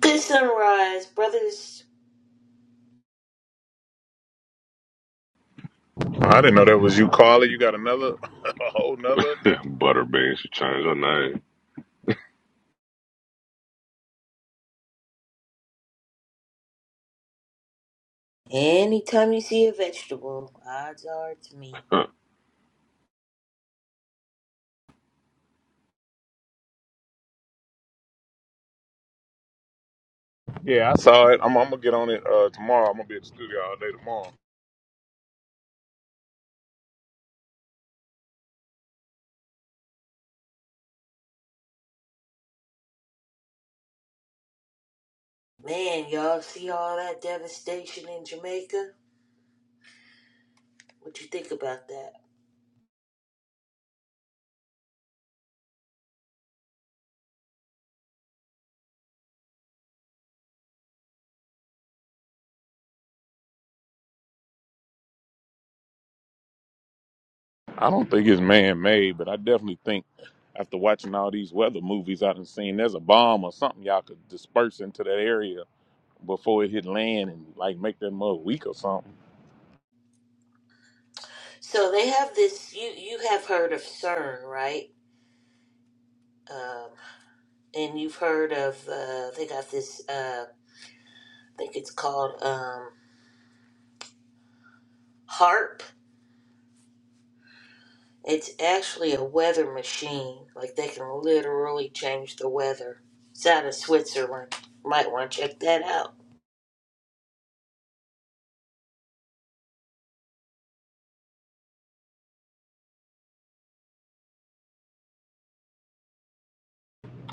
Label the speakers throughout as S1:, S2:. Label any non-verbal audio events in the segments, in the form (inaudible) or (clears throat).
S1: Good sunrise, brothers.
S2: I didn't know that was you, Carla. You got another, (laughs) a whole nother
S3: (laughs)
S2: account.
S3: Butterbean should change her name.
S1: Anytime you see a vegetable, odds are it's me.
S3: Huh.
S2: Yeah, I saw it. I'm, I'm gonna get on it uh, tomorrow. I'm gonna be at the studio all day tomorrow.
S1: Man, y'all see all that devastation in Jamaica? What you think about that?
S2: I don't think it's man-made, but I definitely think after watching all these weather movies I've seen, there's a bomb or something y'all could disperse into that area before it hit land and like make that mud weak or something.
S1: So they have this. You you have heard of CERN, right? Um, and you've heard of uh, they got this. Uh, I think it's called um, HARP. It's actually a weather machine. Like they can literally change the weather. It's out of Switzerland. Might want to check that out.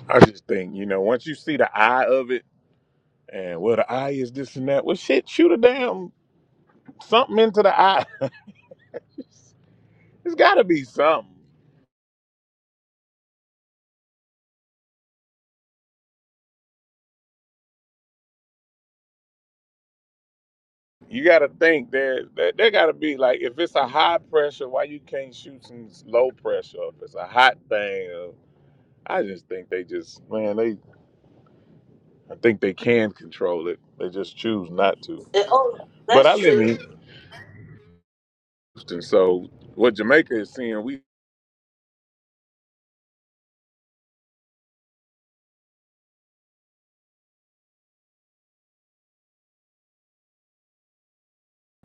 S2: I just think you know once you see the eye of it and where the eye is, this and that. Well, shit, shoot a damn something into the eye. (laughs) It's got to be something. you got to think that there, there got to be like if it's a high pressure, why you can't shoot some low pressure? If it's a hot thing, uh, I just think they just man, they I think they can control it. They just choose not to.
S1: Uh, Oh,
S2: But I
S1: that's
S2: live
S1: true.
S2: in Houston, so what Jamaica is seeing, we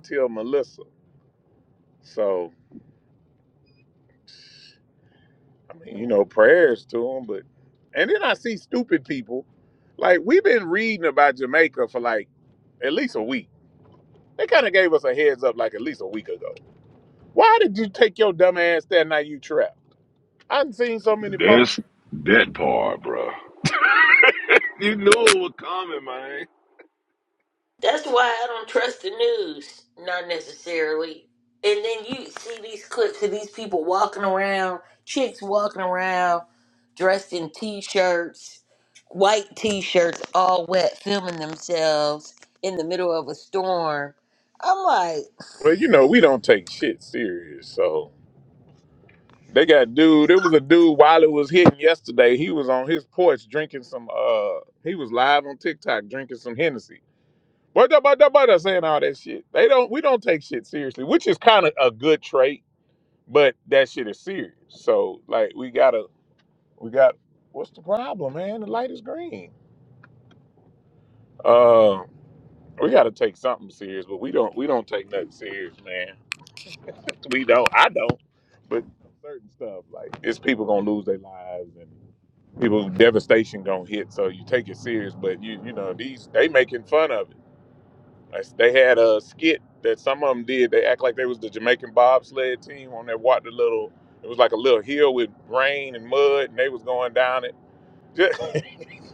S2: tell Melissa. So I mean, you know, prayers to them. But and then I see stupid people. Like we've been reading about Jamaica for like at least a week. They kind of gave us a heads up like at least a week ago Why did you take your dumb ass that night you trapped? I've seen so many posts.
S3: That's that part, bro. You know it was coming, man.
S1: That's why I don't trust the news, not necessarily. And then you see these clips of these people walking around, chicks walking around, dressed in t-shirts, white t-shirts, all wet, filming themselves in the middle of a storm. I'm like,
S2: Well, you know, we don't take shit serious, so they got dude. There was a dude while it was hitting yesterday. He was on his porch drinking some uh he was live on TikTok drinking some Hennessy. But da but da but da, saying all that shit. They don't we don't take shit seriously, which is kind of a good trait, but that shit is serious. So like we gotta we got what's the problem, man? The light is green. Uh, We got to take something serious, but we don't. We don't take nothing serious, man. We don't. I don't. But certain stuff, like it's people gonna lose their lives and people devastation gonna hit. So you take it serious, but you you know these they making fun of it. Like, they had a skit that some of them did. They act like they was the Jamaican bobsled team on that walked the little. It was like a little hill with rain and mud, and they was going down it.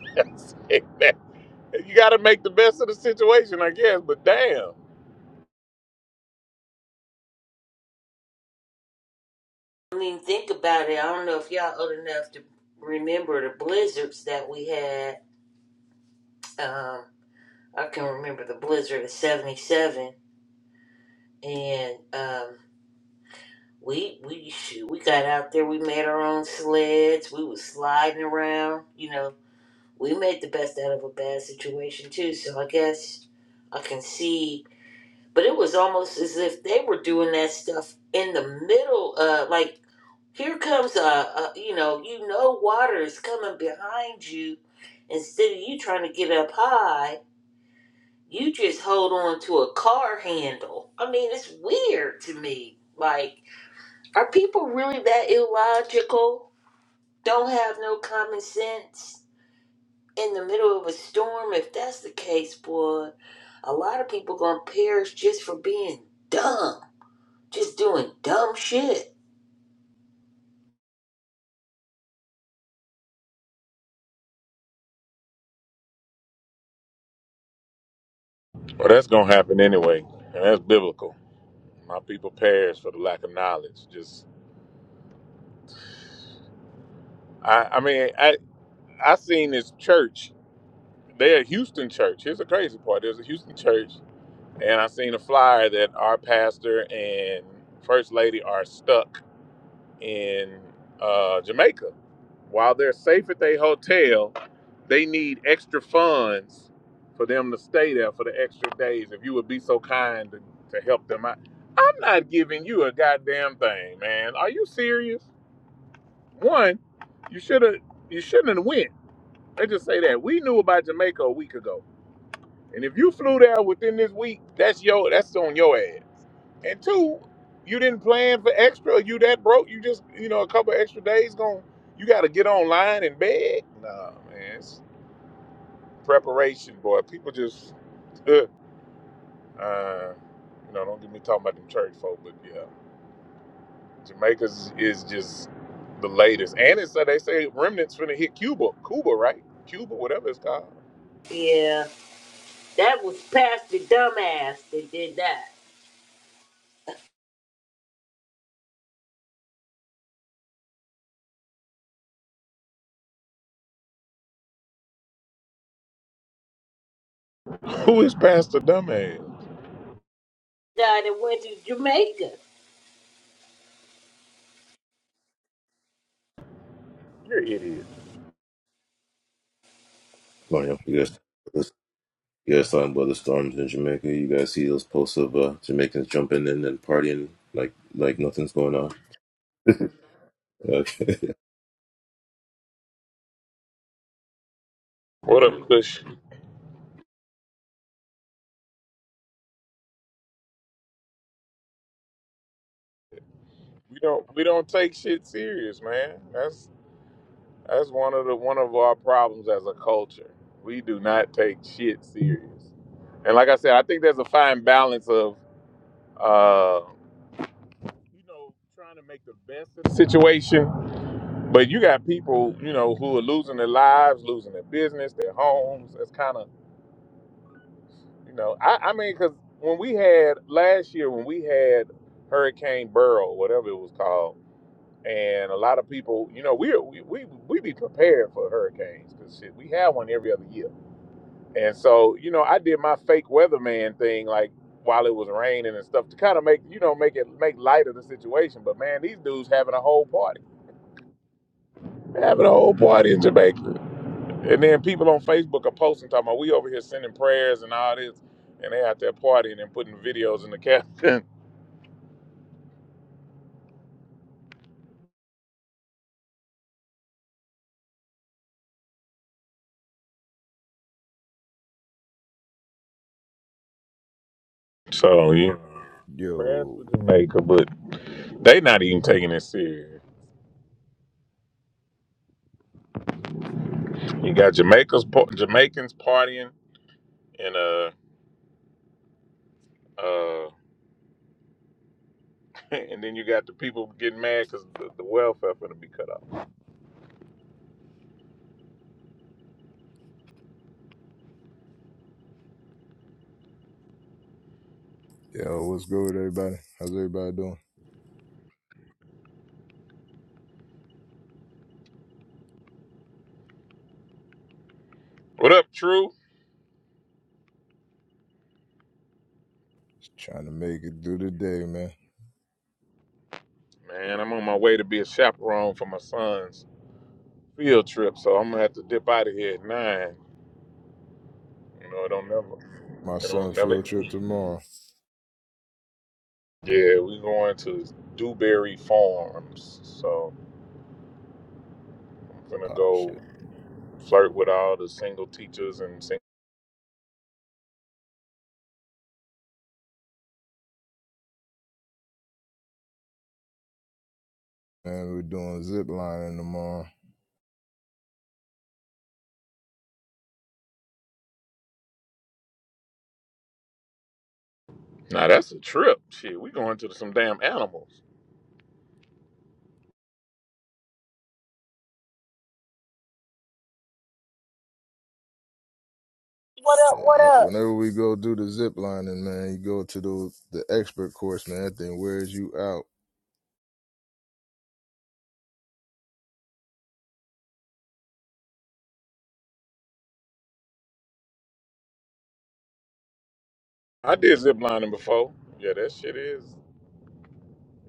S2: (laughs) Just (laughs) you got to make the best of the situation, I guess. But damn.
S1: I mean, think about it. I don't know if y'all old enough to remember the blizzards that we had. Um, I can remember the blizzard of '77, and um, we we shoot, we got out there. We made our own sleds. We was sliding around. You know, we made the best out of a bad situation too. So I guess I can see, but it was almost as if they were doing that stuff in the middle. Uh, like here comes a, a you know you know water is coming behind you. Instead of you trying to get up high, you just hold on to a car handle. I mean, it's weird to me. Like. Are people really that illogical? Don't have no common sense in the middle of a storm? If that's the case, boy, a lot of people gonna perish just for being dumb, just doing dumb shit.
S2: Well, that's going to happen anyway, and that's biblical. My people perish for the lack of knowledge. Just, I, I mean, I, I seen this church. They're a Houston church. Here's the crazy part. There's a Houston church, and I seen a flyer that our pastor and first lady are stuck in uh, Jamaica. While they're safe at their hotel, they need extra funds for them to stay there for the extra days. If you would be so kind to, to help them out, I'm not giving you a goddamn thing, man. Are you serious? One, you should have you shouldn't have went. They just say that we knew about Jamaica a week ago. And if you flew there within this week, that's your that's on your ass. And two, you didn't plan for extra. You that broke. You just you know a couple extra days going. You got to get online and beg. Nah, man, it's preparation, boy. People just, (laughs) uh, you know, don't get me talking about them church folk, but yeah, Jamaica's is just the latest. And it's uh, they say remnants finna hit Cuba, Cuba, right? Cuba, whatever it's called.
S1: Yeah, that was Pastor Dumbass that did that.
S2: (laughs) Who is Pastor Dumbass?
S1: Died and went to Jamaica.
S2: You're an idiot.
S4: Come you guys, you guys talking about the storms in Jamaica. You guys see those posts of uh, Jamaicans jumping in and partying like like nothing's going on. (laughs) Okay.
S2: What up, Kush? we don't we don't take shit serious, man. That's that's one of the one of our problems as a culture. We do not take shit serious. And like I said, I think there's a fine balance of uh you know trying to make the best of the situation, but you got people, you know, who are losing their lives, losing their business, their homes. That's kind of, you know, I I mean cuz when we had last year when we had Hurricane Burrow, whatever it was called, and a lot of people, you know, we we we, we be prepared for hurricanes because shit, we have one every other year. And so, you know, I did my fake weatherman thing like while it was raining and stuff to kind of make you know make it make light of the situation. But man, these dudes having a whole party, having a whole party in Jamaica, and then people on Facebook are posting talking about we over here sending prayers and all this, and they out there partying and putting videos in the caption. (laughs) So yeah, prayers for
S5: Yo,
S2: Jamaica, but they not even taking it serious. You got Jamaica's pa- Jamaicans partying, and uh, uh, (laughs) and then you got the people getting mad because the, the welfare finna be cut off.
S5: yo, what's good, everybody? How's everybody doing?
S2: What up, True?
S5: Just trying to make it through the day, man.
S2: Man, I'm on my way to be a chaperone for my son's field trip, so I'm gonna have to dip out of here at nine. You know, it don't never,
S5: My
S2: it
S5: son
S2: don't never.
S5: field trip
S2: end.
S5: tomorrow.
S2: Yeah, we going to Dewberry Farms, so I'm gonna
S5: Oh
S2: go
S5: shit,
S2: flirt with all the single teachers and sing.
S5: man, we're doing zip lining tomorrow.
S2: Now that's a trip. Shit, we going to some damn animals.
S6: What up?
S5: Shit,
S6: What
S5: I,
S6: up?
S5: whenever we go do the zip lining, man, you go to the the expert course, man. That thing wears you out.
S2: I did zip lining before. Yeah, that shit is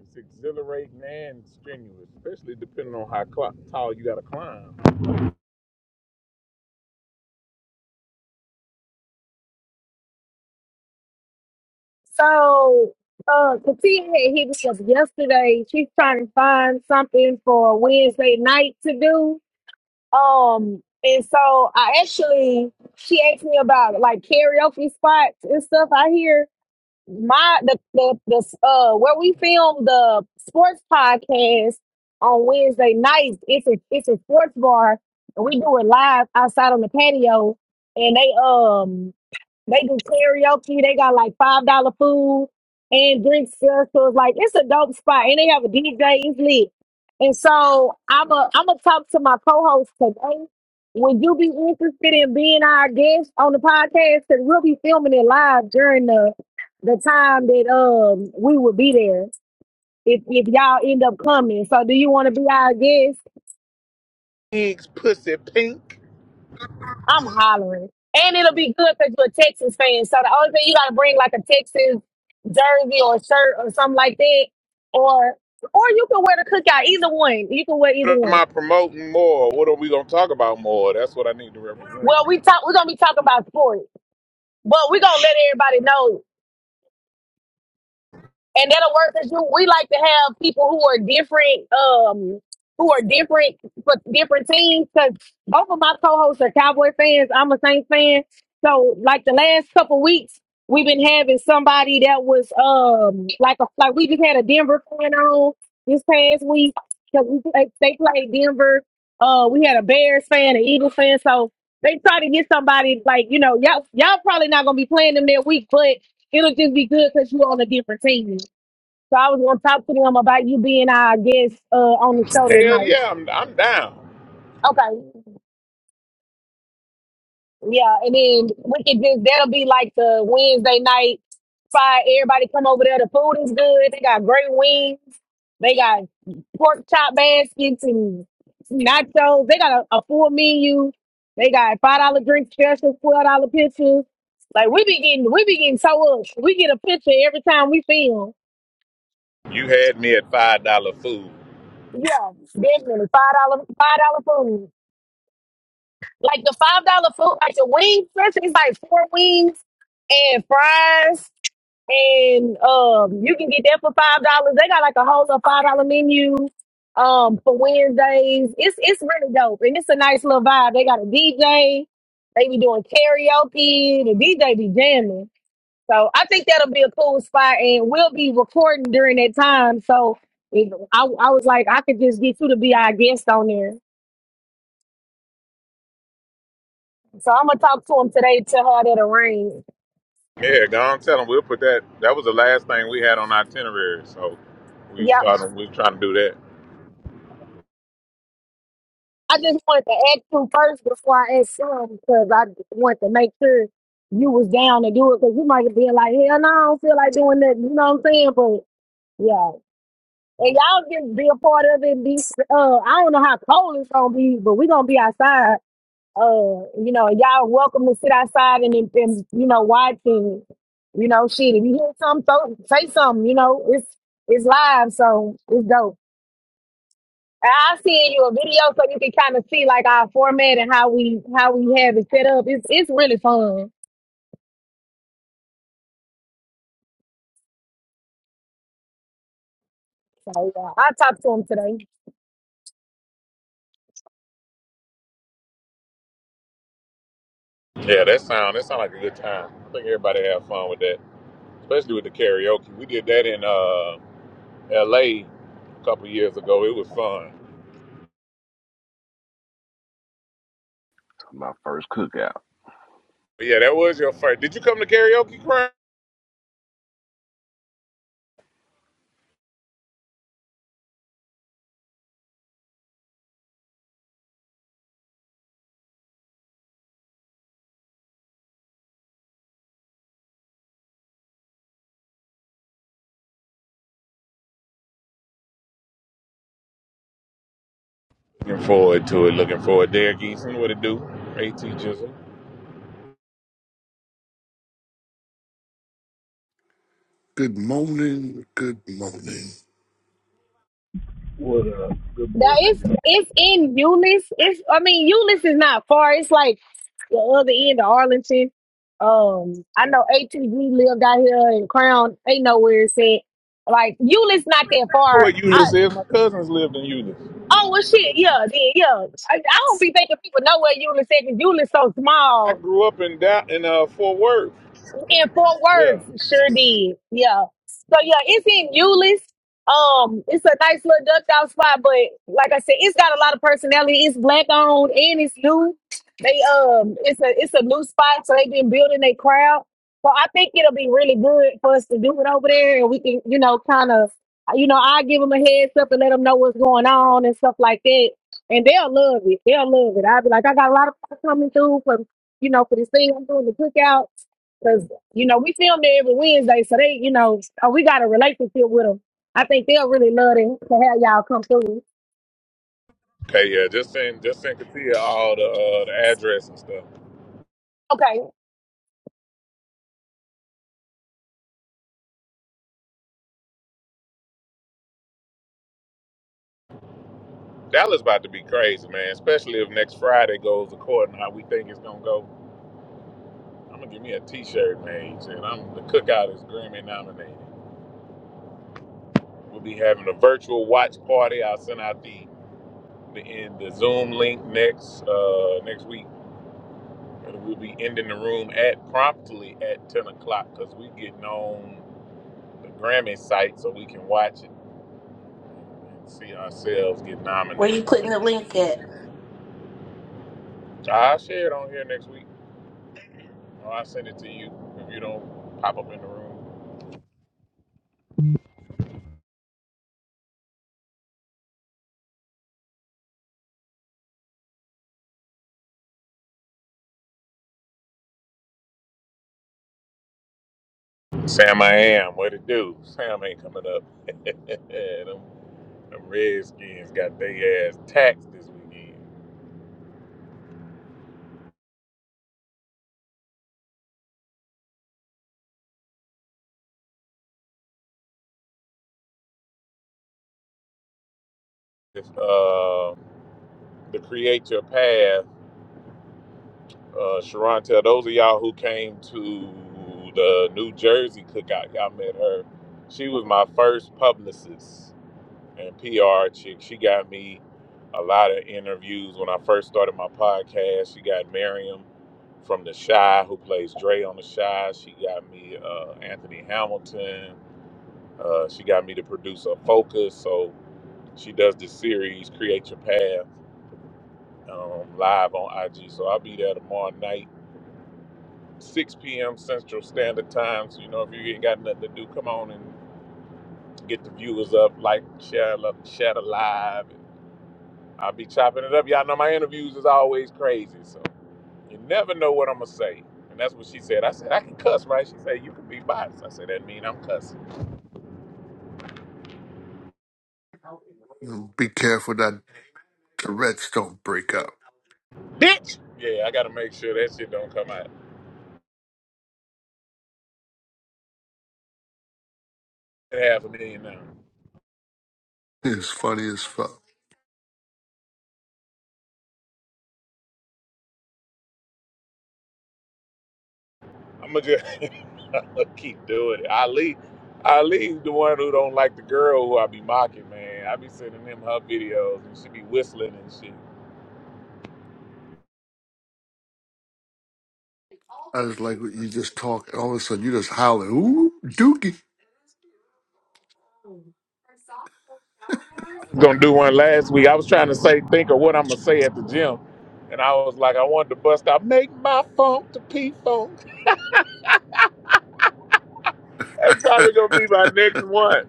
S2: it's exhilarating and strenuous, especially depending on how cl- tall you gotta climb.
S6: So, uh, Katia had hit me up yesterday. She's trying to find something for Wednesday night to do. Um, and so I actually, she asked me about like karaoke spots and stuff. I hear my the the, the uh where we film the sports podcast on Wednesday nights. It's a it's a sports bar. and We do it live outside on the patio, and they um They do karaoke. They got like five dollar food and drinks. there. So it's like it's a dope spot, and they have a DJ. It's lit. And so I'm a I'm gonna talk to my co-host today. Would you be interested in being our guest on the podcast? Because we'll be filming it live during the the time that um we will be there. If if y'all end up coming, so do you want to be our guest?
S2: Pigs, pussy, pink.
S6: I'm hollering. And it'll be good because you're a Texas fan. So the only thing you gotta bring like a Texas jersey or shirt or something like that. Or or you can wear the cookout, either one. You can wear either
S2: What am
S6: one.
S2: I promoting more? What are we gonna talk about more? That's what I need to represent.
S6: Well, we talk we're gonna be talking about sports, but we're gonna let everybody know and that'll work because you we like to have people who are different um who are different for different teams because both of my co-hosts are cowboy fans i'm a saints fan so like the last couple weeks we've been having somebody that was um like a like we just had a denver fan on this past week because we played, they played denver uh we had a bears fan an eagles fan so they try to get somebody like you know y'all y'all probably not gonna be playing them that week but it'll just be good because you're on a different team. So I was gonna talk to them about you being our guest uh, on the show that
S2: Hell
S6: night.
S2: yeah, I'm I'm down.
S6: Okay. Yeah, and then we could just that'll be like the Wednesday night. Fried, everybody come over there. The food is good. They got great wings. They got pork chop baskets and nachos. They got a, a full menu. They got five dollar drink specials, twelve dollar pictures. Like we be getting, we be getting so up. We get a picture every time we film.
S2: You had me at five dollar food.
S6: Yeah, definitely five dollar, five dollar food. Like the five dollar food, like the wings, especially it's like four wings and fries, and um, you can get that for five dollars. They got like a whole little five dollar menu um for Wednesdays. It's it's really dope, and it's a nice little vibe. They got a DJ. They be doing karaoke. The DJ be jamming. So I think that'll be a cool spot, and we'll be recording during that time. So if, I, I was like, I could just get you to be our guest on there. So I'm gonna talk to him today. Tell her that arrange.
S2: Yeah, go on, tell them we'll put that. That was the last thing we had on our itinerary, so we
S6: Yeah,
S2: started. We were trying to do that.
S6: I just wanted to ask you first before I ask him because I want to make sure you was down to do it because you might be like, hell no, I don't feel like doing that. You know what I'm saying? But yeah, and y'all can be a part of it. Be uh, I don't know how cold it's gonna be, but we gonna be outside. Uh, you know, y'all welcome to sit outside and, and, and, you know watch and you know shit. If you hear something, throw, say something. You know, it's it's live, so it's dope. I'll send you a video so you can kind of see like our format and how we how we have it set up. It's it's really fun. So yeah, I talked to him today.
S2: Yeah, that sound that sound like a good time. I think everybody have fun with that. especially with the karaoke. We did that in uh, L.A. a a couple years ago. It was fun.
S3: My first cookout.
S2: But yeah, that was your first. Did you come to karaoke, Crown? Looking forward to it. Looking forward. Derek Eason, what it do? At Jizzle.
S7: Good morning. Good morning.
S6: Now it's it's in Eunice. It's I mean Eunice is not far. It's like the other end of Arlington. Um, I know ATV lived out here in Crown. Ain't nowhere it's at. Like Eunice not that
S2: Oh, where
S6: far. I
S2: Euless is? My cousins lived in Euless.
S6: oh well shit yeah then yeah. I, I don't be thinking people know where Eunice is. because so
S2: I
S6: small
S2: grew up in that in uh, Fort Worth.
S6: in Fort
S2: Yeah.
S6: Worth. Sure did. Yeah. So yeah, it's in Euless. Um, it's a nice little duck out spot, but like I said, it's got a lot of personality. It's black owned and it's new. They um it's a it's a new spot, so they've been building their crowd. So I think it'll be really good for us to do it over there and we can, you know, kind of you know, I give them a heads up and let them know what's going on and stuff like that. And they'll love it. They'll love it. I'll be like, I got a lot of people coming through for you know, for this thing I'm doing the cookouts. You know, we film there every Wednesday, so they, you know, oh, we got a relationship with them. I think they'll really love to, to have y'all come through.
S2: Okay. Yeah. Just send just send Katia all the uh, the address and stuff.
S6: Okay,
S2: Dallas about to be crazy, man. Especially if next Friday goes according to how we think it's gonna go. I'm gonna give me a T-shirt man. and I'm the cookout is Grammy nominated. We'll be having a virtual watch party. I'll send out the the, in the Zoom link next uh, next week, and we'll be ending the room at promptly at ten o'clock because we getting on the Grammy site so we can watch it and see ourselves get
S1: Where you putting the
S2: nominated.
S1: link at?
S2: I'll share it on here next week, or I'll send it to you if you don't pop up in the room. Sam, I am. What it do? (laughs) Sam ain't coming up. (laughs) them, them Redskins got their ass taxed this weekend. If, uh, the Create Your Path, uh, Sharonta, those of y'all who came to the New Jersey cookout, y'all met her. She was my first publicist and PR chick. She got me a lot of interviews when I first started my podcast. She got Miriam from The Shy, who plays Dre on The Shy. She got me uh, Anthony Hamilton. Uh, she got me to produce a focus. So she does this series, Create Your Path um, live on IG. So I'll be there tomorrow night, 6 p.m. Central Standard Time. So, you know, if you ain't got nothing to do, come on and get the viewers up, like, share, love, share the live. I'll be chopping it up. Y'all know my interviews is always crazy. So you never know what I'm going to say. And that's what she said. I said, I can cuss, right? She said, you can be biased. I said, that mean I'm cussing.
S7: Be careful that the Reds don't break up.
S2: Bitch! Yeah, I got to make sure that shit don't come out. Half a million now.
S7: It's funny as fuck.
S2: I'm gonna just (laughs) I'ma keep doing it. Ali, Ali's the one who don't like the girl who I be mocking, man. I be sending him her videos and she be whistling and shit.
S7: I just like what you just talk. All of a sudden, you just howling. Ooh, dookie.
S2: I was gonna do one last week. I was trying to say, think of what I'm gonna say at the gym, and I was like, I wanted to bust out, make my funk to P funk. That's probably gonna be my next one.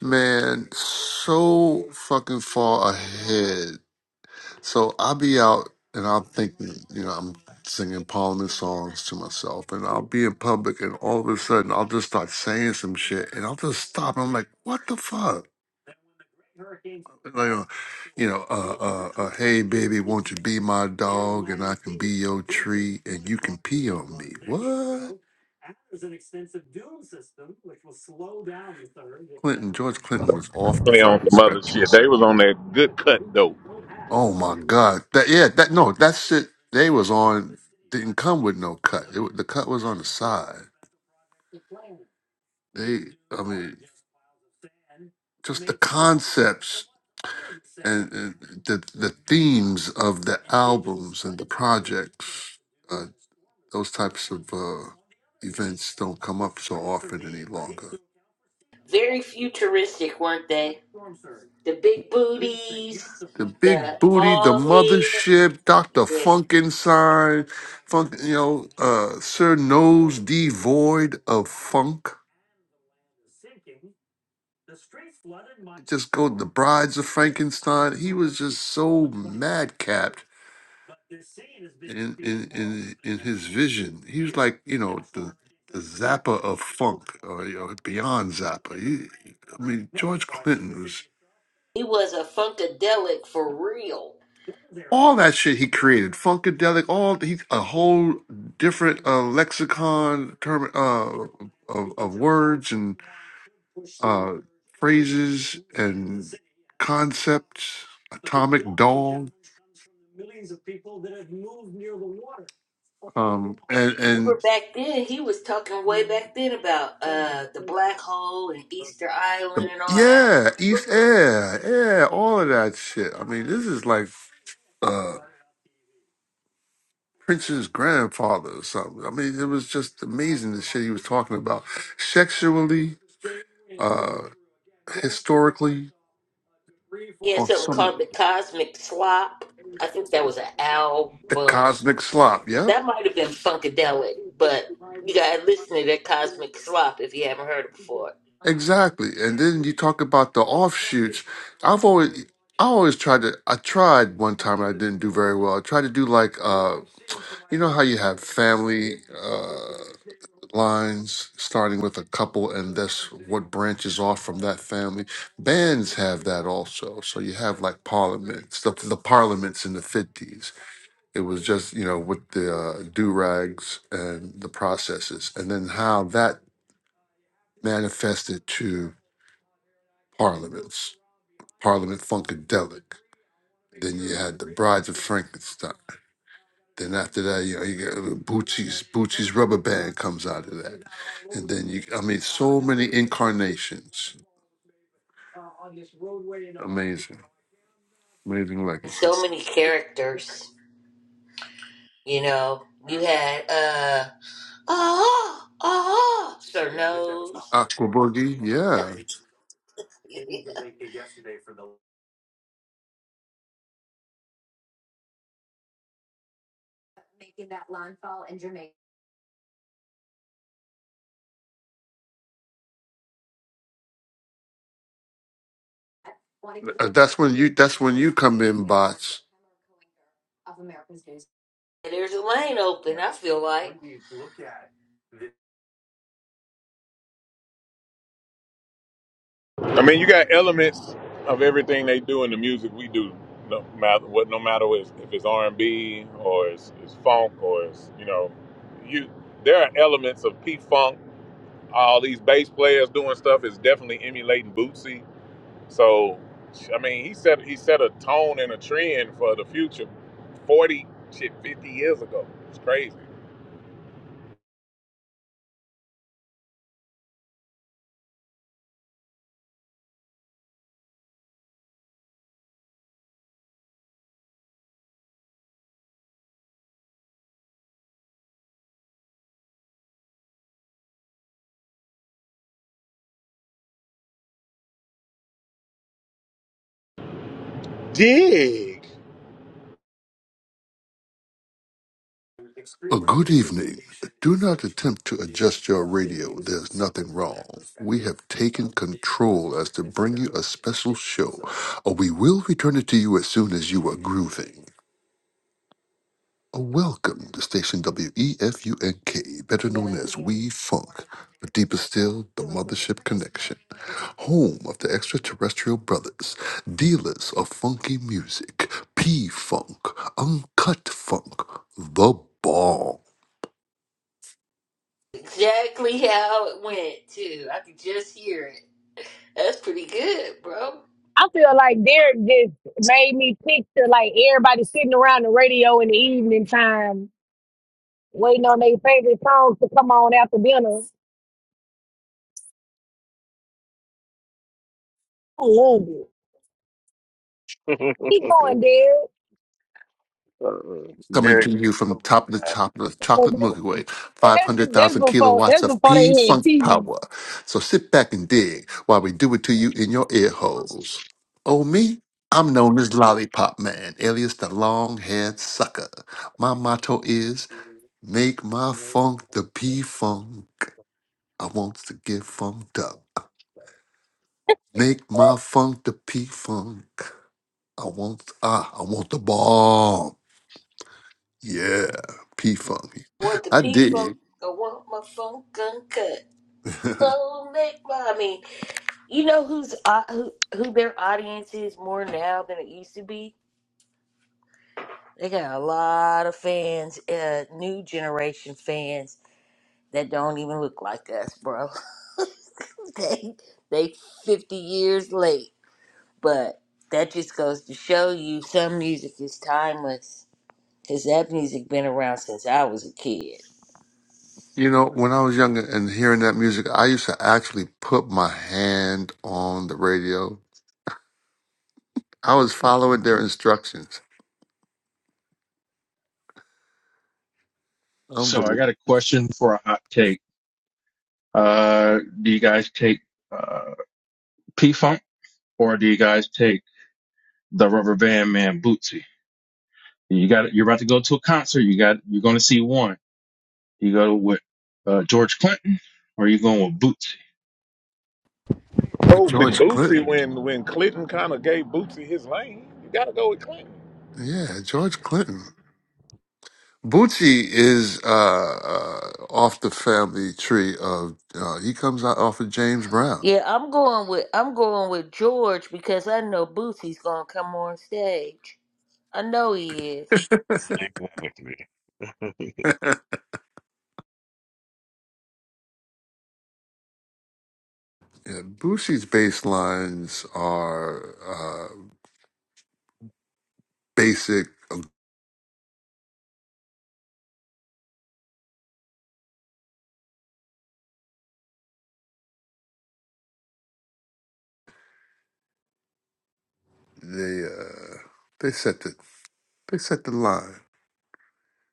S7: Man, so fucking far ahead. So I'll be out and I'm thinking, you know, I'm singing Parliament songs to myself and I'll be in public and all of a sudden I'll just start saying some shit and I'll just stop and I'm like, what the fuck? Like, uh, you know, uh, uh, uh, hey baby, won't you be my BO three, and you can PO. Clinton was off the
S2: Play on
S7: fucking
S2: some other
S7: spectrum.
S2: shit. They was on that good cut though.
S7: My God, that yeah, that no, that shit they was on. They just uh, the the themes of that those types of uh, events don't come up so often. And
S1: Very futuristic, weren't they? The big booties,
S7: Big
S1: the
S7: Booty, The
S1: bald
S7: Mothership, Dr.
S1: heads.
S7: Funkenstein, Funk, you know, uh, Sir Nose devoid of funk. Let's go The Brides of Frankenstein. He was just so madcap in his vision, he was like, you know, the, the Zappa of funk, or you know, beyond Zappa. He, I mean, George Clinton was
S1: He was a funkadelic for real.
S7: all that shit he created, funkadelic, all he a whole different uh, lexicon term uh, of, of words and phrases, concepts, um, and
S1: Remember
S7: and
S1: back then, he was talking way back then about uh the black hole and Easter Island
S7: the,
S1: and all that.
S7: yeah, East
S1: Remember?
S7: Air, yeah, all of that shit. I mean, this is like. uh, Prince's grandfather or something. I mean, it was just amazing the shit he was talking about. Sexually, historically,
S1: He had
S7: on
S1: something
S7: so many
S1: called the Cosmic Slop. I think that was an album.
S7: cosmic slop. Yep.
S1: That might have been funkadelic, but you gotta listen to that Cosmic Slop if you haven't heard it before.
S7: Exactly. Then you talk about the off I've always I always tried to I tried one time and I didn't do very well. I tried to do like uh you know how you have family uh, uh, lines starting with a couple and that's what branches off from that family. Bands have that also. So you have like parliaments, the, the parliaments in the 50s It was just, you know, with the uh, do rags and the processes, and then how that manifested to parliaments, Parliament Funkadelic. Then you had the Brides of Frankenstein. Then after that, you know, you got Bootsy's Bootsy's rubber band comes out of that. You, I mean, so many incarnations. Amazing, amazing legacy.
S1: So many characters, you know. You had uh oh oh Sir Nose.
S7: Aqua Boogie, yeah.
S1: (laughs) There's a lane open, I feel like.
S2: I mean, you got elements of everything they do in the music we do. No matter what, no matter what, if it's R and B or it's, it's funk or it's you know, you there are elements of P funk. All these bass players doing stuff is definitely emulating Bootsy. So, I mean, he set he set a tone and a trend for the future. Forty shit, fifty years ago, it's crazy. Dig.
S7: nothing wrong. We have taken control as to bring you a special show. Uh, We will return it to you as soon as you are grooving. Uh, Welcome to station WEFUNK, better known as We Funk, but deeper still, the Mothership Connection, home of the extraterrestrial brothers, dealers of funky music, P Funk, Uncut Funk, The Bomb.
S1: Exactly how it went, too. I could just hear it. That's pretty good, bro.
S6: I feel like Derek just made me picture like everybody sitting around the radio in the evening time, waiting on their favorite songs to come on after dinner. I love it. Keep going, Derek.
S7: Coming
S8: Very
S7: to
S8: good
S7: you from
S8: throwback
S7: top of the
S8: guys.
S7: top of the
S6: 'Cause
S7: chocolate Milky Way,
S6: That's, that's
S7: 500,000
S6: before
S7: kilowatts
S6: that's
S7: of
S6: before they
S7: P
S6: had
S7: Funk
S6: TV.
S7: power. So sit back and dig while we do it to you in your ear holes. Oh, me? I'm known as Lollipop Man, alias the long haired sucker. My motto is make my funk the P Funk. I want to get funked up. Make my funk the P Funk. I want, ah, I want the bomb. Yeah, P Funk.
S1: Want the
S7: I
S1: P
S7: dig.
S1: funk, I want my funk uncut. Oh, make my, I mean, you know who's, uh, who, who their audience is more now than it used to be? They got a lot of fans, uh, new generation fans that don't even look like us, bro. (laughs) they, they 50 years late. But that just goes to show you some music is timeless. Cause that music been around since I was a kid.
S7: You know, when I was younger and hearing that music, I used to actually put my hand on the radio. I was following their instructions.
S9: So I
S7: Unbelievable.
S9: got a question for a hot take. Uh, do you guys take uh, P Funk or do you guys take the Rubber Band Man Bootsy? You got you're about to go to a concert. You got you're going to see one. You go with uh, George Clinton or you going with Bootsy?
S7: With
S2: Go with
S7: George
S2: Bootsy,
S7: Clinton.
S2: when when Clinton kind of gave Bootsy his lane, you got to go with Clinton.
S7: Yeah, George Clinton. Bucci is uh, uh, off the family tree of, uh, he comes out off of James Brown.
S1: Yeah, I'm going with I'm going with George because I know Boosie's gonna come on stage. I know he is.
S8: Exactly.
S7: Yeah, Bucci's bass lines are uh, basic. uh, They uh, they set the they set the line.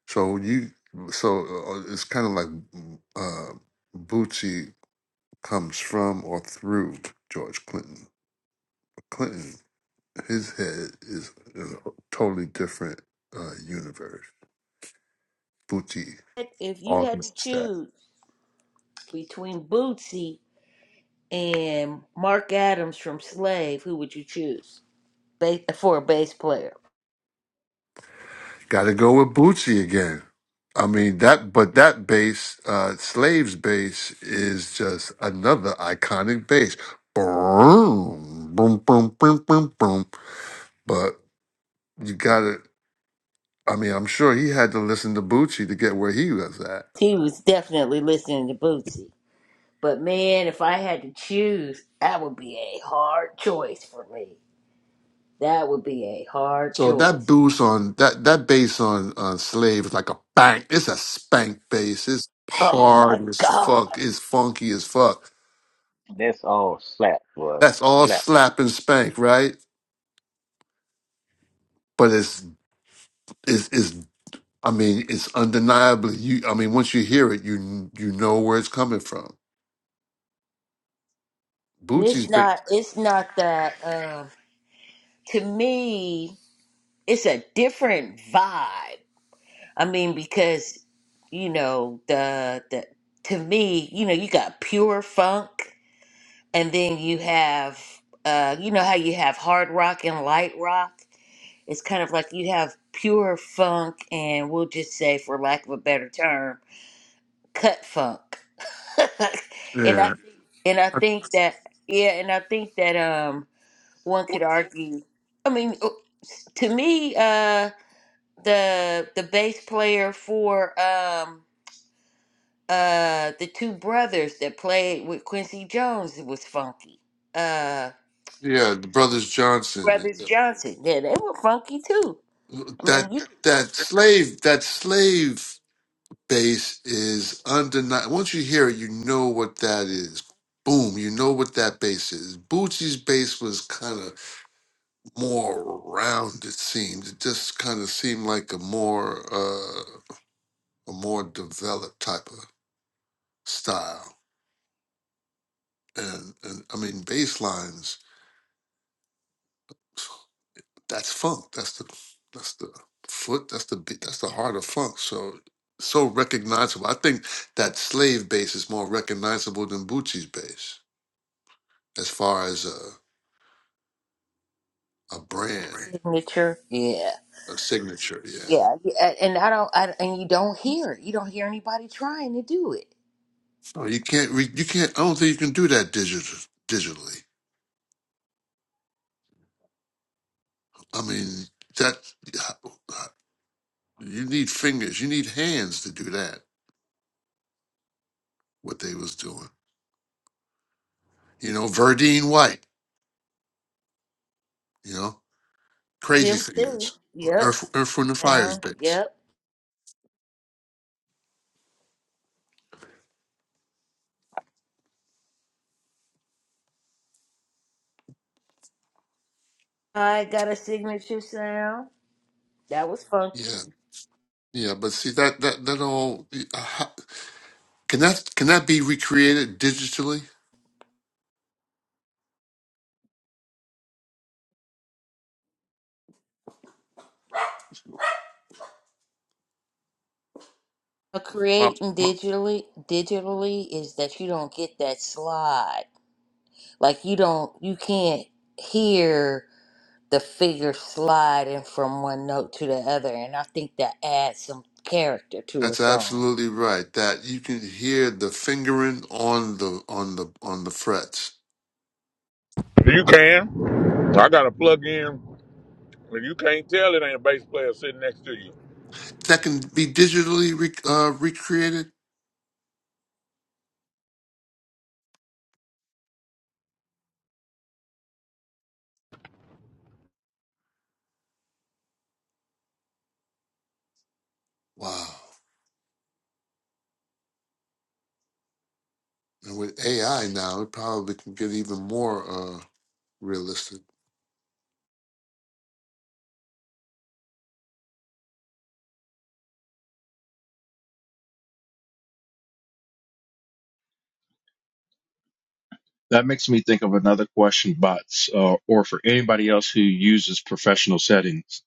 S7: So you, so uh, it's kind of like mm, uh, Bucci comes from or through George Clinton. Clinton, his head is is a totally different uh, universe. Bucci
S1: But If you had to
S7: augments that.
S1: choose between Bootsy and Mark Adams from Slave, who would you choose? Ba- for a bass player,
S7: Got to go with Bucci again. I mean that, but that bass, uh, Slaves bass, is just another iconic bass. Boom, boom, boom, boom, boom, boom. But you got to I mean, I'm sure he had to listen to Bucci to get where he was at.
S1: he was definitely listening to Bootsy. But man, if I had to choose, that would be a hard choice for me. That would be a hard
S7: So that
S1: choice.
S7: boost on that that bass on on Slave is like a bang. It's a spank bass. It's
S1: Oh my
S7: hard as
S1: god.
S7: fuck. It's funky as fuck.
S8: That's all slap, boy.
S7: That's all
S8: Slap
S7: slap and spank, right? But it's it's, it's I mean, it's undeniably you. I mean, once you hear it, you you know where it's coming from.
S1: And it's
S7: Bucci's ba
S1: not it's not that um to me it's a different vibe. I mean because you know the the to me, you know, you got pure funk and then you have uh you know how you have hard rock and light rock? It's kind of like you have pure funk, and we'll just say, for lack of a better term, cut funk. (laughs) and I
S7: yeah
S1: and I think that yeah, and I think that um one could argue. I mean, uh, s- to me, uh, the the bass player for um uh the two brothers that played with Quincy Jones was funky. Uh,
S7: yeah. The brothers Johnson
S1: Brothers Johnson, yeah, they were funky too. I
S7: that
S1: mean, you
S7: that slave that slave. bass is undeniable. Once you hear it, you know what that is. Boom, you know what that bass is. Bootsy's bass was kind of more round, it seemed. It just kind of seemed like a more uh, a more developed type of style. And and I mean bass lines, that's funk. That's the that's the foot, that's the beat, that's the heart of funk. So so recognizable. I think that slave bass is more recognizable than Bootsy's bass. as far as a, a brand,
S1: signature, yeah.
S7: a signature. Yeah,
S1: Yeah, he- and I don't, I, and you don't hear, you don't hear anybody trying to do it.
S7: no, you can't. Re- you can't. I don't think you can do that digital, digitally. I mean, that uh, uh, you need fingers, you need hands to do that. What they was doing, you know, Verdine White, you know, Crazy
S1: Him too.
S7: Fingers,
S1: Yep.
S7: Earth, Earth from the Fires
S1: Now,
S7: days.
S1: yep. I got a signature sound that was funky.
S7: Yeah, yeah, but see that that that all uh, how- can that can that be recreated digitally?
S1: Uh, Creating digitally, digitally is that you don't get that slide. Like you don't, you can't hear the figure sliding from one note to the other, and I think that adds some character to a
S7: That's
S1: song.
S7: absolutely right. That you can hear the fingering on the on the on the frets.
S2: You can. I got a plug in. If you can't tell, it ain't a bass player sitting next to you.
S7: That can be digitally re- uh, recreated. Wow! And with AI now, it probably can get even more uh, realistic.
S9: That makes me think of another question, bots, uh, or for anybody else who uses professional settings.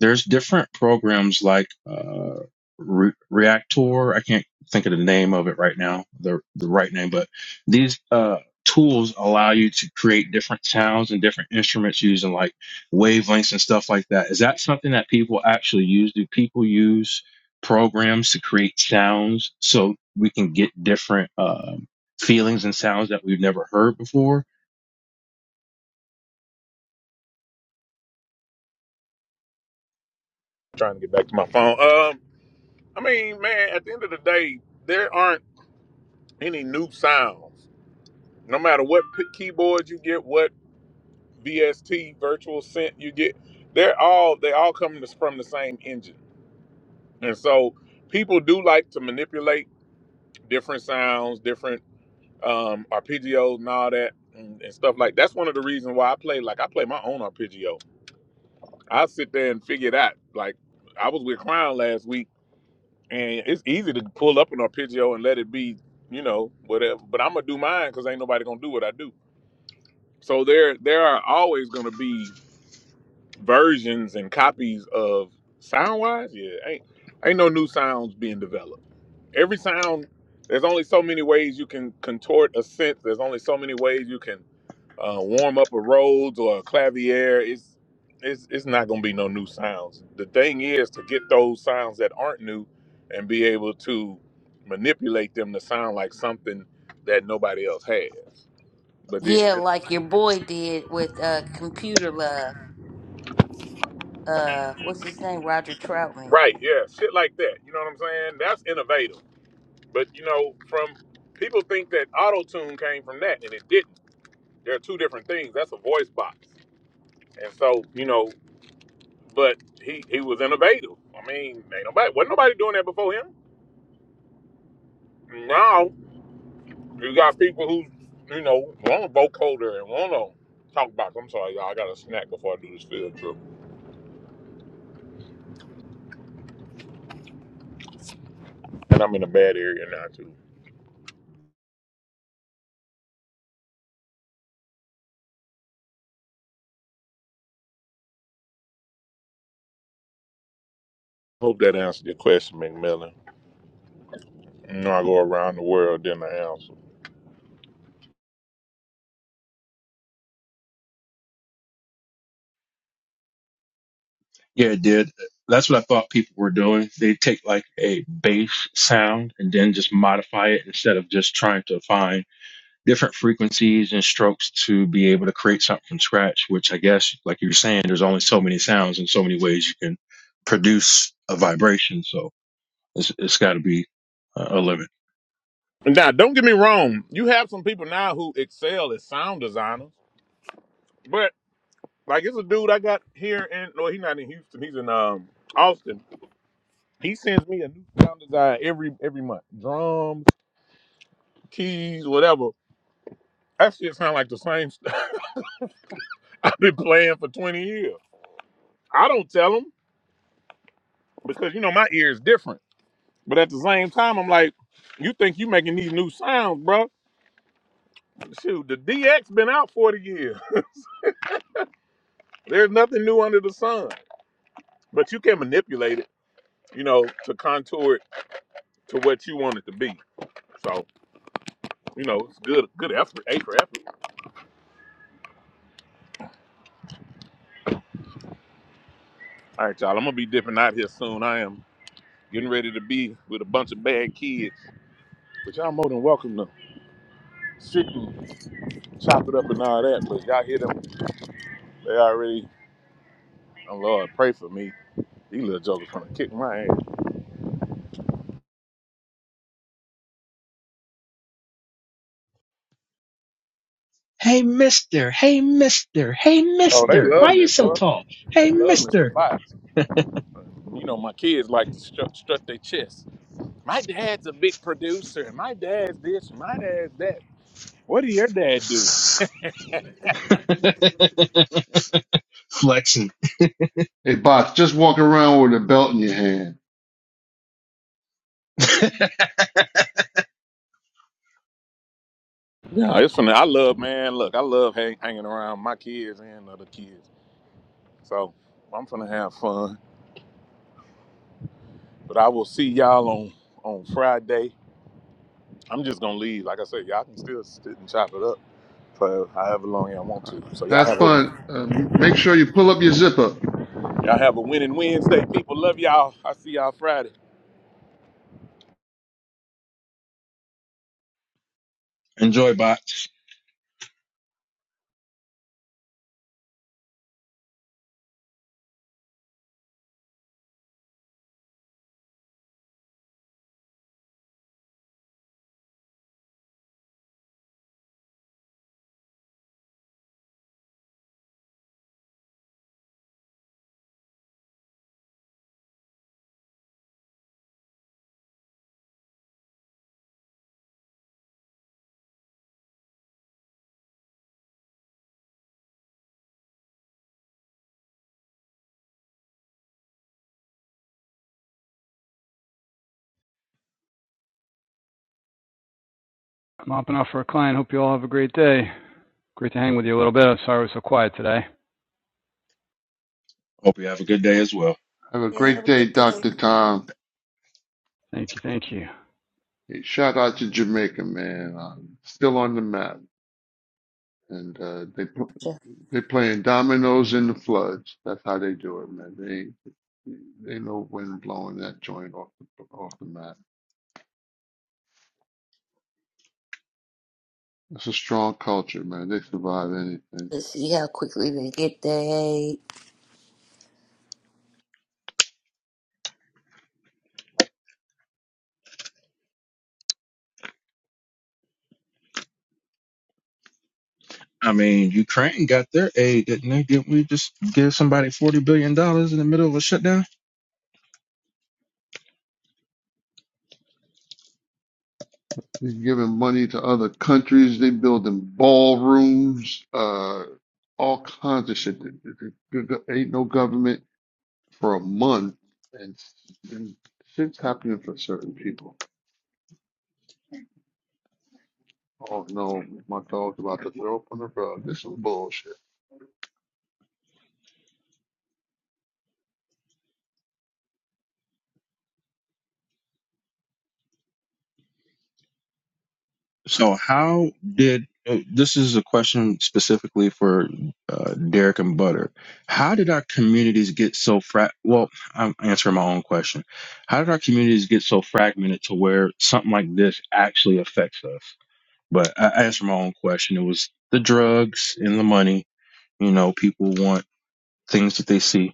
S9: There's different programs like uh, Re- Reactor. I can't think of the name of it right now, the the right name, but these uh, tools allow you to create different sounds and different instruments using like wavelengths and stuff like that. Is that something that people actually use? Do people use programs to create sounds so we can get different? Um, feelings and sounds that we've never heard before.
S2: trying to get back to my phone. Um, I mean, man, at the end of the day, there aren't any new sounds. No matter what p- keyboard you get, what VST virtual synth you get, they're all they all come to- from the same engine. And so people do like to manipulate different sounds, different um, arpeggios, and all that, and, and stuff like. That's one of the reasons why I play like I play my own arpeggio I sit there and figure it out. Like I was with Crown last week, and it's easy to pull up an arpeggio and let it be, you know, whatever. But I'm gonna do mine because ain't nobody gonna do what I do. So there, there are always gonna be versions and copies of sound wise. Yeah, ain't ain't no new sounds being developed. Every sound, there's only so many ways you can contort a synth. There's only so many ways you can uh, warm up a Rhodes or a Clavier, it's it's it's not gonna be no new sounds. The thing is to get those sounds that aren't new and be able to manipulate them to sound like something that nobody else has. But it,
S1: Yeah, like your boy did with uh, "Computer Love." uh, what's his name? Roger Troutman.
S2: right, yeah, shit like that. You know what I'm saying? That's innovative. But you know, from people think that auto tune came from that, and it didn't. There are two different things. That's a voice box, and so you know, but he he was innovative. I mean, ain't nobody wasn't nobody doing that before him. Now you got people who, you know, want to vote colder and want to talk about. I'm sorry, y'all. I got a snack before I do this field trip, and I'm in a bad area now too. Hope that answered your question, McMillan. You know, I go around the world, then I answer.
S9: Yeah, it did. That's what I thought people were doing. They take like a bass sound and then just modify it instead of just trying to find different frequencies and strokes to be able to create something from scratch, which I guess, like you were saying, there's only so many sounds and so many ways you can produce a vibration. So it's, it's got to be uh, a limit.
S2: Now, don't get me wrong. You have some people now who excel as sound designers, but like it's a dude I got here in. No, he's not in Houston. He's in um Austin. He sends me a new sound design every every month. Drums, keys, whatever. That shit sound like the same. (laughs) I've been playing for 20 years. I don't tell them because you know my ear is different. But at the same time, I'm like, you think you making these new sounds, bro? Shoot, the DX been out 40 years. (laughs) There's nothing new under the sun. But you can manipulate it, you know, to contour it to what you want it to be. So, you know, it's good, good effort, A for effort. All right, y'all. I'm gonna be dipping out here soon. I am getting ready to be with a bunch of bad kids, but y'all more than welcome to sit and chop it up and all that. But y'all hear them? They already Oh Lord, pray for me. These little jokers gonna kick my ass.
S9: Hey, mister. Hey, mister. Hey,
S2: Oh, they
S9: mister. Why
S2: love
S9: are
S2: me,
S9: you so
S2: bro.
S9: tall?
S2: They
S9: Hey,
S2: love Mr.
S9: mister.
S2: Box. You know, my kids like to strut, strut their chest. My dad's a big producer, and my dad's this, and my dad's that. What did your dad do?
S9: (laughs) Flexing.
S7: Hey, bots, just walk around with a belt in your hand.
S9: (laughs)
S2: No, it's funny. I love, man. Look, I love hang, hanging around my kids and other kids. So I'm gonna have fun. But I will see y'all on on Friday. I'm just gonna leave. Like I said, y'all can still sit and chop it up for however long y'all want
S7: All right.
S2: to. So y'all
S7: Have
S2: have a
S7: fun. Uh, m- make sure you pull up your zipper.
S2: Y'all have a winning Wednesday. People love y'all. I see y'all Friday.
S9: Enjoy, bots.
S10: mopping off for a client. Hope you all have a great day. Great to hang with you a little bit. I'm sorry I was so quiet today.
S9: Hope you have a good day as well.
S7: Have a
S1: Yeah, have
S7: great
S1: a
S7: day,
S1: good day.
S7: Dr. Tom.
S10: Thank you. Thank you.
S7: Hey, shout out to Jamaica, man. i still on the map. and uh, they pl-
S1: So,
S7: they playing dominoes in the floods. That's how they do it, man. They they know when blowing that joint off the off the map. It's a strong culture, man. They survive anything.
S1: Let's see how quickly they get they.
S9: I mean, Ukraine got their aid, didn't they? Didn't we just give somebody forty billion dollars in the middle of a shutdown?
S7: They're giving money to other countries. They building ballrooms, uh, all kinds of shit. There- there- there- there Ain't no government for a month, and, and shit's happening for certain people. Oh no, my dog's about to throw up on the rug. This is bullshit.
S9: So how did uh, this is a question specifically for uh, Derek and Butter. How did our communities get so fra? Well, I'm answering my own question. How did our communities get so fragmented to where something like this actually affects us? But I I answered my own question. It was the drugs and the money. You know, people want things that they see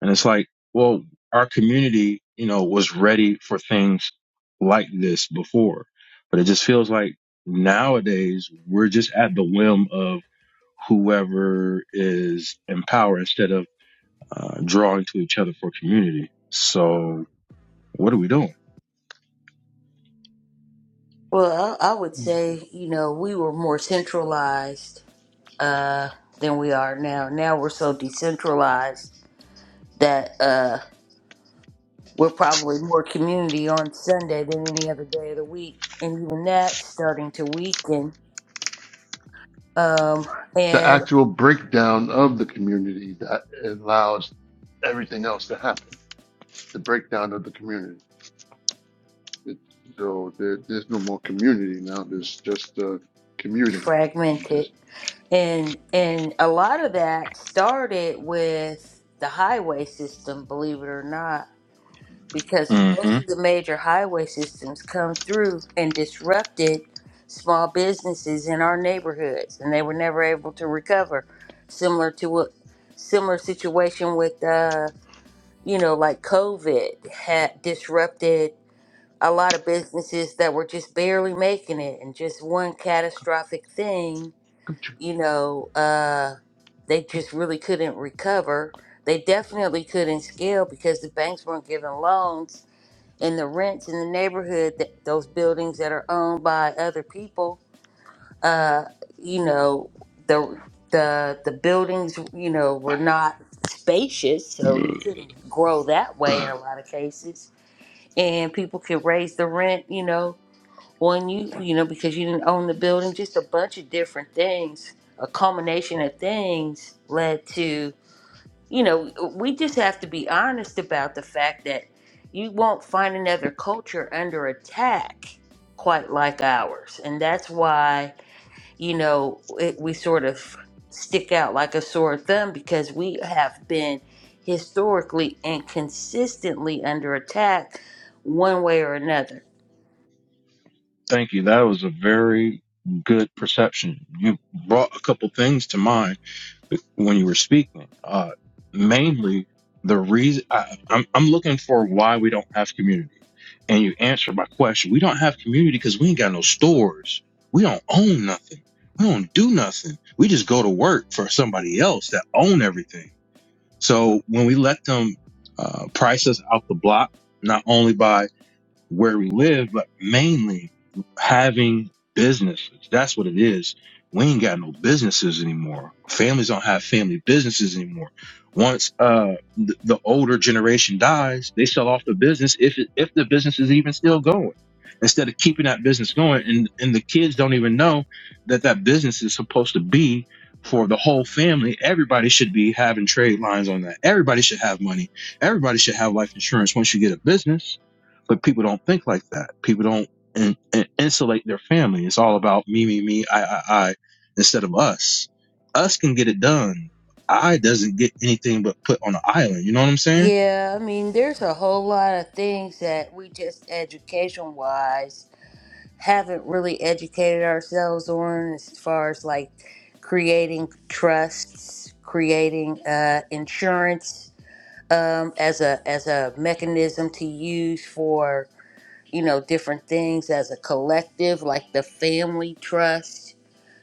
S9: And it's like, well, our community, you know, was ready for things like this before, but it just feels like nowadays we're just at the whim of whoever is in power instead of uh, drawing to each other for community. So what are we doing?
S1: Well, I, I would say, you know, we were more centralized uh, than we are now. Now we're so decentralized that uh, we're probably more community on Sunday than any other day of the week. And even that's starting to weaken um,
S7: the
S1: and
S7: actual breakdown of the community that allows everything else to happen. The breakdown of the community. It, so there, there's no more community now. There's just uh, commuting.
S1: fragmented. And and a lot of that started with the highway system, believe it or not, because most
S9: hmm
S1: of the major highway systems come through and disrupted small businesses in our neighborhoods, and they were never able to recover. Similar to what similar situation with uh, you know, like COVID had disrupted a lot of businesses that were just barely making it, and just one catastrophic thing you know, uh, they just really couldn't recover. They definitely couldn't scale because the banks weren't giving loans and the rents in the neighborhood, that, those buildings that are owned by other people, uh, you know, the the the buildings, you know, were not spacious, so you couldn't grow that way in a lot of cases. And people could raise the rent, you know, well, and you, you know, because you didn't own the building, just a bunch of different things, a culmination of things led to, you know, we just have to be honest about the fact that you won't find another culture under attack quite like ours. And that's why, you know, it, we sort of stick out like a sore thumb because we have been historically and consistently under attack one way or another
S9: Thank you. That was a very good perception. You brought a couple things to mind when you were speaking. Uh, mainly, the reason I, I'm, I'm looking for why we don't have community. And you answered my question. We don't have community because we ain't got no stores. We don't own nothing. We don't do nothing. We just go to work for somebody else that own everything. So when we let them uh, price us out the block, not only by where we live, but mainly having businesses. That's what it is. We ain't got no businesses anymore. Families don't have family businesses anymore. Once uh the, the older generation dies, they sell off the business if it, if the business is even still going. Instead of keeping that business going, and and the kids don't even know that that business is supposed to be for the whole family. Everybody should be having trade lines on that. Everybody should have money. Everybody should have life insurance once you get a business but people don't think like that. People don't in, in- insulate their family. It's all about me, me, me, I, I, I, instead of us. Us can get it done. I doesn't get anything but put on an island. You know what I'm saying?
S1: Yeah, I mean, there's a whole lot of things that we just education wise haven't really educated ourselves on as far as like creating trusts, creating uh, insurance um, as a as a mechanism to use for you know different things as a collective, like the family trust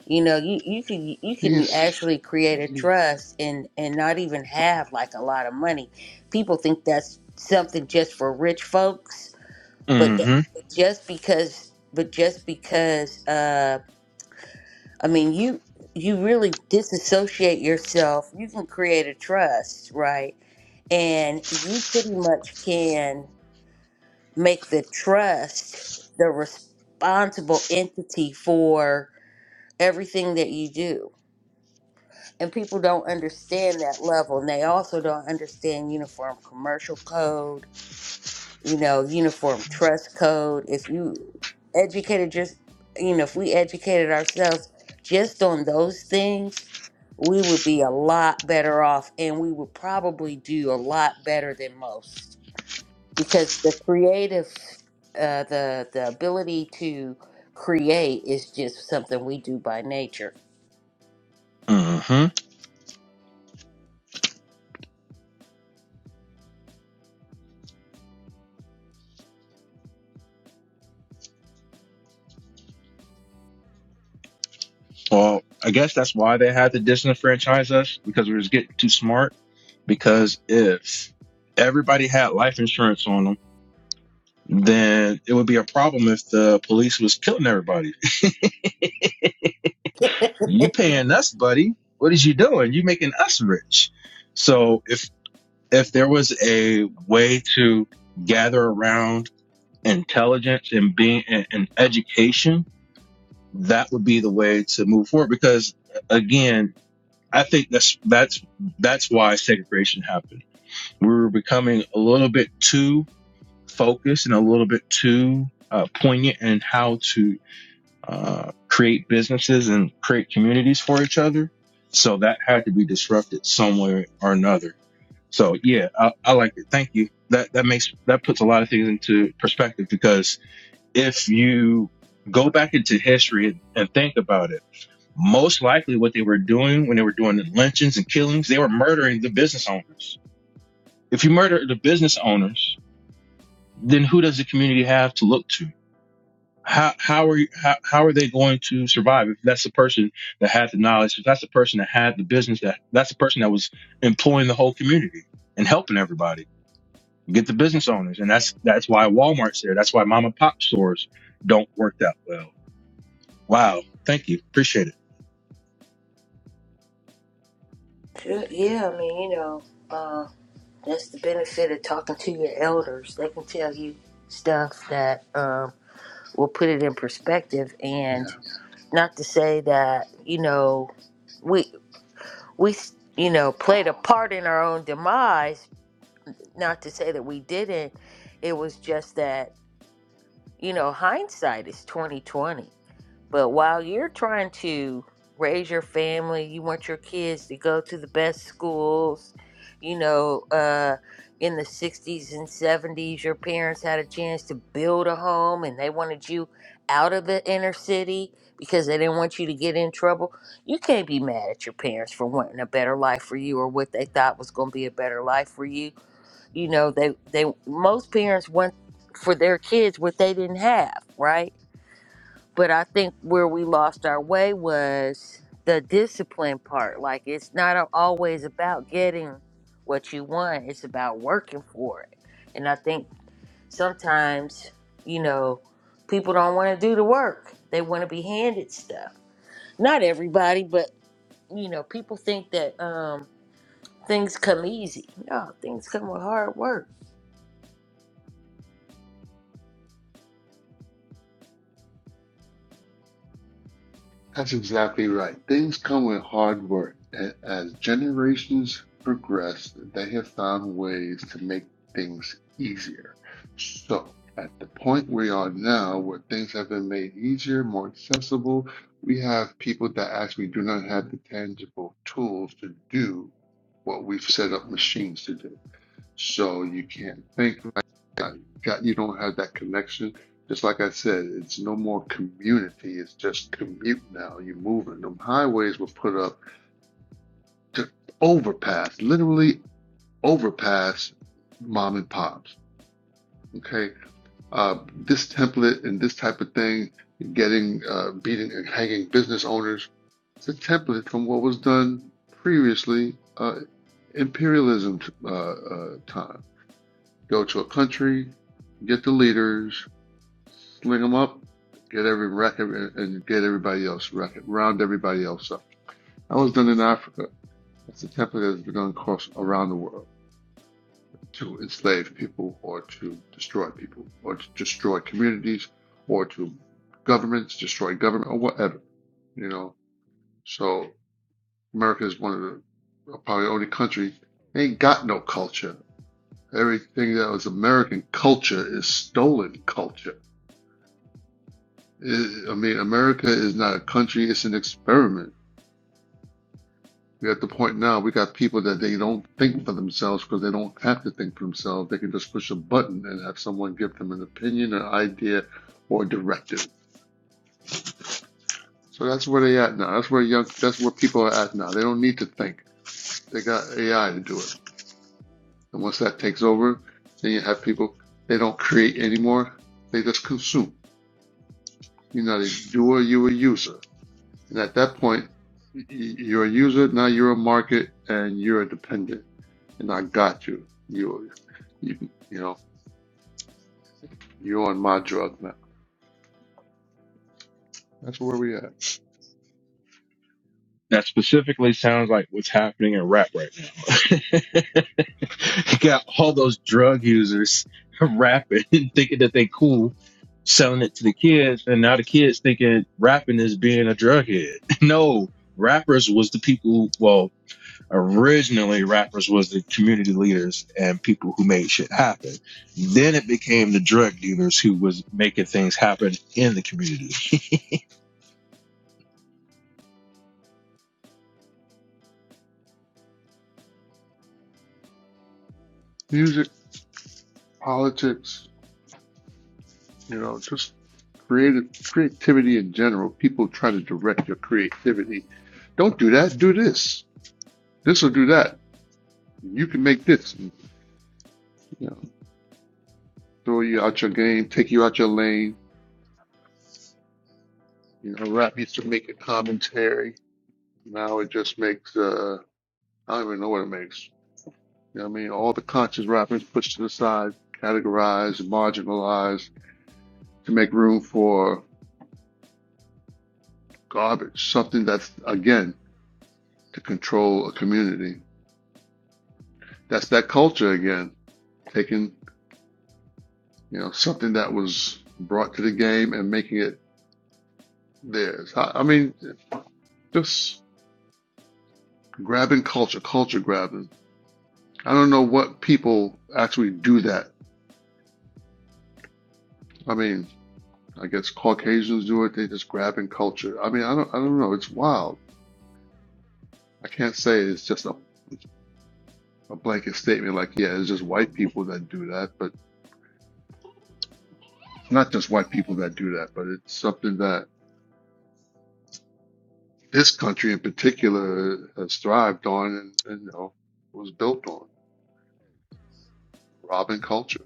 S1: you know you you can you can
S7: He's,
S1: actually create a
S7: he's
S1: trust and and not even have like a lot of money people think that's something just for rich folks but th-
S9: Mm-hmm.
S1: Mhm. just because but just because uh i mean you you really disassociate yourself you can create a trust right and you pretty much can make the trust the responsible entity for everything that you do and people don't understand that level and they also don't understand uniform commercial code you know uniform trust code if you educated just you know if we educated ourselves just on those things we would be a lot better off and we would probably do a lot better than most because the creative uh, the the ability to create is just something we do by nature
S9: Mm-hmm. Well, I guess that's why they had to disenfranchise us because we was getting too smart. Because if everybody had life insurance on them, then it would be a problem if the police was killing everybody.
S1: (laughs)
S9: you paying us, buddy. What is you doing? You making us rich. So if if there was a way to gather around intelligence and being and, and education, that would be the way to move forward. Because again, I think that's that's that's why segregation happened. We were becoming a little bit too focused and a little bit too uh, poignant in how to uh, create businesses and create communities for each other. So that had to be disrupted some way or another. So yeah, I, I like it. Thank you. That that makes that puts a lot of things into perspective because if you go back into history and, and think about it, most likely what they were doing when they were doing the lynchings and killings, they were murdering the business owners. If you murder the business owners, then who does the community have to look to? how how are you, how, how are they going to survive if that's the person that had the knowledge if that's the person that had the business that that's the person that was employing the whole community and helping everybody get the business owners and that's that's why walmart's there that's why mom and pop stores don't work that well wow thank you appreciate it
S1: Sure, Yeah, I mean, you know, uh, that's the benefit of talking to your elders. They can tell you stuff that um, will put it in perspective,
S7: yeah.
S1: and not to say that you know we we you know played a part in our own demise. Not to say that we didn't. It was just that you know hindsight is twenty twenty But while you're trying to raise your family, you want your kids to go to the best schools. You know, uh, in the 60s and 70s, your parents had a chance to build a home and they wanted you out of the inner city because they didn't want you to get in trouble. You can't be mad at your parents for wanting a better life for you or what they thought was going to be a better life for you. You know, they, they most parents want for their kids what they didn't have, right? But I think where we lost our way was the discipline part. Like, it's not a- always about getting what you want, it's about working for it. And I think sometimes, you know, people don't want to do the work, they want to be handed stuff. Not everybody, but, you know, people think that um, things come easy. No, things come with hard work.
S7: That's exactly right. Things come with hard work. A- As generations progress, they have found ways to make things easier. So, at the point we are now, where things have been made easier, more accessible, we have people that actually do not have the tangible tools to do what we've set up machines to do. So you can't think right now. You got you don't have that connection. Just like I said, it's no more community. It's just commute now. You're moving. Them highways were put up to overpass, literally overpass mom and pops. Okay. Uh, this template and this type of thing, getting uh, beating and hanging business owners. It's a template from what was done previously, uh, imperialism uh, uh, time. Go to a country, get the leaders, sling them up, get every record, and get everybody else record, round everybody else up. That was done in Africa. That's a template that has been done across around the world to enslave people or to destroy people or to destroy communities or to governments, destroy government or whatever. You know, so America is one of the uh, probably only country ain't got no culture. Everything that was American culture is stolen culture It, I mean, America is not a country, it's an experiment. We're at the point now, we got people that they don't think for themselves because they don't have to think for themselves. They can just push a button and have someone give them an opinion, an idea, or a directive. So that's where they at now. That's where young, that's where people are at now. They don't need to think. They got AI to do it. And once that takes over, then you have people, they don't create anymore. They just consume. You're not a doer, you're a user. And at that point, you're a user, now you're a market, and you're a dependent. And I got you. You, you, you know, you're on my drug now. That's where we at.
S9: that specifically sounds like what's happening in rap right now (laughs) (laughs) You got all those drug users (laughs) rapping, thinking that they cool, selling it to the kids, and now the kids thinking rapping is being a drug head. (laughs) No, rappers was the people. Who, well, originally rappers was the community leaders and people who made shit happen. Then it became the drug dealers who was making things happen in the community.
S7: Music, politics, you know, just creative creativity in general. People try to direct your creativity. Don't do that. Do this. This will do that. You can make this. You know, throw you out your game, take you out your lane. You know, rap used to make a commentary. Now it just makes. uh, I don't even know what it makes. You know what I mean? All the conscious rappers pushed to the side, categorized, marginalized to make room for garbage, something that's, again, to control a community. That's that culture again, taking, you know, something that was brought to the game and making it theirs. I, I mean, just grabbing culture, culture grabbing. I don't know what people actually do that. I mean, I guess Caucasians do it. They just grabbing culture. I mean, I don't, I don't know. It's wild. I can't say it's just a, a blanket statement like, yeah, it's just white people that do that, but not just white people that do that, but it's something that this country in particular has thrived on and, and you know was built on robbing culture.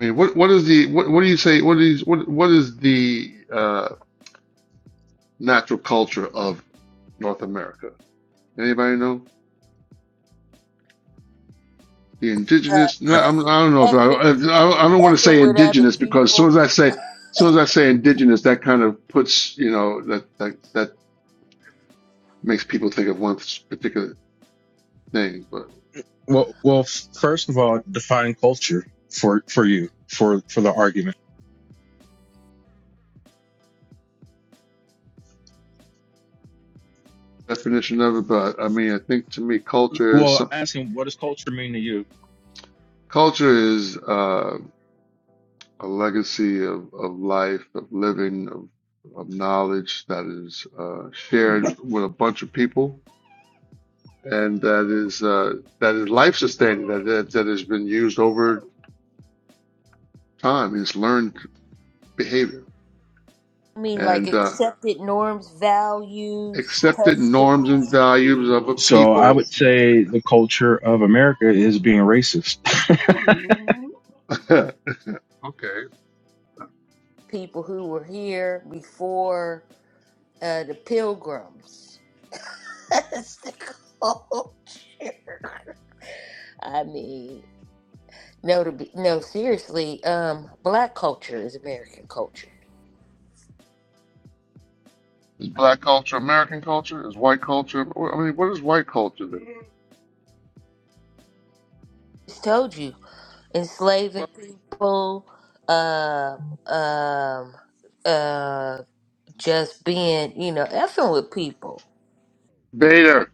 S7: I mean, what what is the what what do you say? What is what what is the uh, natural culture of North America? Anybody know? The
S1: Uh,
S7: indigenous,
S9: (laughs)
S7: no,
S9: I-
S7: I'm,
S1: effing,
S7: I don't know if I,
S1: effing,
S7: I, I don't want to say
S1: effing with other
S7: indigenous because as
S1: people
S7: soon as I say, as soon as I say indigenous, that kind of puts, you know, that, that, that makes people think of one particular thing, but
S9: well, well, f- first of all, define culture for for you for for the argument.
S7: definition of it. But I mean, I think to me, culture is,
S9: Well,
S7: some-
S9: asking what does culture mean to you?
S7: culture is, uh, a legacy of, of life, of living, of, of knowledge that is, uh, shared with a bunch of people. And that is, uh, that is life sustaining, that, that, that has been used over Time is learned behavior
S1: I mean, like
S7: and uh,
S1: accepted norms, values,
S7: accepted norms and
S1: customs,
S7: values of a
S9: So I
S7: people.
S9: would say the culture of America is being racist. (laughs)
S7: (laughs) okay.
S1: people who were here before uh, the pilgrims. (laughs) That's the culture. I mean, no, to be, no, seriously, um, black culture is American culture.
S7: Is black culture American culture? Is white culture? I mean, what is white culture then?
S1: Just told you, enslaving people, uh, um, uh, just being, you know, effing with people,
S7: Vader.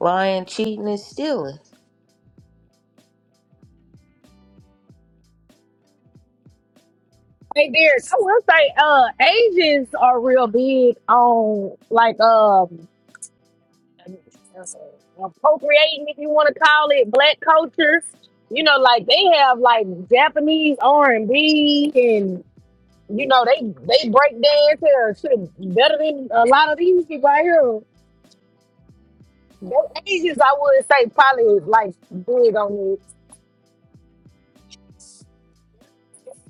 S1: lying, cheating, and stealing.
S6: Hey Derek, I will say uh Asians are real big on like um appropriating, if you want to call it, black culture. You know, like they have like Japanese R and B, and you know they they break dance here shit better than a lot of these people out here. They Asians, I would say, probably like big on it.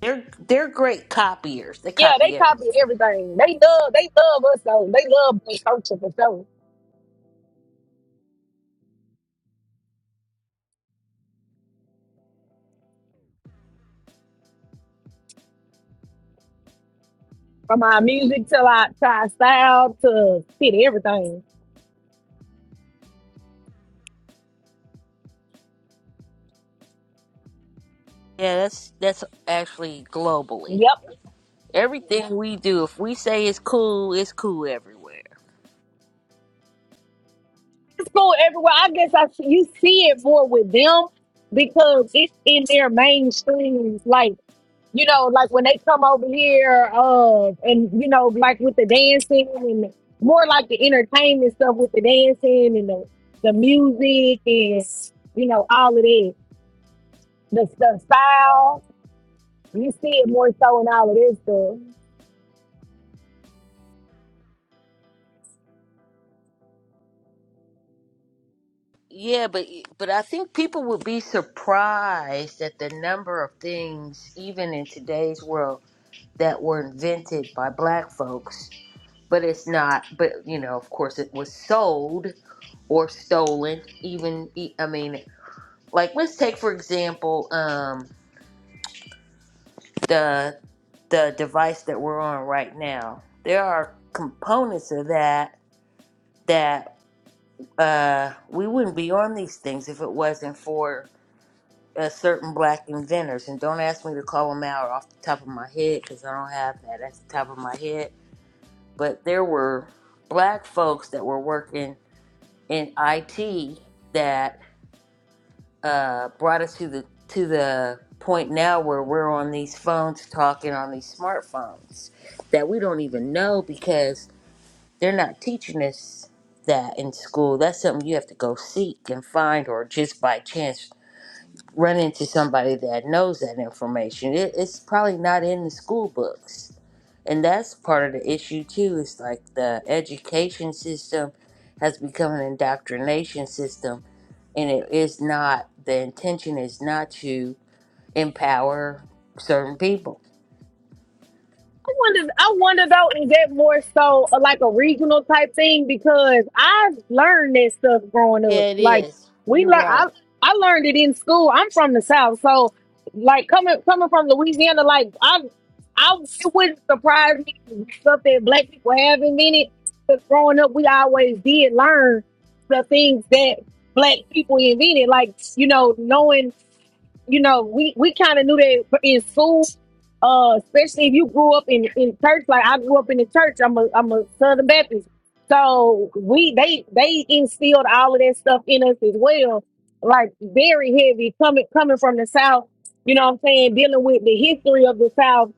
S1: They're they're great copiers. They
S6: Yeah, they
S1: copy
S6: copy
S1: everything.
S6: everything. They love they love us though. They love black culture for sure. From our music to our, to our style to fit everything.
S1: Yeah, that's that's actually globally.
S6: Yep.
S1: Everything we do, if we say it's cool, it's cool everywhere.
S6: school everywhere. I guess I see, you see it more with them because it's in their mainstream. Like you know, like when they come over here, uh, and you know, like with the dancing and more like the entertainment stuff with the dancing and the the music and you know all of that. The, the style you see it more so in all of this stuff.
S1: Yeah, but but I think people would be surprised at the number of things, even in today's world, that were invented by black folks. But it's not. But you know, of course, it was sold or stolen. Even e- I mean, like let's take for example. um. the the device that we're on right now. There are components of that that uh, we wouldn't be on these things if it wasn't for uh, certain black inventors. And don't ask me to call them out off the top of my head because I don't have that at the top of my head. But there were black folks that were working in IT that uh, brought us to the to the point now where we're on these phones talking on these smartphones that we don't even know because they're not teaching us that in school. That's something you have to go seek and find, or just by chance run into somebody that knows that information. It, it's probably not in the school books, and that's part of the issue too. Is like the education system has become an indoctrination system and it is not the intention is not to empower certain people.
S6: I wonder, I wonder though, is that more so uh, like a regional type thing? Because I've learned that stuff growing up.
S1: Yeah, it
S6: Like
S1: is.
S6: we
S1: You're
S6: learn, I
S1: right.
S6: I learned it in school. I'm from the South, so like coming coming from Louisiana, like I I it wouldn't surprise me if stuff that black people have in it. Because growing up, we always did learn the things that black people invented. Like you know, knowing you know, we, we kind of knew that in school, uh, especially if you grew up in, in church, like I grew up in the church. I'm a I'm a Southern Baptist, so we they they instilled all of that stuff in us as well, like very heavy coming coming from the South. You know what I'm saying? Dealing with the history of the South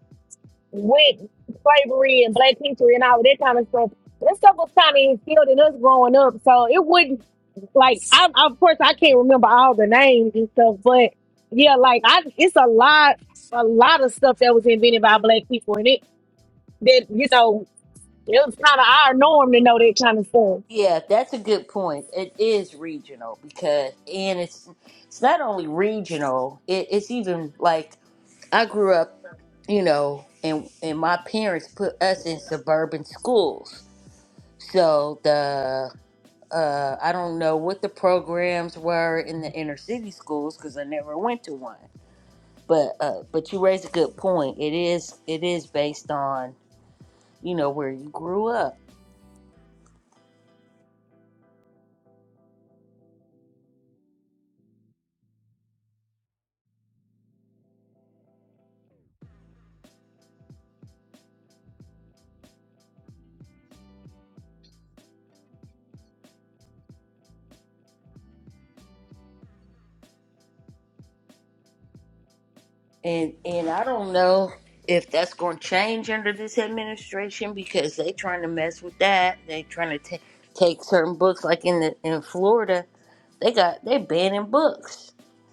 S6: with slavery and Black history and all of that kind of stuff. That stuff was kind of instilled in us growing up, so it wouldn't like I, of course I can't remember all the names and stuff, but yeah, like I it's a lot a lot of stuff that was invented by black people and it that you know, it was kinda our norm to know that kind of stuff.
S1: Yeah, that's a good point. It is regional because, and it's it's not only regional. It, it's even like I grew up, you know, and and my parents put us in suburban schools. So the uh, I don't know what the programs were in the inner city schools because I never went to one. but uh but you raise a good point it is it is based on you know where you grew up and and i don't know if that's going to change under this administration because they trying to mess with that they trying to ta take certain books like in the in florida they got they banning books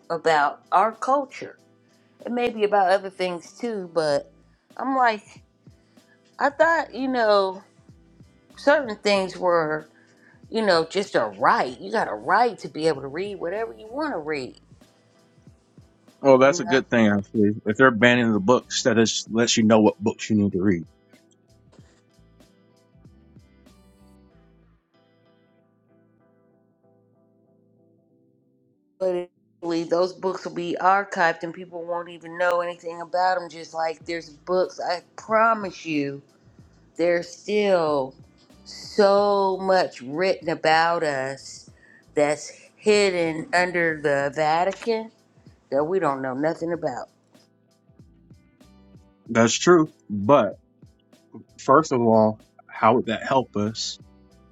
S1: about our culture it may be about other things too but i'm like i thought you know certain things were you know, just a right. You got a right to be able to read whatever you want to read,
S9: Oh,
S1: you
S9: that's a
S1: know.
S9: good thing actually. If they're banning the books, that is lets you know what books you need to read.
S1: But eventually those books will be archived and people won't even know anything about them. Just like there's books, I promise you, there's still so much written about us that's hidden under the Vatican that we don't know nothing about.
S9: That's true. But first of all, how would that help us?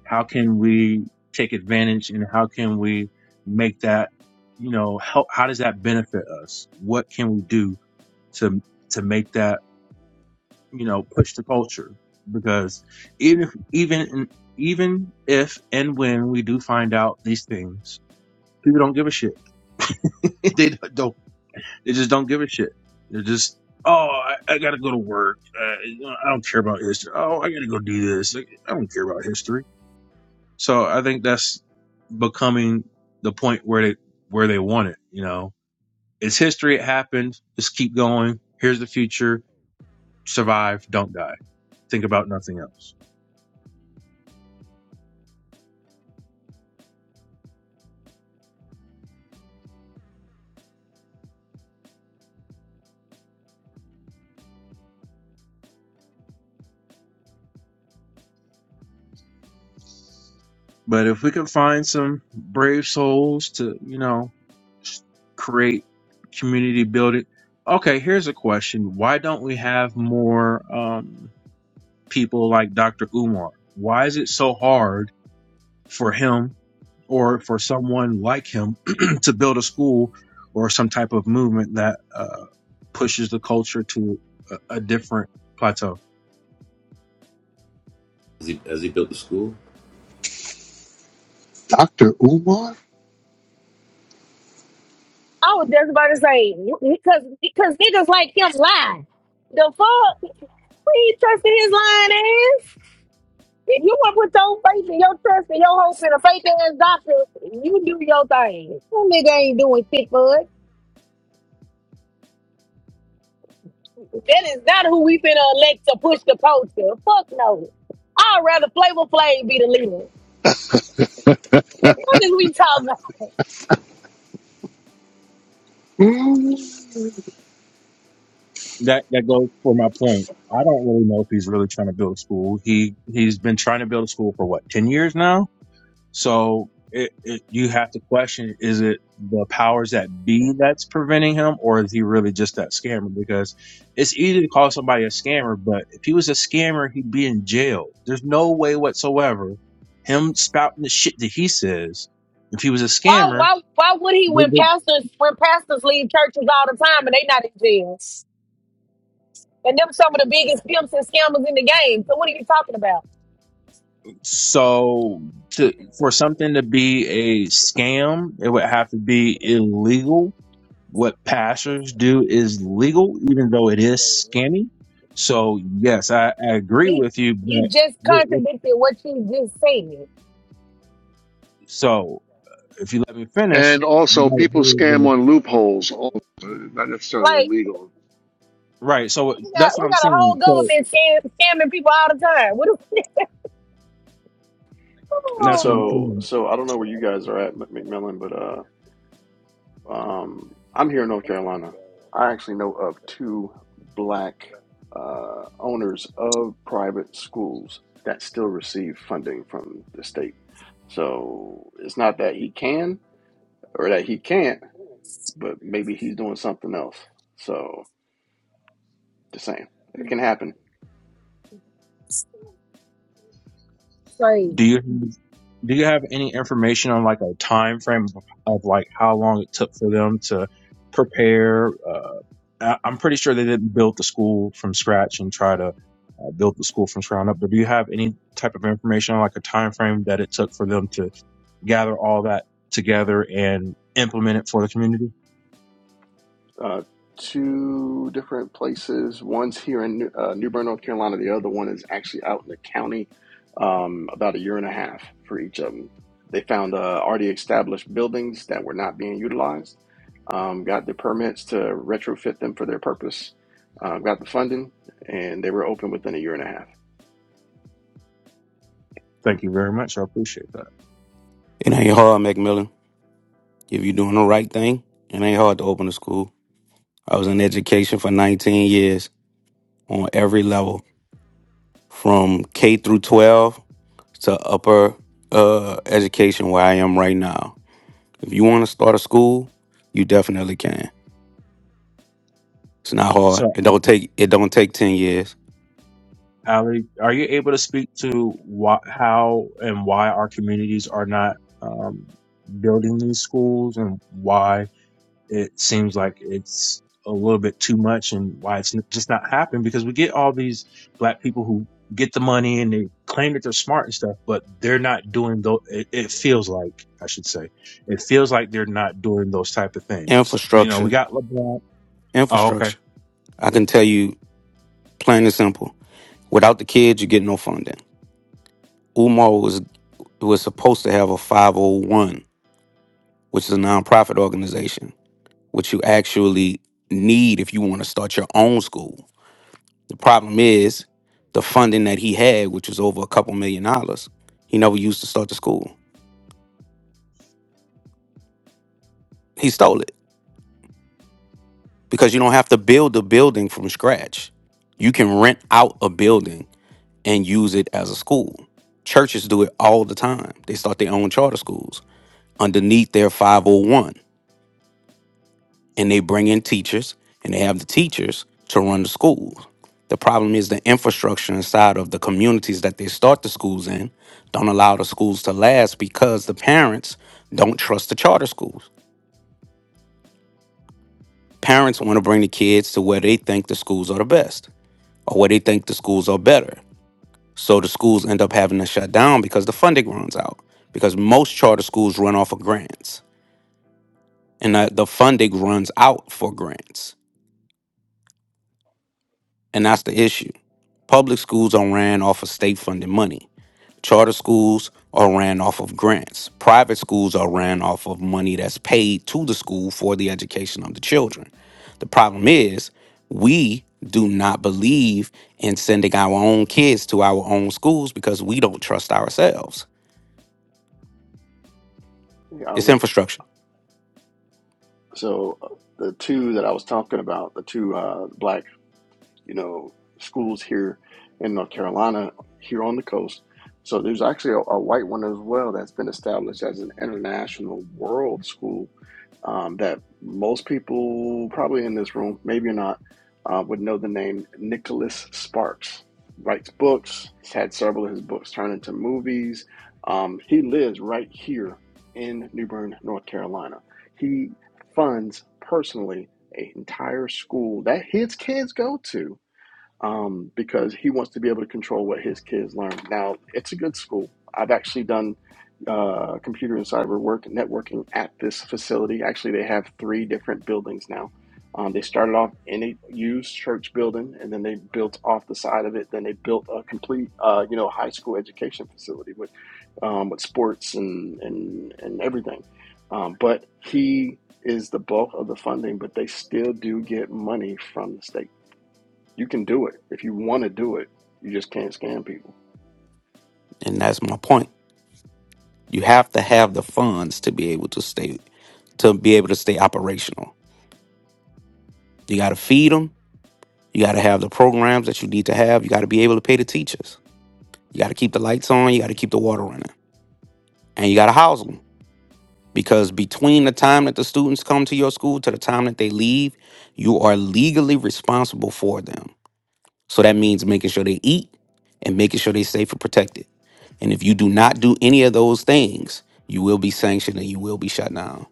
S9: How can we take advantage and how can we make that, you know, help? How does that benefit us? What can we do to to make that? you know, push the culture because even if, even even if and when we do find out these things, people don't give a shit. (laughs) they don't. They just don't give a shit. They're just oh, I, I gotta go to work. Uh, you know, I don't care about history. Oh, I gotta go do this. Like, I don't care about history. So I think that's becoming the point where they where they want it. You know, it's history. It happened. Just keep going. Here's the future. Survive. Don't die. Think about nothing else. But if we can find some brave souls to, you know, s- create community building. Okay, here's a question. Why don't we have more um, people like Dr. Umar? Why is it so hard for him or for someone like him (clears throat) to build a school or some type of movement that uh, pushes the culture to a, a different plateau?
S4: Has he has he built the school?
S7: Dr. Umar?
S6: I was just about to say because because niggas like him lie. The fuck we ain't trusting his lying ass. If you wanna put your faith and your trust and your hopes in a faith ass doctor, you do your thing. That nigga ain't doing shit for us. That is not who we finna elect to push the culture. Fuck no. I'd rather Flavor Flav be the leader. What the fuck is we talking about?
S9: that that goes for my point. I don't really know if he's really trying to build a school. He he's been trying to build a school for what ten years now. So it, it, you have to question: Is it the powers that be that's preventing him, or is he really just that scammer? Because it's easy to call somebody a scammer, but if he was a scammer, he'd be in jail. There's no way whatsoever him spouting the shit that he says. If he was a
S6: Why,
S9: scammer,
S6: why, why would he when pastors when pastors leave churches all the time and they not in jail? And them some of the biggest pimps and scammers in the game. So what are you talking about?
S9: So to, for something to be a scam, it would have to be illegal. What pastors do is legal, even though it is scammy. So yes, I, I agree
S6: You
S9: with you,
S6: you
S9: but
S6: just
S9: w- w-
S6: contradicted what you just said.
S9: so if you let me finish,
S7: And
S9: you
S7: also,
S9: might be
S7: people scam
S9: able to-
S7: on loopholes, also, not necessarily
S6: Like
S7: illegal.
S9: right. So
S6: we got
S9: that's what
S6: we
S9: I'm
S6: got a
S9: saying.
S6: whole
S9: So
S6: government scam, scamming people all the time. What the
S11: And
S9: that's what I'm
S11: so,
S9: saying.
S6: Oh.
S11: so I don't know where you guys are at, Mc- McMillan, but uh, um, I'm here in North Carolina. I actually know of two black uh, owners of private schools that still receive funding from the state. So it's not that he can or that he can't, but maybe he's doing something else. So just saying, it can happen.
S6: Sorry.
S9: Do you do you have any information on like a time frame of, of like how long it took for them to prepare? Uh, I, I'm pretty sure they didn't build the school from scratch and try to uh, build the school from ground up. But do you have any type of information on like a time frame that it took for them to gather all that together and implement it for the community?
S11: uh, two different places. One's here in New- uh, New Bern, North Carolina. The other one is actually out in the county. Um, about a year and a half for each of them. They found uh, already established buildings that were not being utilized. Um, got the permits to retrofit them for their purpose. Uh, got the funding, and they were open within a year and a half.
S9: Thank you very much. I appreciate that.
S12: It ain't hard, Macmillan. If you're doing the right thing, it ain't hard to open a school. I was in education for 19 years on every level, from K through 12 to upper uh, education where I am right now. If you want to start a school, you definitely can. It's not
S9: So.
S12: hard. It don't take it don't take 10 years.
S9: Ali, are you able to speak to why, how and why our communities are not um, building these schools and why it seems like it's a little bit too much and why it's n- just not happening? Because we get all these black people who get the money and they claim that they're smart and stuff, but they're not doing those. It, it feels like, I should say, it feels like they're not doing those type of things. You know, we
S12: Infrastructure,
S9: got LeBron. Oh, okay.
S12: infrastructure. I can tell you plain and simple. Without the kids, you get no funding. Umar was was supposed to have a 501 which is a nonprofit organization, which you actually need if you want to start your own school. The problem is the funding that he had, which was over a couple million dollars, he never used to start the school. He stole it because you don't have to build a building from scratch. You can rent out a building and use it as a school. Churches do it all the time. They start their own charter schools underneath their 501 and they bring in teachers and they have the teachers to run the schools. The problem is the infrastructure inside of the communities that they start the schools in don't allow the schools to last because the parents don't trust the charter schools. Parents want to bring the kids to where they think the schools are the best or where they think the schools are better. So the schools end up having to shut down because the funding runs out. Because most charter schools run off of grants and the, the funding runs out for grants. And that's the issue. Public schools are ran off of state funded money. Charter schools are ran off of grants. Private schools are ran off of money that's paid to the school for the education of the children. The problem is, we do not believe in sending our own kids to our own schools because we don't trust ourselves. It's
S11: Ali.
S12: infrastructure.
S11: So uh, the two that I was talking about, the two uh, black you know, schools here in North Carolina, here on the coast. So there's actually a, a white one as well that's been established as an international world school um, that most people, probably in this room, maybe not, uh, would know the name Nicholas Sparks. Writes books. He's had several of his books turned into movies. Um, he lives right here in New Bern, North Carolina. He funds personally an entire school that his kids go to um, because he wants to be able to control what his kids learn. Now, it's a good school. I've actually done uh, computer and cyber work and networking at this facility. Actually, they have three different buildings now. Um, they started off in a used church building, and then they built off the side of it. Then they built a complete, uh, you know, high school education facility with um, with sports and and and everything. Um, but he is the bulk of the funding, but they still do get money from the state you can do it if you want to do it. You just can't scam people.
S12: And that's my point. You have to have the funds to be able to stay to be able to stay operational. You got to feed them You got to have the programs that you need to have. You got to be able to pay the teachers. You got to keep the lights on. You got to keep the water running. And you got to house them. Because between the time that the students come to your school to the time that they leave, you are legally responsible for them. So that means making sure they eat and making sure they're safe and protected. And if you do not do any of those things, you will be sanctioned and you will be shut down.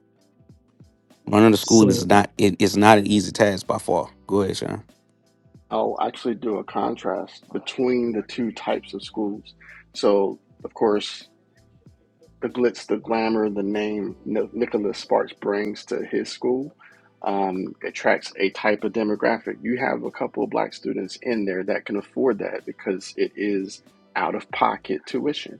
S12: Running a school
S9: So,
S12: is not it is not an easy task by far. Go ahead, Sean.
S11: I'll actually do a contrast between the two types of schools. So, of course, the glitz, the glamour, the name Ni- Nicholas Sparks brings to his school um, attracts a type of demographic. You have a couple of black students in there that can afford that because it is out of pocket tuition.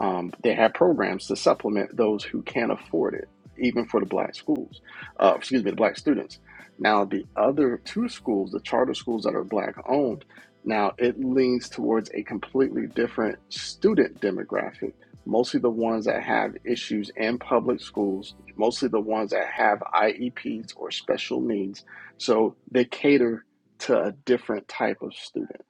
S11: Um, they have programs to supplement those who can't afford it, even for the black schools, uh, excuse me, the black students. Now, the other two schools, the charter schools that are black owned, now it leans towards a completely different student demographic mostly the ones that have issues in public schools, mostly the ones that have IEPs or special needs. So they cater to a different type of student.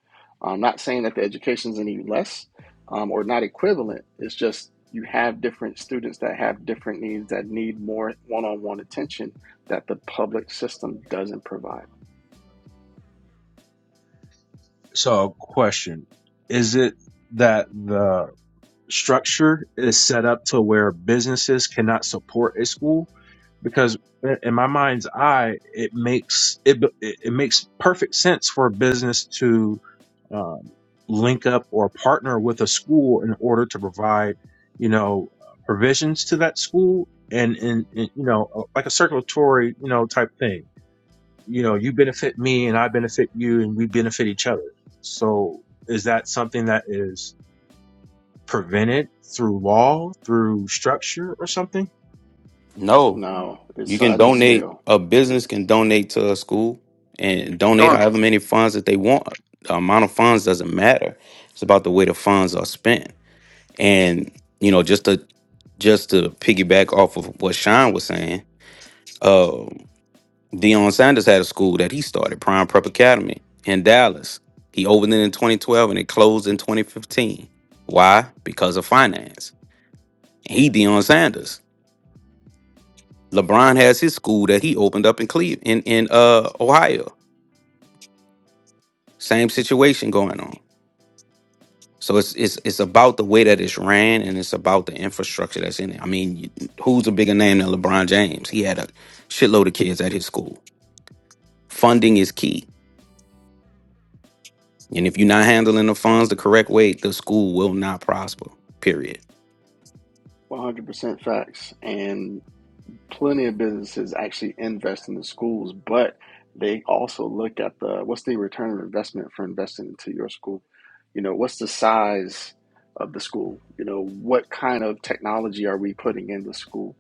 S11: I'm not saying that the education is any less um, or not equivalent. It's just you have different students that have different needs that need more one on one attention that the public system doesn't provide.
S9: so question. Is it that the structure is set up to where businesses cannot support a school because i- in my mind's eye it makes it b- it it makes perfect sense for a business to um, link up or partner with a school in order to provide you know provisions to that school and and, and you know uh, like a circulatory you know type thing you know you benefit me and i benefit you and we benefit each other so is that something that is prevented through law, through structure, or something.
S12: No.
S11: No, it's
S12: You can
S11: size and
S12: donate.
S11: scale.
S12: A business
S11: It's
S12: can donate to a school and
S7: Go
S12: donate
S7: on.
S12: however many funds that they want. The amount of funds doesn't matter. It's about the way the funds are spent. And you know, just to just to piggyback off of what Sean was saying, uh, Deion Sanders had a school that he started, Prime Prep Academy in Dallas. He opened it in 2012 and it closed in 2015. Why? Because of finance. He Deion Sanders. LeBron has his school that he opened up in Cleveland, in, in uh, Ohio. Same situation going on. So it's it's it's about the way that it's ran, and it's about the infrastructure that's in it. I mean, you- who's a bigger name than LeBron James? He had a shitload of kids at his school. Funding is key, and if you're not handling the funds the correct way, the school will not prosper. Period.
S11: 100% facts. And plenty of businesses actually invest in the schools, but they also look at the what's the return on investment for investing into your school? You know, what's the size of the school? You know, what kind of technology are we putting in the school?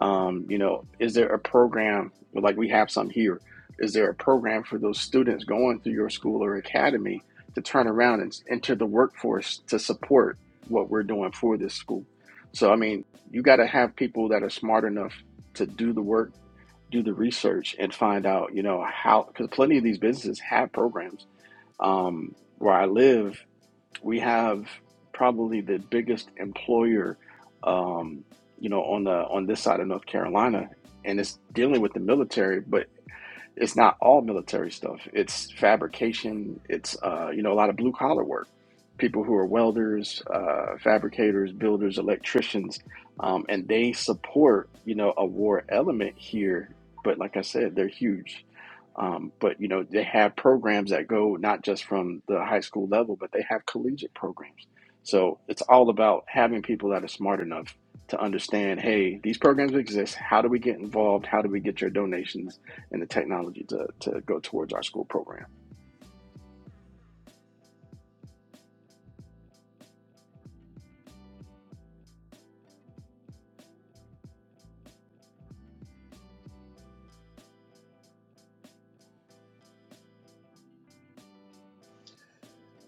S11: Um, you know, is there a program like we have some here? Is there a program for those students going through your school or academy to turn around and s- enter the workforce to support what we're doing for this school? So, I mean, you got to have people that are smart enough to do the work, do the research, and find out, you know, how, because plenty of these businesses have programs. Um, where I live, we have probably the biggest employer, um, you know, on the on this side of North Carolina, and it's dealing with the military. But it's not all military stuff. It's fabrication. It's uh, you know a lot of blue collar work. People who are welders, uh, fabricators, builders, electricians, um, and they support you know a war element here. But like I said, they're huge. Um, but you know they have programs that go not just from the high school level, but they have collegiate programs. So it's all about having people that are smart enough to understand. Hey, these programs exist. How do we get involved? How do we get your donations? and the technology to, to go towards our school program.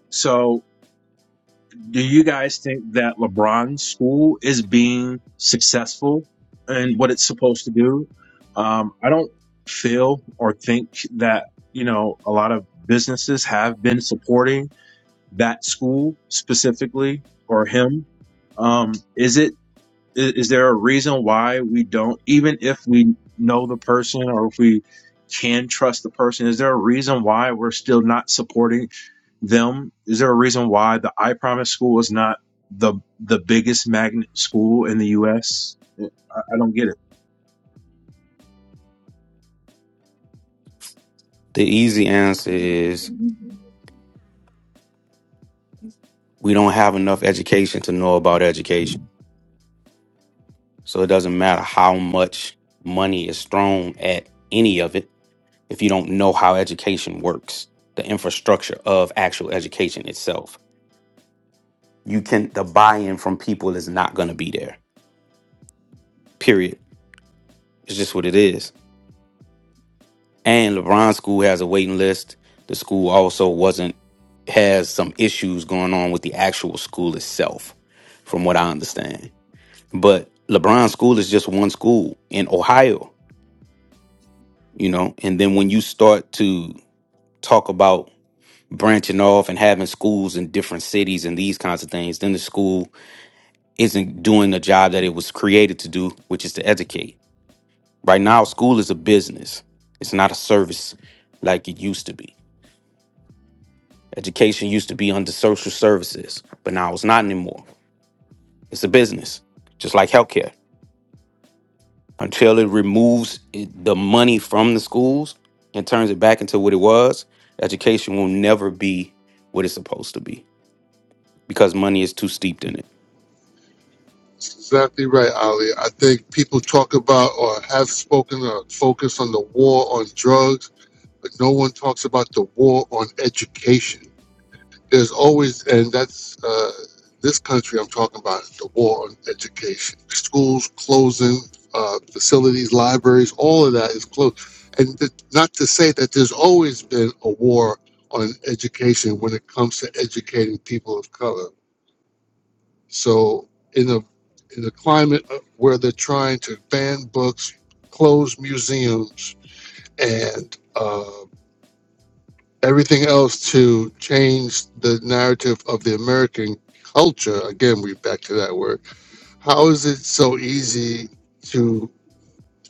S9: So, do you guys think that LeBron's school is being successful in what it's supposed to do? Um, I don't feel or think that, you know, a lot of businesses have been supporting that school specifically or him. Um, is it is, is there a reason why we don't even if we know the person or if we can trust the person is there a reason why we're still not supporting them is there a reason why the i promise school is not the the biggest magnet school in the us I I don't get it
S12: The easy answer is we don't have enough education to know about education, so it doesn't matter how much money is thrown at any of it if you don't know how education works, the infrastructure of actual education itself. You can the buy-in from people is not going to be there. Period. It's just what it is. And LeBron School has a waiting list. The school also wasn't has some issues going on with the actual school itself, from what I understand. But LeBron School is just one school in Ohio, you know. And then when you start to talk about branching off and having schools in different cities and these kinds of things, then the school isn't doing the job that it was created to do, which is to educate. Right now, school is a business, it's not a service like it used to be. Education used to be under social services, but now it's not anymore. It's a business, just like healthcare. Until it removes it, the money from the schools and turns it back into what it was, education will never be what it's supposed to be because money is too steeped in it.
S7: That's exactly right, Ali. I think people talk about or have spoken or focus on the war on drugs. but no one talks about the war on education. There's always, and that's uh, this country I'm talking about, the war on education. Schools closing, uh, facilities, libraries, all of that is closed. And th- not to say that there's always been a war on education when it comes to educating people of color. So in a in a climate of- where they're trying to ban books, close museums, and uh, everything else to change the narrative of the American culture. Again, we back to that word. How is it so easy to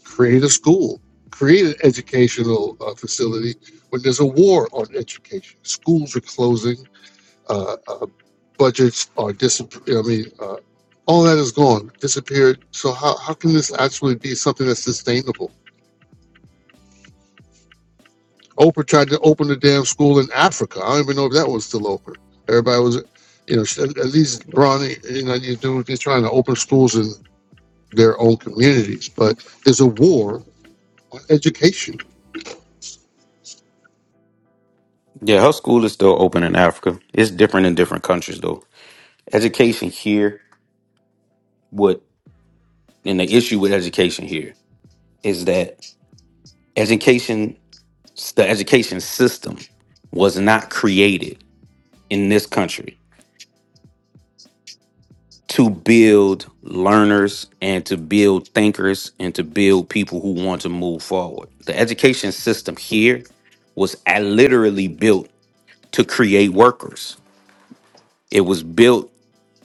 S7: create a school, create an educational uh, facility when there's a war on education? Schools are closing, uh, uh, budgets are disappearing. I mean, uh, all that is gone, disappeared. So how, how can this actually be something that's sustainable? Oprah tried to open a damn school in Africa. I don't even know if that was still open. Everybody was, you know, sh- at at least Bronny, you know, you do, they're trying to open schools in their own communities. But there's a war on education.
S12: Yeah, her school is still open in Africa. It's different in different countries, though. Education here, what, and the issue with education here is that education, the education system was not created in this country to build learners and to build thinkers and to build people who want to move forward. The education system here was uh, literally built to create workers. It was built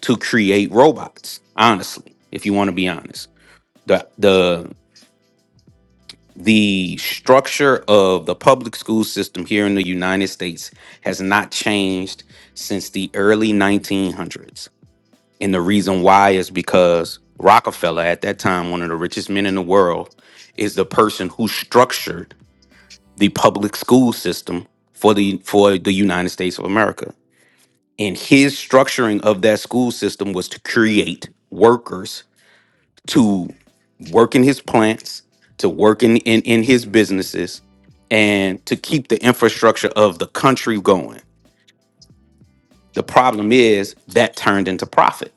S12: to create robots, honestly, if you want to be honest. The the the structure of the public school system here in the United States has not changed since the early 1900s. And the reason why is because Rockefeller at that time, one of the richest men in the world, is the person who structured the public school system for the for the United States of America And his structuring of that school system was to create workers to work in his plants, to work in, in, in his businesses, and to keep the infrastructure of the country going. The problem is that turned into profit.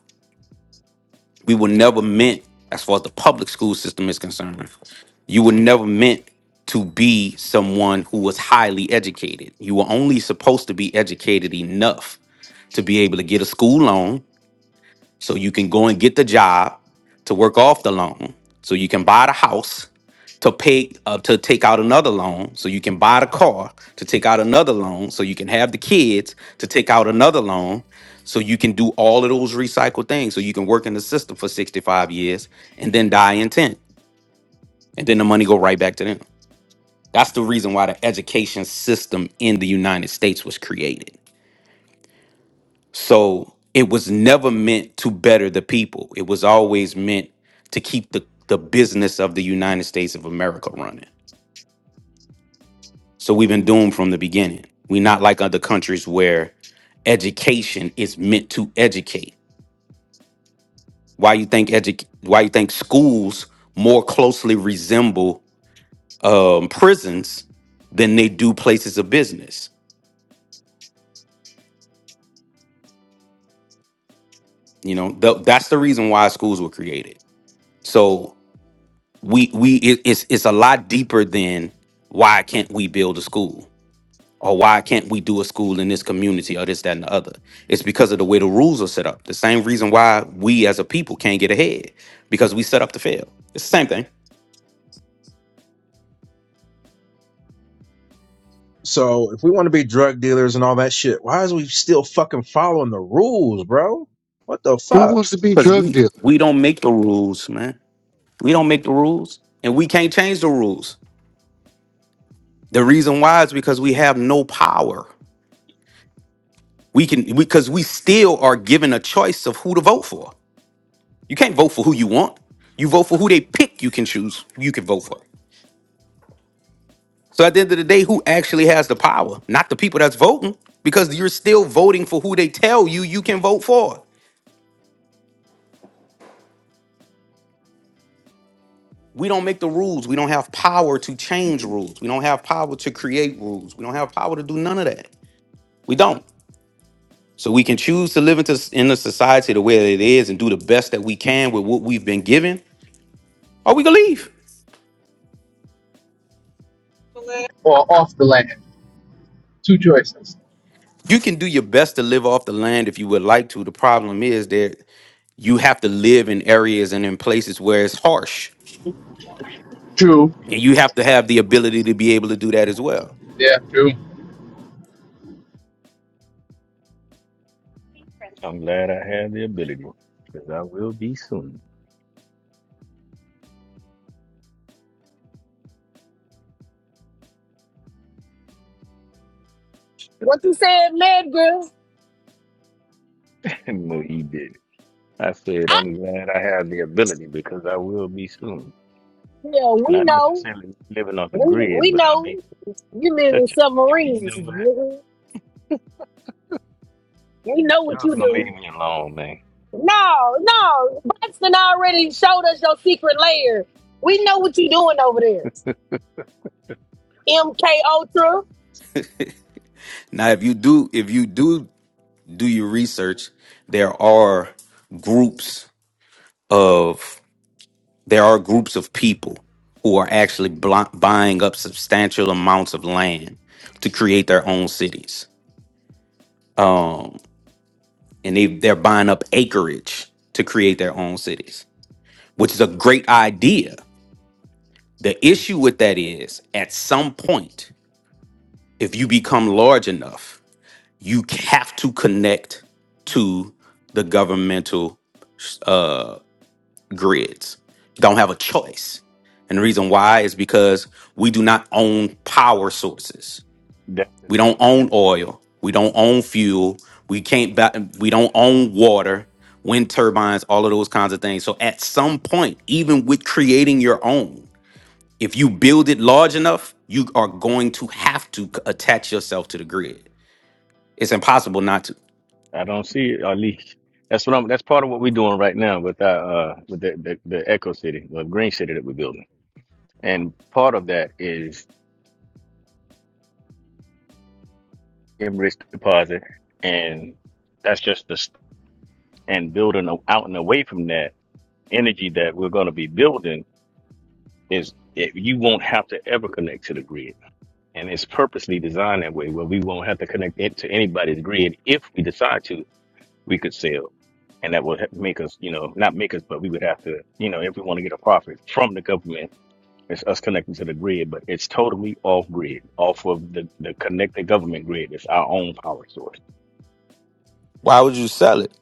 S12: We were never meant, as far as the public school system is concerned, you were never meant to be someone who was highly educated. You were only supposed to be educated enough to be able to get a school loan So you can go and get the job to work off the loan. So you can buy the house to pay uh, to take out another loan. So you can buy the car to take out another loan. So you can have the kids to take out another loan. So you can do all of those recycled things. So you can work in the system for 65 years and then die in 10. And then the money go right back to them. That's the reason why the education system in the United States was created. So it was never meant to better the people. It was always meant to keep the, the business of the United States of America running. So we've been doomed from the beginning. We're not like other countries where education is meant to educate. Why you think edu- why you think schools more closely resemble um, prisons than they do places of business? You know, th- that's the reason why schools were created. So. we we it, it's it's a lot deeper than why can't we build a school or why can't we do a school in this community or this that and the other it's because of the way the rules are set up the same reason why we as a people can't get ahead because we set up to fail it's the same thing
S9: so if we want to be drug dealers and all that shit why is we still fucking following the rules bro what the
S7: Who
S9: fuck
S7: wants to be
S12: because
S7: drug
S12: we
S7: dealer?
S12: we don't make the rules man we don't make the rules and we can't change the rules the reason why is because we have no power we can because we still are given a choice of who to vote for You can't vote for who you want. You vote for who they pick you can choose, you can vote for. So at the end of the day, who actually has the power? Not the people that's voting, because you're still voting for who they tell you you can vote for. We don't make the rules. We don't have power to change
S8: me.
S12: rules. We don't have power to create rules. We don't have power to do none of that. We don't. So we can choose to live into s- in a society the way that it is and do the best that we can with what we've been given, or we can leave.
S13: or off the land. Two choices.
S12: You can do your best to live off the land if you would like to. The problem is there you have to live in areas and in places where it's harsh
S13: True.
S12: and you have to have the ability to be able to do that as well
S13: Yeah, true.
S8: I'm glad I have the ability, because I will be soon.
S6: What you said, Medgar?
S8: (laughs) no, he did. I said,
S6: I,
S8: I'm glad I have the ability because I will be soon.
S6: yeah, we
S8: Not
S6: know.
S8: necessarily living off the
S6: We
S8: grid,
S6: we
S8: but I'll be
S6: know you live in
S8: such a. You
S6: submarines.
S8: know what?
S6: nigga. We know what
S8: Y'all
S6: you
S8: gonna leave
S6: do.
S8: me alone, man.
S6: No, no. Buxton already showed us your secret lair. We know what you doing over there. MK Ultra.
S12: now if you do if you do do your research there are groups of there are groups of people who are actually bl- buying up substantial amounts of land to create their own cities um and they they're buying up acreage to create their own cities which is a great idea the issue with that is at some point if you become large enough, you have to connect to the governmental uh, grids. Don't have a choice. And the reason why
S8: Oh,
S12: is because we do not own power sources.
S8: That's the
S12: We don't
S8: thing.
S12: own oil. We don't own fuel. We can't. Ba- we don't
S8: That's one
S12: own water, wind turbines, all of those kinds of things. So at some point, even with creating your own, if you build it large enough, you are going to have to c- attach yourself to the grid it's impossible not to.
S8: I don't see it, or at least that's what I'm. That's part of what we're doing right now with our uh with the the, the Echo City, the Green City that we're building, and part of that is enriched deposit, and that's just the s- and building a- out and away from that energy that we're going to be building is it, you won't have to ever connect to the grid, and it's purposely designed that way where we won't have to connect it to anybody's grid if we decide to we could sell. And that would ha- make us, you know, not make us, but we would have to, you know, if we want to get a profit from the government, it's us connecting to the grid, but it's totally off grid, off of the, the connected government grid. It's our own power source
S12: Why would you sell it?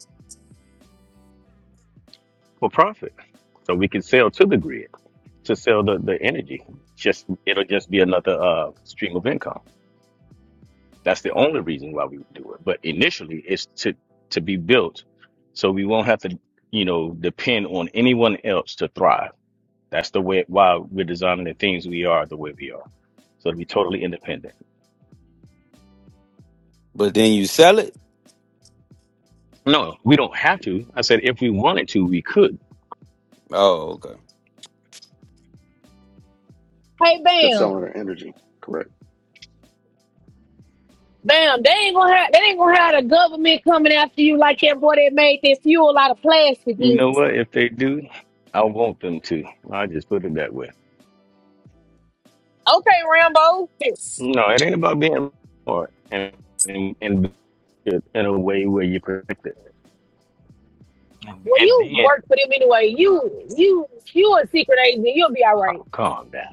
S8: for profit. So we can sell to the grid to sell the, the energy. Just it'll just be another uh, stream of income. That's the only reason why we would do it. But initially it's to to be built so we won't have to, you know, depend on anyone else to thrive That's the way why we're designing the things we are the way we are. So to be totally independent.
S12: But then you sell it?
S8: No, we don't have to. I said if we wanted to, we could.
S12: Oh, okay.
S6: Hey,
S11: Just selling
S6: bam,
S11: their energy, correct?
S6: bam. They ain't gonna have. They ain't gonna have the government coming after you like that boy that made that fuel out of plastic.
S8: You know
S6: uses.
S8: what? If they do, I want them to. I just put it that way.
S6: Okay, Rambo. Yes.
S8: No, it ain't about being smart and and, and in a way where you protect it and,
S6: Well,
S8: and
S6: you
S8: being
S6: work for them anyway. You, you, you a secret agent. You'll be all right.
S8: calm, calm down.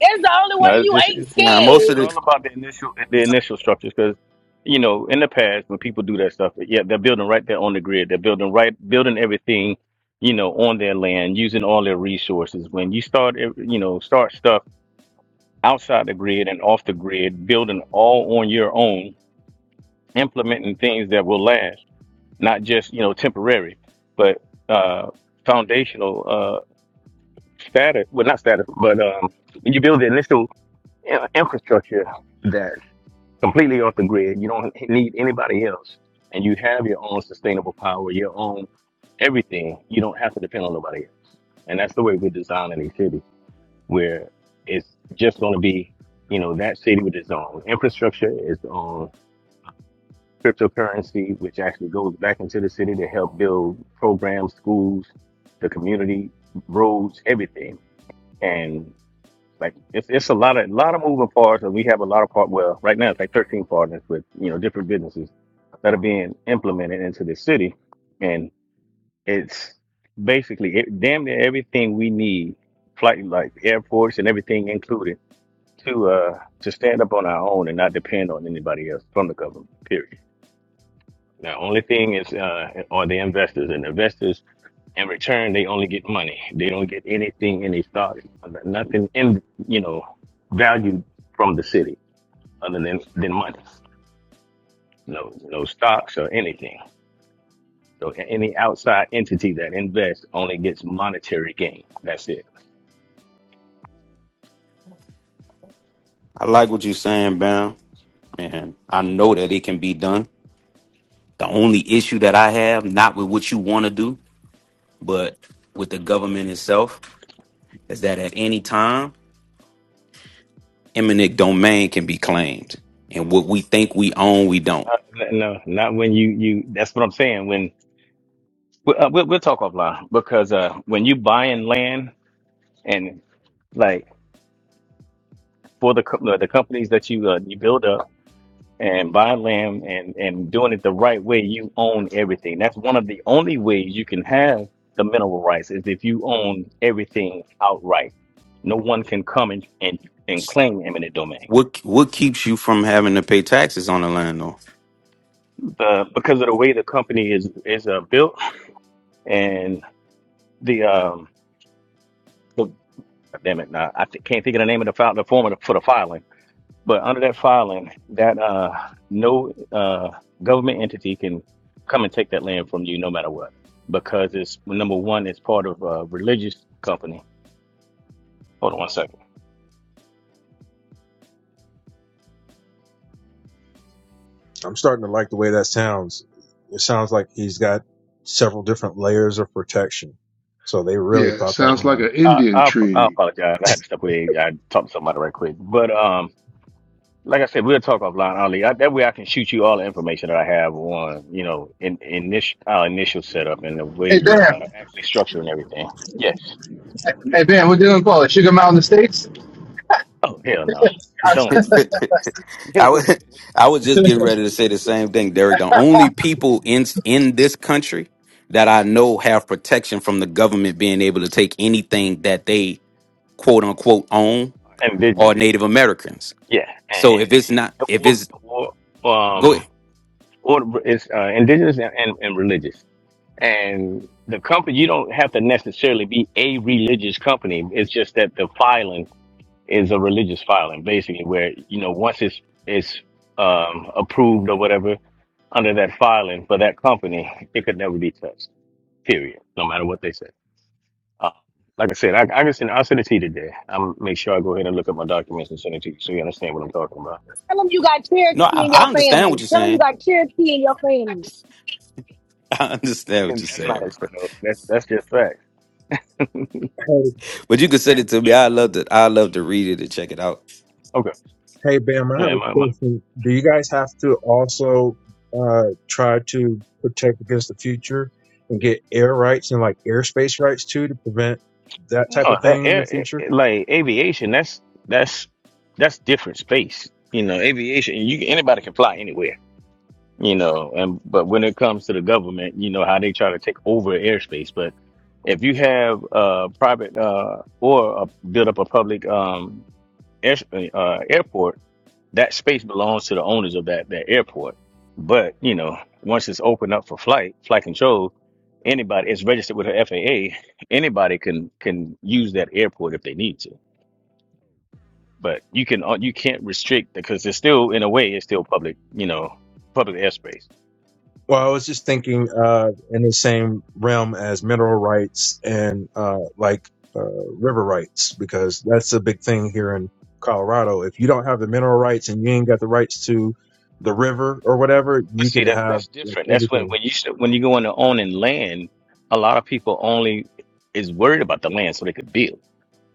S6: That's the only way
S8: No, it's
S6: you
S8: just
S6: ain't
S8: it's
S12: Now,
S8: it's,
S12: most
S8: it's
S12: of
S6: scared.
S12: the
S8: all about the initial the initial structures because you know in the past when people do that stuff, yeah, they're building right there on the grid. They're building right building everything, you know, on their land using all their resources. When you start ev- you know start stuff outside the grid and off the grid, building all on your own, implementing things that will last, not just you know temporary, but uh, foundational uh, status. Well, not status, but um, when you build the initial uh, infrastructure. completely off the grid. You don't need anybody else, and you have your own sustainable power, your own everything. You don't have to depend on nobody else, and that's the way we're designing these cities, where it's just going to be, you know, that city with its own infrastructure, its own cryptocurrency, which actually goes back into the city to help build programs, schools, the community, roads, everything, and. Like it's it's a lot of a lot of moving parts, and we have a lot of part. Well, right now it's like 13 partners with you know different businesses that are being implemented into the city, and it's basically it, damn near everything we need, flight like airports and everything included, to uh to stand up on our own and not depend on anybody else from the government. Period. Now, only thing is uh are the investors, and investors in return, they only get money. They don't get anything in their stock, nothing in you know value from the city other than than money. No, no stocks or anything. So a- any outside entity that invests only gets monetary gain. That's it.
S12: I like what you're saying, Bam, and I know that it can be done. The only issue that I have, not with what you want to do, but with the government itself, is that at any time, eminent domain can be claimed, and what we think we own, we don't.
S8: Not, no, not when you you. That's what I'm saying. When we- uh, we'll, we'll talk offline because uh, when you buying land and like for the co- the companies that you uh, you build up and buying land and and doing it the right way you own everything that's one of the only ways you can have the mineral rights is if you own everything outright no one can come and and, and claim eminent domain
S12: What what keeps you from having to pay taxes on the land?
S8: the, because of the way the company is is uh, built and the um the, damn it now i th- can't think of the name of the file the form of the, for the filing But under that filing, that uh, no uh, government entity can come and take that land from you, no matter what, because it's well, number one, it's part of a religious company. Hold on one second.
S9: I'm starting to like the way that sounds. It sounds like he's got several different layers of protection. So they really
S7: Yeah,
S9: thought that.
S8: Anyway,
S7: sounds like
S9: one
S7: an
S8: I,
S7: Indian
S8: I, I
S7: treaty.
S8: apologize. I had to
S9: (laughs)
S8: step away. I talked to somebody right quick, but um, like I said, we'll talk offline, Ali. I, that way, I can shoot you all the information that I have on, you know, in, in this our initial setup and the way
S13: Hey,
S8: we are
S13: bam.
S8: actually structuring everything. Yes.
S13: Hey, bam, what do you gonna call it? Sugar Mountain Estates? (laughs)
S8: Oh hell no! Don't
S12: (laughs)
S8: stop. (laughs)
S12: I was I was just getting ready to say the same thing, Derek. The only people in in this country that I
S8: yeah,
S12: know have protection from the government being able to take anything that they quote unquote own are
S8: indigenous.
S12: Native Americans.
S8: Yeah, and,
S12: So if it's not, if it's
S8: or, or,
S12: go
S8: um,
S12: ahead.
S8: or it's uh, indigenous and, and, and religious. And the company, you don't have to necessarily be a religious company. It's just that the filing is a religious filing, basically, where you know once it's it's um, approved or whatever under that filing for that company, it could never be touched. Period. No matter what they say. Uh, like I said, I, I can send I'll send it to you today. I'll make sure I go ahead and look at my documents and send it to you so you understand what I'm talking about.
S6: Tell them you got
S12: No,
S6: Cherokee
S12: I,
S6: in
S12: I
S6: your
S12: understand what
S6: family.
S12: you're
S6: Tell them you
S12: saying.
S6: got Cherokee in your family.
S12: (laughs) I understand what
S8: Ken,
S12: you're
S8: that's not a
S12: saying,
S8: lot, though. That's that's just facts.
S9: Hey,
S12: but you can send
S8: Like
S12: it to me. I love to. I love to read it and check it out.
S8: okay,
S9: hey, Bam, I have
S8: yeah,
S9: a
S8: my, my
S9: question. Do you guys have to also uh, try to protect against the future and get air rights and like airspace rights too to prevent that type
S8: no,
S9: of
S8: that,
S9: thing in the
S8: air,
S9: future?
S8: air- like aviation. That's that's that's different space. You know, aviation. You can- anybody can fly anywhere. You know, and but when it comes to the government, you know how they try to take over airspace. But if you have uh private uh or uh build up a public um air, uh, airport that space belongs to the owners of that that airport. But you know, once it's opened up for flight, flight control, anybody it's registered with the FAA. Anybody can can use that airport if they need to. But you can uh, you can't restrict because it's still in a way it's still public you know public airspace.
S9: Well, I was just thinking uh, in the same realm as mineral rights and uh, like uh, river rights, because that's a big thing here in Colorado. If you don't have the mineral rights and you ain't got the rights to the river or whatever,
S8: But
S9: you
S8: see
S9: could
S8: that
S9: have
S8: that's
S9: like,
S8: different. That's when
S9: everything.
S8: when you should, when you go into owning land, a lot of people only is worried about the land so they could build.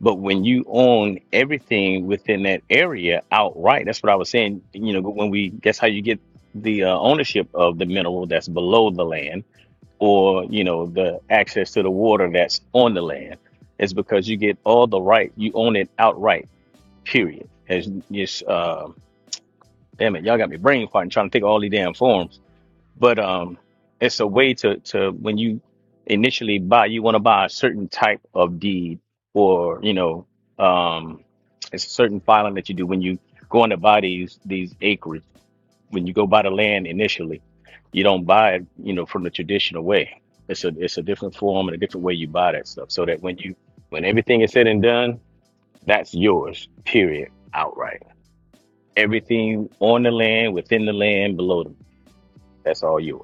S8: But when you own everything within that area outright, that's what I was saying. You know, when we that's how you get the uh, ownership of the mineral that's below the land, or you know, the access to the water that's on the land, is because you get all the right. You own it outright. Period. As just uh, damn it, y'all got me brain farting trying to think of all these damn forms but um it's a way to to when you initially buy you want to buy a certain type of deed or you know um it's a certain filing that you do when you go in to buy these these acreage when you go buy the land initially you don't buy it you know from the traditional way it's a it's a different form and a different way you buy that stuff so that when you when everything is said and done that's yours period outright everything on the land within the land below them that's all yours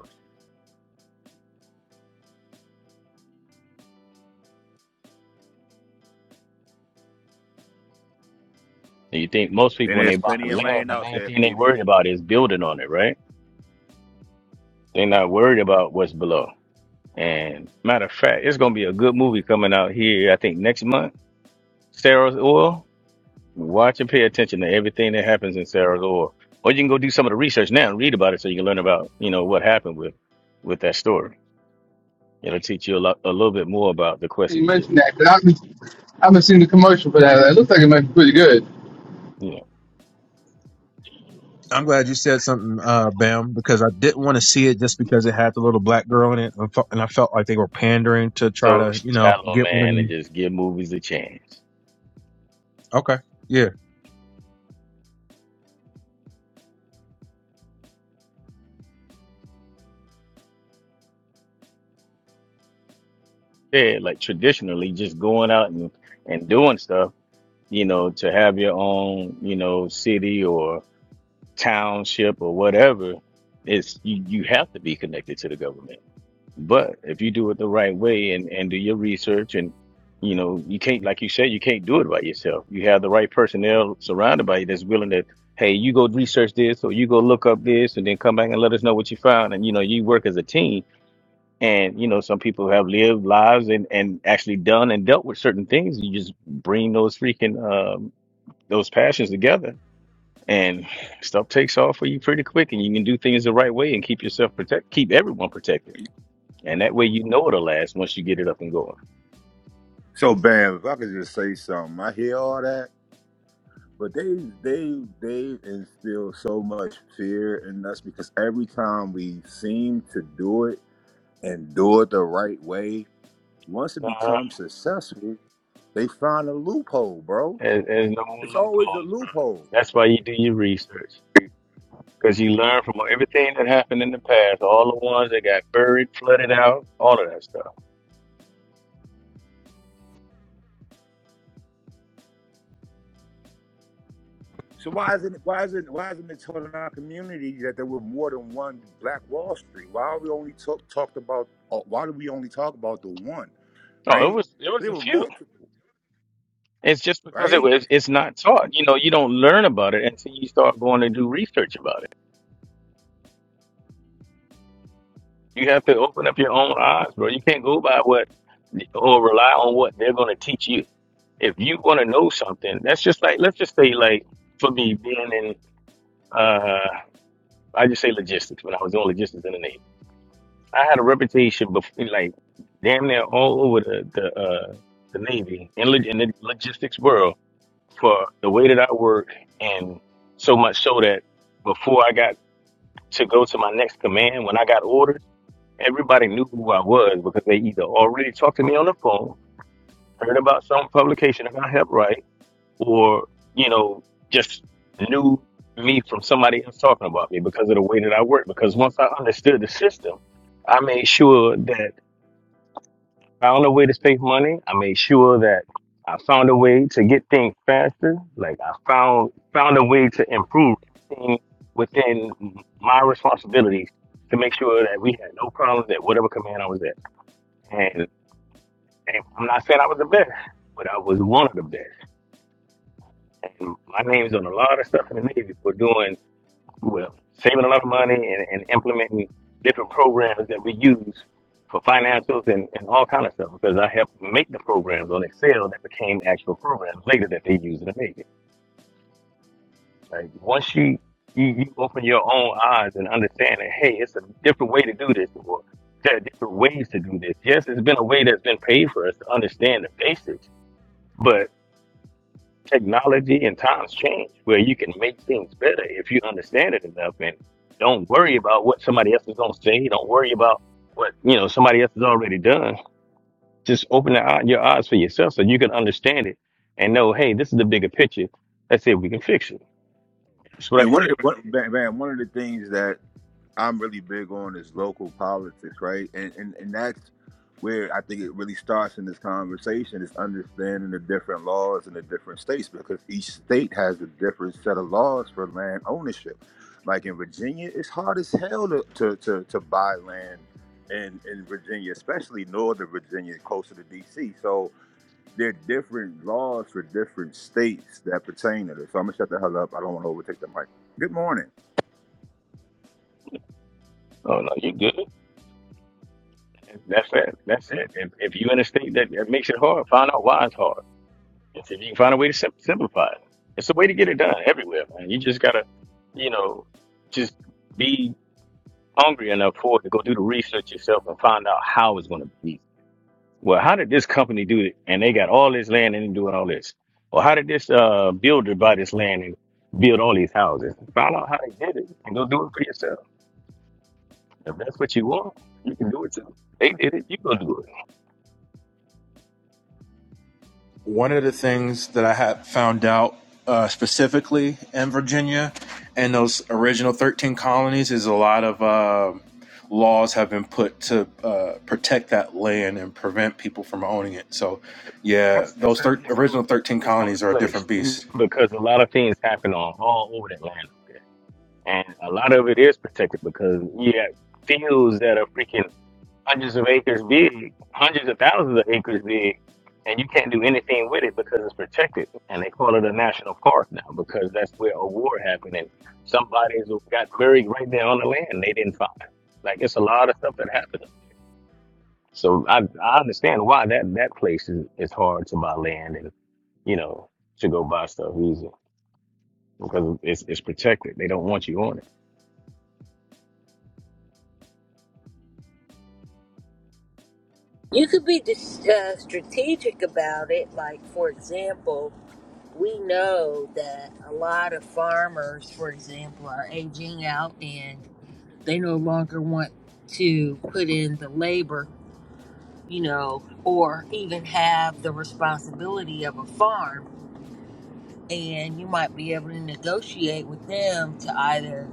S8: And you think most people,
S14: And
S8: when they
S14: there's
S8: buy
S14: plenty of
S8: land,
S14: land
S8: the
S14: out
S8: main
S14: there,
S8: thing they
S14: people.
S8: worried about is building on it, right? They're not worried about what's below. And matter of fact, it's going to be a good movie coming out here, I think, next month. Sarah's Oil. Watch and pay attention to everything that happens in Sarah's Oil. Or you can go do some of the research now and read about it so you can learn about, you know, what happened with with that story. It'll teach you a, lot, a little bit more about the question
S13: you
S8: you just
S13: mentioned that, but
S8: asked.
S13: I haven't seen the commercial for that. It looks like it might be pretty good.
S8: You know,
S9: I'm glad you said something, uh, Bam, because I didn't want to see it just because it had the little black girl in it, and I felt and I felt like they were pandering to try
S8: so
S9: to, you know,
S8: shallow,
S9: get one of
S8: man, and
S9: them.
S8: just give movies a chance.
S9: Okay, Yeah.
S8: said, like traditionally, just going out and, and doing stuff, you know, to have your own, you know, city or township or whatever, it's you, you have to be connected to the government. But if you do it the right way and, and do your research and you know, you can't like you said, you can't do it by yourself. You have the right personnel surrounded by you that's willing to, hey, you go research this or you go look up this and then come back and let us know what you found. And you know, you work as a team and you know some people have lived lives and and actually done and dealt with certain things you just bring those freaking um those passions together and stuff takes off for you pretty quick and you can do things the right way and keep yourself protect keep everyone protected and that way you know it'll last once you get it up and going
S14: So bam, if I could just say something, I hear all that, but they they they instill so much fear in us because every time we seem to do it and do it the right way, once it becomes successful, they find a loophole, bro.
S8: There's, there's no more
S14: It's always a
S8: loopholes, bro.
S14: loophole.
S8: That's why you do your research. Because you learn from everything that happened in the past, all the ones that got buried, flooded out, all of that stuff.
S14: So why isn't it why isn't why isn't it told in our community that there were more than one Black Wall Street? Why are we only talk, talked about? uh, Why do we only talk about the one,
S8: Oh, it
S14: right?
S8: was it
S14: But
S8: was
S14: there
S8: a
S14: were
S8: few.
S14: multiple,
S8: It's just because it
S14: right?
S8: was it's not taught. You know, you don't learn about it until you start going and do research about it. You have to open up your own eyes, bro. You can't go by what or rely on what they're going to teach you. If you want to know something, that's just like let's just say like for me being in uh I just say logistics when I was doing logistics in the Navy. I had a reputation before, like damn near all over the the uh, the Navy and log- in the logistics world for the way that I work, and so much so that before I got to go to my next command, when I got orders, everybody knew who I was because they either already talked to me on the phone, heard about some publication that I helped write, or you know just knew me from somebody else talking about me because of the way that I work. Because once I understood the system, I made sure that. found a way to save money. I made sure that I found a way to get things faster. Like I found found a way to improve everything within my responsibilities to make sure that we had no problems at whatever command I was at. And, and I'm not saying I was the best, but I was one of the best. And my name's on a lot of stuff in the Navy for doing well, saving a lot of money and, and implementing different programs that we use for financials and, and all kind of stuff because I helped make the programs on Excel that became actual programs later that they use to make it. Like once you, you you open your own eyes and understand that hey, it's a different way to do this or there are different ways to do this. Yes, it's been a way that's been paid for us to understand the basics, but. technology and times change where you can make things better if you understand it enough and don't worry about what somebody else is going to say don't worry about what you know somebody else has already done just open the, eye- your eyes for yourself so you can understand it and know hey this is the bigger picture let's see if we can fix it that's what i
S14: And one of
S8: did
S14: the one, man, one of the things that I'm really big on is local politics, right? And and and that's where I think it really starts in this conversation is understanding the different laws in the different states because each state has a different set of laws for land ownership. Like in Virginia, it's hard as hell to to to, to buy land in in Virginia, especially northern Virginia, closer to DC. So there are different laws for different states that pertain to this. So I'm gonna shut the hell up. I don't want to overtake the mic. Good morning.
S8: oh no you good that's it that's it if, if you in a state that, that makes it hard find out why it's hard and see if you can find a way to sim- simplify it it's a way to get it done everywhere man you just gotta you know just be hungry enough for it to go do the research yourself and find out how it's going to be. Well, how did this company do it? And they got all this land and they doing all this. Or how did this uh, builder buy this land and build all these houses? Find out how they did it and go do it for yourself. If that's what you want, you can do it too. They did it, you go do it.
S9: one of the things that I had found out uh, specifically in Virginia and those original 13 colonies is a lot of uh, laws have been put to uh, protect that land and prevent people from owning it. So,
S8: Yep.
S9: yeah,
S8: That's that's
S9: those
S8: a
S9: thir- original
S8: historic
S9: 13 colonies
S8: historic
S9: are a
S8: place
S9: different beast.
S8: because a lot of things happen on all over that land up there, and a lot of it is protected because you have fields that are freaking hundreds of acres big, hundreds of thousands of acres big, and you can't do anything with it because it's protected. And they call it a national park now because that's where a war happened and somebody's got buried right there on the land they didn't find. Like it's a lot of stuff that happened. So I I understand why that that place is, is hard to buy land and you know to go buy stuff easy because it's it's protected. They don't want you on it.
S1: You could be dis- uh, strategic about it, like, for example, we know that a lot of farmers, for example, are aging out and they no longer want to put in the labor, you know, or even have the responsibility of a farm. And you might be able to negotiate with them to either,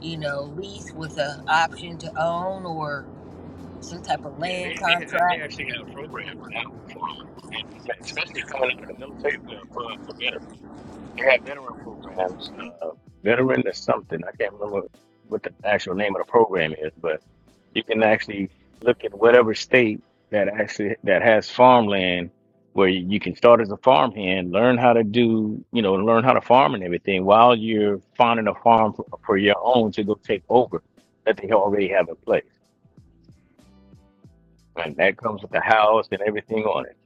S1: you know, lease with an option to own or some type of
S8: Yeah,
S1: land
S8: they they they
S1: contract.
S8: actually have programs now for farmers, and especially coming out of the military, well, for the veterans. They had veteran programs. Uh, veteran is something. I can't remember what the actual name of the program is, but you can actually look at whatever state that actually that has farmland where you you can start as a farmhand, learn how to do, you know, learn how to farm and everything while you're finding a farm for, for your own to go take over that they already have in place. And that comes with the house and everything on it.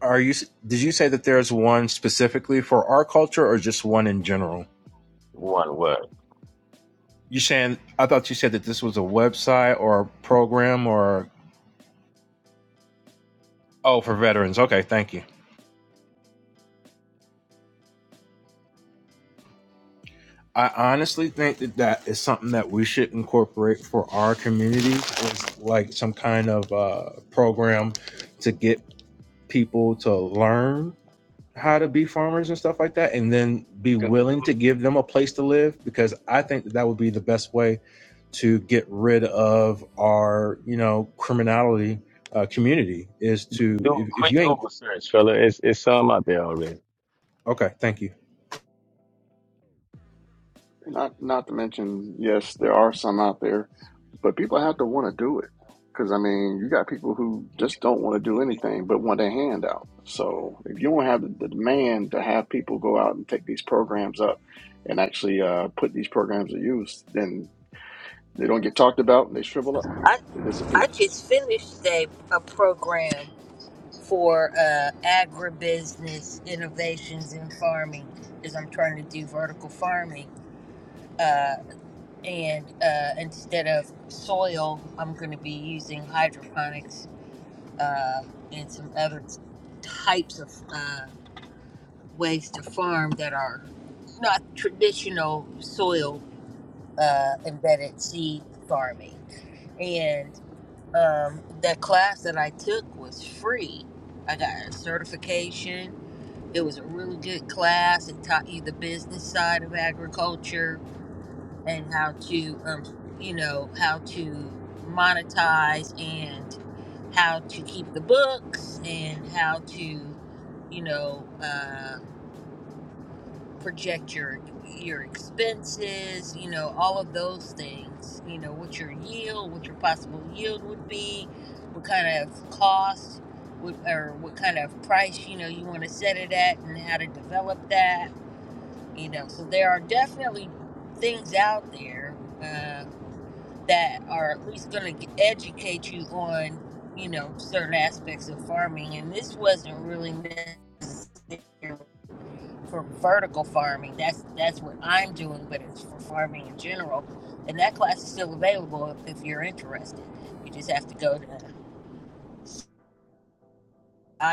S9: Are you? Did you say that there's one specifically for our culture, or just one in general?
S8: One word.
S9: You saying? I thought you said that this was a website or a program or oh, for veterans. Okay, thank you. I honestly think that that is something that we should incorporate for our community, is like some kind of uh, program to get people to learn how to be farmers and stuff like that, and then be
S8: Do,
S9: willing
S8: do,
S9: to give them a place to live. Because I think that that would be the best way to get rid of our, you know, criminality uh, community is
S8: do
S9: to
S8: do a
S9: if, if you
S8: quick
S9: ain't
S8: Google search, fella. It's it's some out there already.
S9: okay, thank you.
S11: Not not to mention, yes, there are some out there, but people have to want to do it. Because I mean, you got people who just don't want to do anything but want a handout. So if you don't have the, demand to have people go out and take these programs up and actually uh, put these programs to use, then they don't get talked about and they shrivel up,
S1: I,
S11: they disappear.
S1: I just finished a, a program for uh, agribusiness innovations in farming because I'm trying to do vertical farming. Uh, and uh, instead of soil, I'm going to be using hydroponics uh, and some other types of uh, ways to farm that are not traditional soil uh, embedded seed farming. And um, the class that I took was free. I got a certification It was a really good class. It taught you the business side of agriculture and how to, um, you know, how to monetize and how to keep the books and how to, you know, uh, project your your expenses. You know, all of those things. You know, what your yield, what your possible yield would be, what kind of cost, what, or what kind of price you know you want to set it at, and how to develop that you know so there are definitely things out there uh, that are at least going to educate you on you know certain aspects of farming and this wasn't really necessary for vertical farming that's that's what i'm doing but it's for farming in general and that class is still available if, if you're interested you just have to go to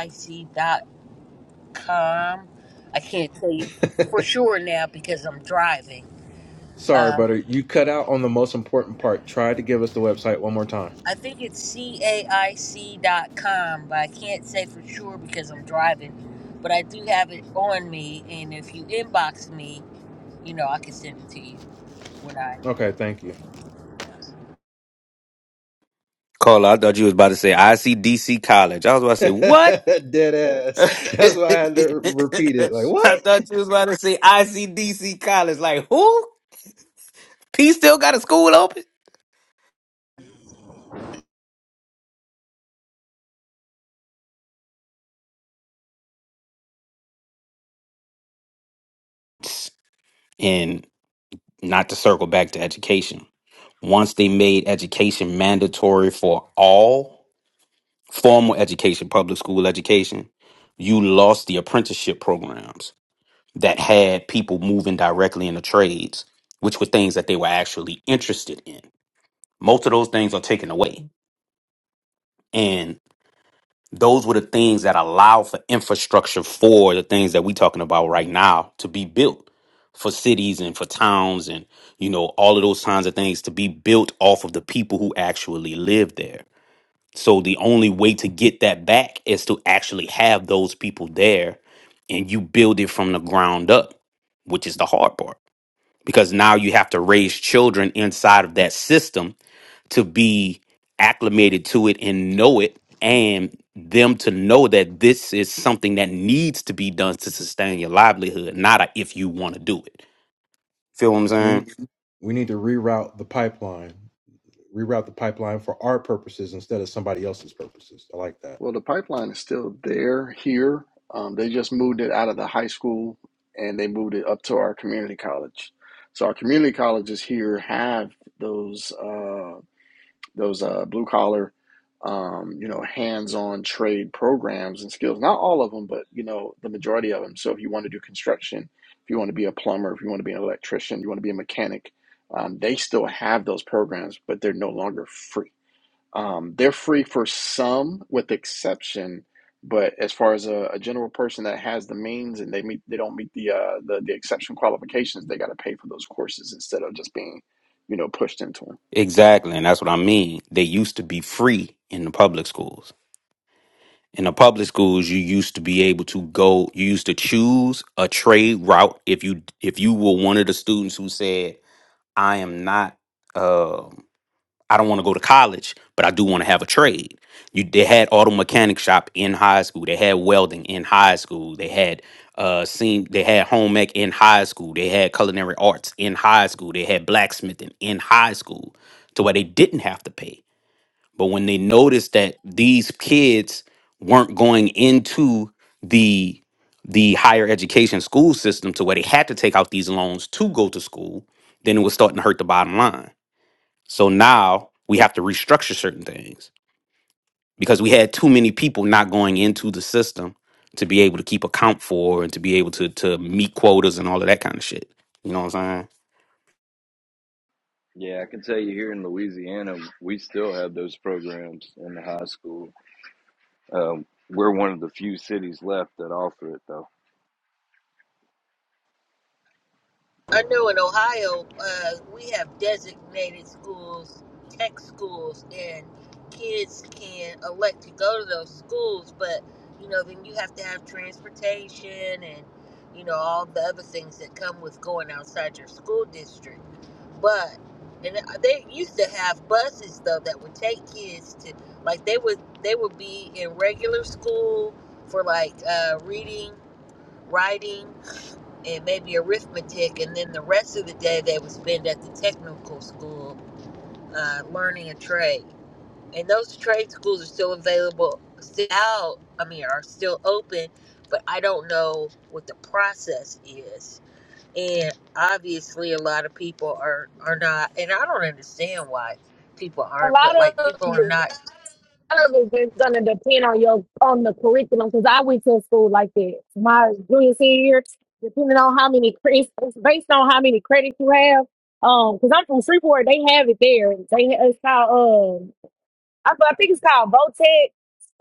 S1: ic. dot com. i can't tell you for sure now because i'm driving
S9: Sorry,
S1: um,
S9: butter, you cut out on the most important part. Try to give us the website one more time.
S1: I think it's c a i c dot com, but I can't say for sure because I'm driving. But I do have it on me, and if you inbox me, you know, I can send it to you when I
S9: Okay, thank you.
S12: Carla, I thought you was about to say ICDC College. I was about to
S9: (laughs)
S12: say what?
S9: Dead
S12: (laughs)
S9: ass.
S12: I
S9: That's why I had to repeat it. Like, what?
S12: thought you was about to say ICDC college. Like, who? P still got a school open? And not to circle back to education. Once they made education mandatory for all formal education, public school education, you lost the apprenticeship programs that had people moving directly in the trades, which were things that they were actually interested in. Most of those things are taken away. Those were the things that allow for infrastructure for the things that we're talking about right now to be built for cities and for towns and you know all of those kinds of things to be built off of the people who actually live there. So the only way to get that back is to actually have those people there and you build it from the ground up, which is the hard part. Because now you have to raise children inside of that system to be acclimated to it and know it and them to know that this is something that needs to be done to sustain your livelihood not a if you want to do it feel what i'm
S9: We
S12: saying
S9: we need to reroute the pipeline. Reroute the pipeline for our purposes instead of somebody else's purposes. I like that.
S11: Well, the pipeline is still there here. Um, they just moved it out of the high school and they moved it up to our community college. So our community colleges here have those uh, those uh, blue collar, um, you know, hands on trade programs and skills. Not all of them, but you know, the majority of them. So if you want to do construction, if you want to be a plumber, if you want to be an electrician, you want to be a mechanic, um, they still have those programs, but they're no longer free um, they're free for some, with exception. But as far as a, a general person that has the means and they meet, they don't meet the uh, the, the exception qualifications, they got to pay for those courses instead of just being, you know, pushed into them.
S12: exactly and that's what i mean they used to be free in the public schools in the public schools you used to be able to go you used to choose a trade route if you if you were one of the students who said i am not um I don't want to go to college, but I do want to have a trade. You, they had auto mechanic shop in high school. They had welding in high school. They had uh, seen they had home ec in high school. They had culinary arts in high school. They had blacksmithing in high school, to where they didn't have to pay. But when they noticed that these kids weren't going into the the higher education school system to where they had to take out these loans to go to school, then it was starting to hurt the bottom line. So now we have to restructure certain things because we had too many people not going into the system to be able to keep account for and to be able to to meet quotas and all of that kind of shit. You know what I'm saying?
S15: Yeah, I can tell you here in Louisiana, we still have those programs in the high school. Um, we're one of the few cities left that offer it, though.
S1: I know in Ohio, uh, we have designated schools, tech schools, and kids can elect to go to those schools, but you know, then you have to have transportation and you know, all the other things that come with going outside your school district. But and they used to have buses though that would take kids to like they would they would be in regular school for like uh, reading, writing, and maybe arithmetic, and then the rest of the day they would spend at the technical school uh, learning a trade. And those trade schools are still available, still out. I mean, are still open, but I don't know what the process is. And obviously, a lot of people are are not, and I don't understand why people
S6: A
S1: aren't.
S6: lot
S1: But like,
S6: of
S1: people are
S6: it,
S1: not.
S6: a lot of it is gonna depend on your on the curriculum. Because I went to a school like that. My junior senior year, depending on how many credits, based on how many credits you have. Um, because I'm from Freeport, they have it there. They it's called um, I, I think it's called Votex.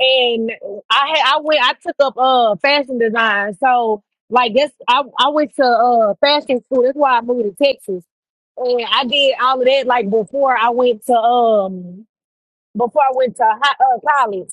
S6: And I had I went I took up uh fashion design. So like that's I, I went to uh fashion school. That's why I moved to Texas. And I did all of that like before I went to um before I went to high, uh, college.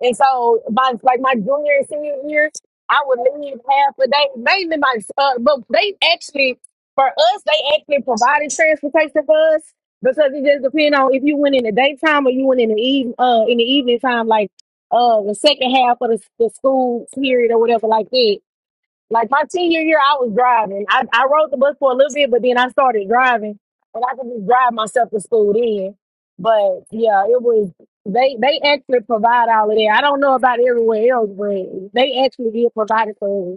S6: And so, by like my junior and senior year, I would leave half a day, mainly my, uh, but they actually, for us, they actually provided transportation for us because it just depend on if you went in the daytime or you went in the even, uh, in the evening time, like, uh, the second half of the, the school period or whatever like that. Like my senior year, I was driving. I, I rode the bus for a little bit, but then I started driving, and I could just drive myself to school then. But yeah, it was they they actually provide all of that. I don't know about everywhere else, but they actually did provide it for us.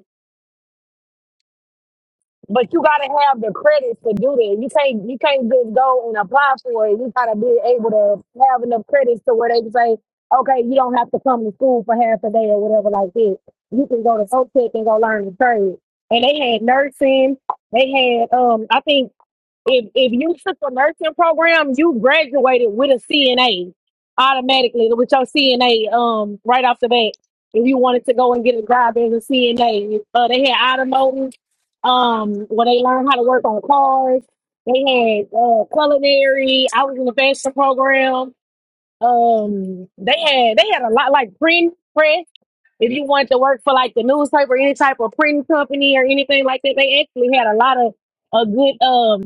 S6: But you gotta have the credits to do that. You can't you can't just go and apply for it. You gotta be able to have enough credits to where they can say, okay, you don't have to come to school for half a day or whatever like that. You can go to OTEC and go learn the trade. And they had nursing. They had um I think if if you took a nursing program, you graduated with a CNA automatically with your CNA um right off the bat. If you wanted to go and get a job as a CNA, uh, they had automotive, um, where they learned how to work on cars. They had uh, culinary. I was in the fashion program. Um, they had they had a lot like print press. If you wanted to work for like the newspaper, any type of printing company or anything like that, they actually had a lot of a good um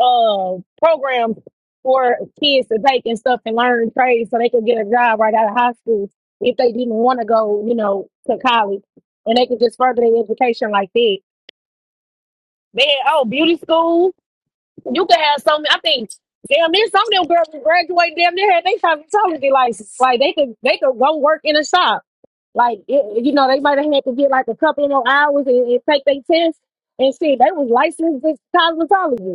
S6: uh, programs for kids to take and stuff and learn trades so they could get a job right out of high school if they didn't want to go, you know, to college. And they could just further their education like that. They had, oh, beauty school. You could have so many, I think, damn near some of them girls who graduate, damn near had they cosmetology license. Like they could, they could go work in a shop. Like, it, you know, they might have had to get like a couple of hours and, and take their test and see, they was licensed as cosmetologists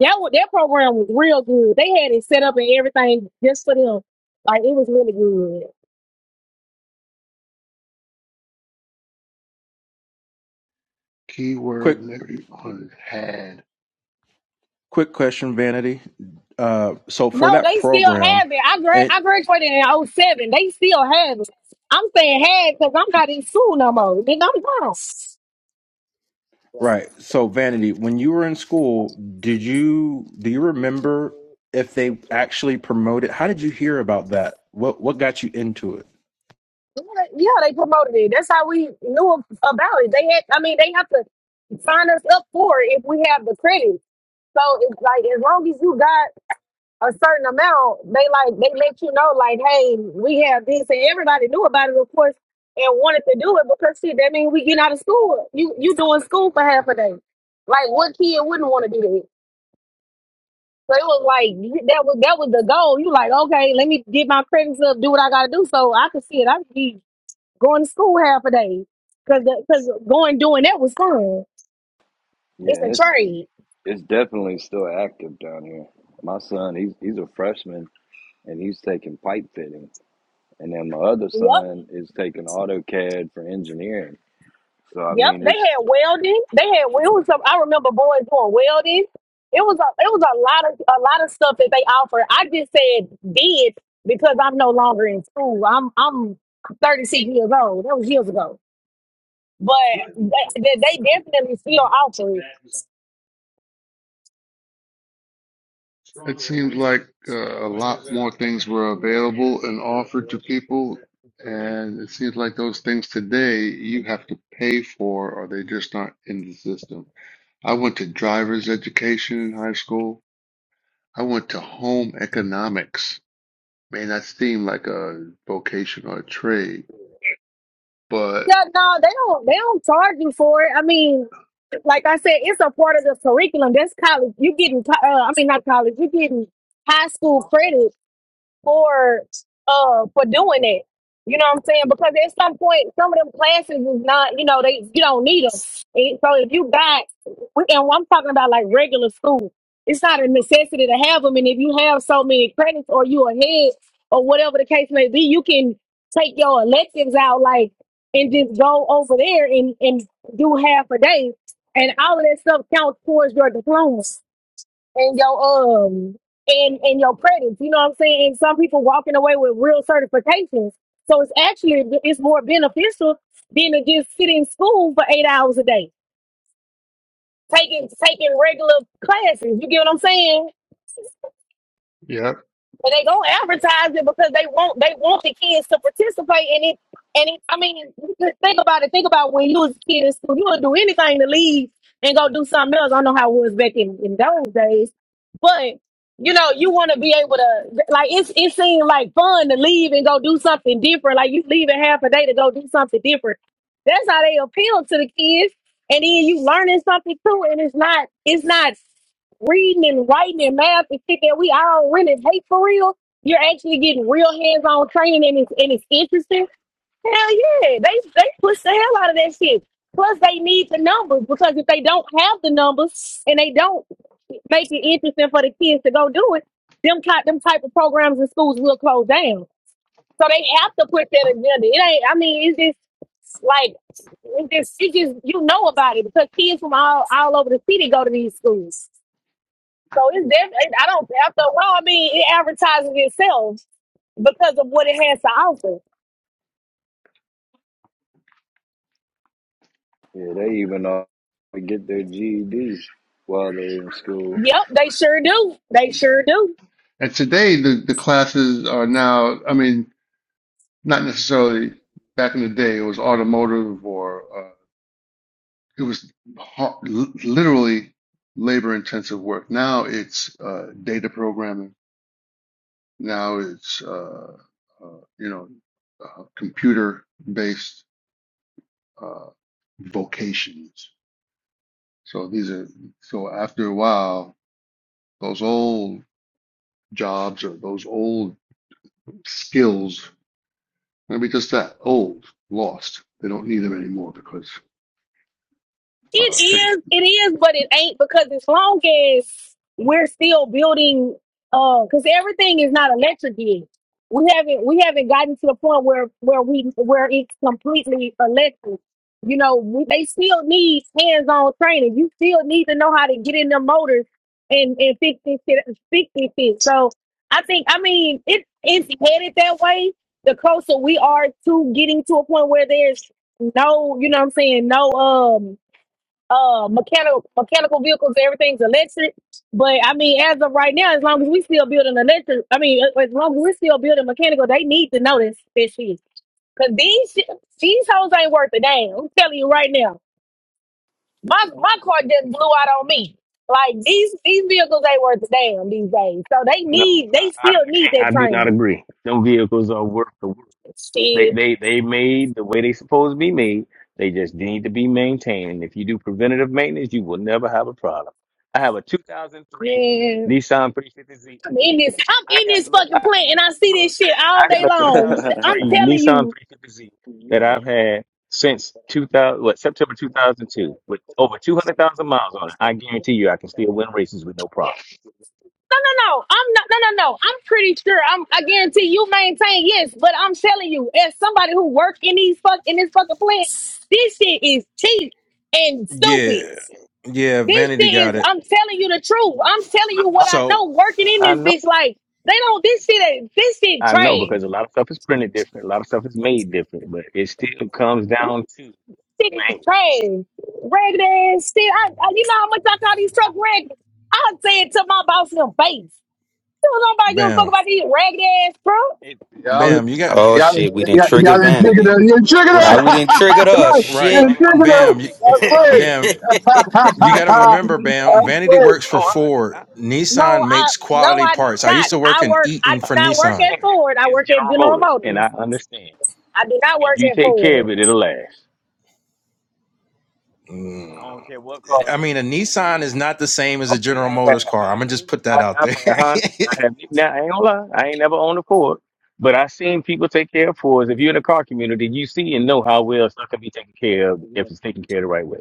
S6: that wa- that program was real good. They had it set up and everything just for them. Like it was really good.
S9: Quick
S7: Keyword everyone had.
S9: quick question, Vanity. Uh, so for
S6: No,
S9: that
S6: they still
S9: program,
S6: have it. I gra-
S9: and
S6: I graduated in oh seven. They still have it. I'm saying had because I'm not in school no more. Nigga, I'm grown.
S9: right. So Vanity, when you were in school, did you do you remember if they actually promoted? How did you hear about that? What what got you into it?
S6: Yeah, yeah, they promoted it. That's how we knew about it. They had, I mean, they have to sign us up for it if we have the credit. So it's like as long as you got a certain amount, they like they let you know, like, hey, we have this, and everybody knew about it, of course, and wanted to do it because shit, that means we get out of school. You you doing school for half a day. Like, what kid wouldn't want to do that? So it was like you- that was that was the goal. You like, okay, let me get my credits up, do what I gotta do, so I could see it. I could be going to school half a day because because going doing that was fun.
S15: Yeah,
S6: It's
S15: and
S6: a
S15: it's
S6: trade.
S15: it's definitely still active down here. My son, he's he's a freshman and he's taking pipe fitting, and then my other
S6: Yep.
S15: son is taking AutoCAD for engineering. So I
S6: Yep,
S15: mean,
S6: they
S15: it's
S6: had welding. They had it
S15: you know,
S6: was some. I remember boys doing welding. It was a it was a lot of a lot of stuff that they offered. I just said did because I'm no longer in school. I'm I'm 36 years old. That was years ago. But they, they they definitely still offer it.
S7: Uh, And it seems like those things today you have to pay for or they just not in the system. I went to driver's education in high school. I went to home economics. Man, that seemed like a vocation or a trade. But
S6: Yeah, no, they don't they don't charge you for it. I mean, like I said, it's a part of the curriculum. That's college. you getting co- uh, I mean not college. you getting high school credit for uh for doing that. You know what I'm saying? Because at some point, some of them classes is not, you know, they you don't need them. so if you got, and I'm talking about like regular school, it's not a necessity to have them. And if you have so many credits or you ahead or whatever the case may be, you can take your electives out like and just go over there and and do half a day, and all of that stuff counts towards your diploma and your um and and your credits. You know what I'm saying? And some people walking away with real certifications. So it's actually it's more beneficial than to just sit in school for eight hours a day, taking taking regular classes. You get what I'm saying? But they gonna advertise it because they want they want the kids to participate in it. And it, I mean, think about it. Think about when you was a kid in school, you would do anything to leave and go do something else. I don't know how it was back in, in those days, but you know, you want to be able to like it's it seemed like fun to leave and go do something different. Like you leaving half a day to go do something different. That's how they appeal to the kids. And then you learning something too, and it's not it's not reading and writing and math and shit that we all really hate for real, you're actually getting real hands-on training and it's and it's interesting. Hell yeah, they they push the hell out of that shit. Plus, they need the numbers because if they don't have the numbers and they don't make it interesting for the kids to go do it, them type them type of programs in schools will close down. So they have to put that agenda. It ain't. I mean, it's just like it's just, it just you know about it because kids from all all over the city go to these schools. So it's definitely, I don't, after a while, I mean, it advertises itself because of what it has to offer.
S15: yeah, they even uh, get their GEDs while they're in school.
S6: Yep, they sure do. They sure do.
S7: and today the, the classes are now, I mean, not necessarily back in the day, it was automotive or uh, it was ha- literally labor intensive work. Now it's uh, data programming. Now it's uh, uh, you know uh, computer based uh, vocations. So these are so after a while. Those old jobs or those old skills, maybe just that old, lost. They don't need them anymore because
S6: It
S7: uh,
S6: is, it is, but it ain't because as long as we're still building, uh, because everything is not electric yet. We haven't we haven't gotten to the point where where we where it's completely electric. You know, we, they still need hands-on training. You still need to know how to get in the motors and and fix this shit, fix this shit. So I think I mean it it's headed that way. The closer we are to getting to a point where there's no, you know what I'm saying, no um uh mechanical mechanical vehicles everything's electric but i mean as of right now as long as we still building electric i mean as as long as we're still building mechanical they need to know this this shit because these sh- these hoes ain't worth a damn i'm telling you right now my my car just blew out on me like these these vehicles ain't worth a damn these days so they
S8: No,
S6: need
S8: I,
S6: they
S8: I
S6: still
S8: I
S6: need
S8: can't.
S6: that
S8: I do not
S6: training
S8: agree. Them vehicles are worth the work. They
S6: shit
S8: they they made the way they supposed to be made. They just need to be maintained. And if you do preventative maintenance, you will never have a problem. I have a 2003
S6: man
S8: Nissan 350Z.
S6: I'm in this. I'm
S8: I
S6: in
S8: got
S6: this
S8: look,
S6: fucking
S8: I,
S6: plant, and I see
S8: look.
S6: this shit all
S8: I got
S6: day
S8: a
S15: (laughs)
S6: long. I'm
S8: 2003
S6: telling you.
S8: Nissan 350Z that I've had since 2000, what September 2002, with over 200,000 miles on it. I guarantee you, I can still win races with no problem.
S6: no, I'm not. No, no, no. I'm pretty sure. I'm. I guarantee you maintain yes, but I'm telling you, as somebody who worked in these fuck in this fucking plant, this shit is cheap and stupid.
S9: Yeah, yeah.
S6: This
S9: Vanity
S6: shit
S9: got
S6: is.
S9: it.
S6: I'm telling you the truth. I'm telling
S8: Look,
S6: you what
S8: I,
S6: I
S9: So
S6: know. Working
S8: I
S6: in
S8: I
S6: this
S8: know
S6: bitch, like they don't. This shit. ain't- This shit
S8: I know
S6: trash.
S8: because a lot of stuff is printed different, a lot of stuff is made different, but it still comes down to
S6: Shit is
S8: maintenance.
S6: trash. Ragged ass shit. I, I, you know how much I call these truck ragged. I say it to my boss in the face. Don't nobody give a fuck
S9: Bam.
S6: about these ragged ass, bro.
S8: It,
S13: Y'all,
S9: Bam. You got
S8: it
S12: Oh
S13: y'all, y'all,
S12: shit, we didn't trigger
S13: y'all didn't trigger
S12: vanity.
S13: the, you didn't
S8: look,
S13: trigger
S12: Now
S9: right.
S12: we
S8: it
S12: didn't
S8: needs
S12: trigger
S8: yeah,
S13: the, (laughs)
S8: it's
S12: us.
S13: right,
S8: it's it's
S9: Right.
S13: you
S12: Shit.
S8: all
S13: didn't trigger
S8: about how you
S9: Bam.
S13: the,
S9: You,
S8: take
S12: (laughs)
S8: care of stuff,
S12: a,
S8: man.
S9: bam.
S13: that's
S8: You
S9: You
S8: still
S9: got to
S8: you you
S13: it.
S9: remember,
S13: (laughs)
S9: Bam.
S13: that's
S9: Vanity works
S13: it.
S9: for
S8: oh I under-
S9: Ford.
S8: I
S9: Nissan
S6: No, I
S9: makes
S8: I,
S6: no,
S9: quality
S6: I do
S8: I,
S9: parts. I
S8: under,
S9: used
S6: not.
S9: to work
S6: I
S9: in
S6: work. I
S9: Eaton
S6: do
S8: I
S9: for
S6: not work
S9: Nissan.
S6: at
S8: understand.
S6: Ford. I
S8: It's
S6: work at
S8: General
S6: General
S8: Motors, and I
S6: Motors.
S8: understand.
S6: I do not
S8: If
S6: work
S8: you
S6: at
S8: take care
S6: Ford.
S8: of it, it'll last.
S9: Mm.
S8: I don't care what car
S9: I
S8: it
S9: mean,
S8: is.
S9: a Nissan is not the same as a
S8: Okay,
S9: General
S8: I've
S9: Motors
S8: had
S9: car. I'm gonna just
S8: Hondas.
S9: put that
S8: I,
S9: out
S8: I've
S9: there.
S8: had Hondas. I have now. I ain't gonna lie. I ain't never owned a Ford, but I seen people take care of Fords. If you're in the car community, you see and know how well stuff can be taken care of if it's taken care of the right way.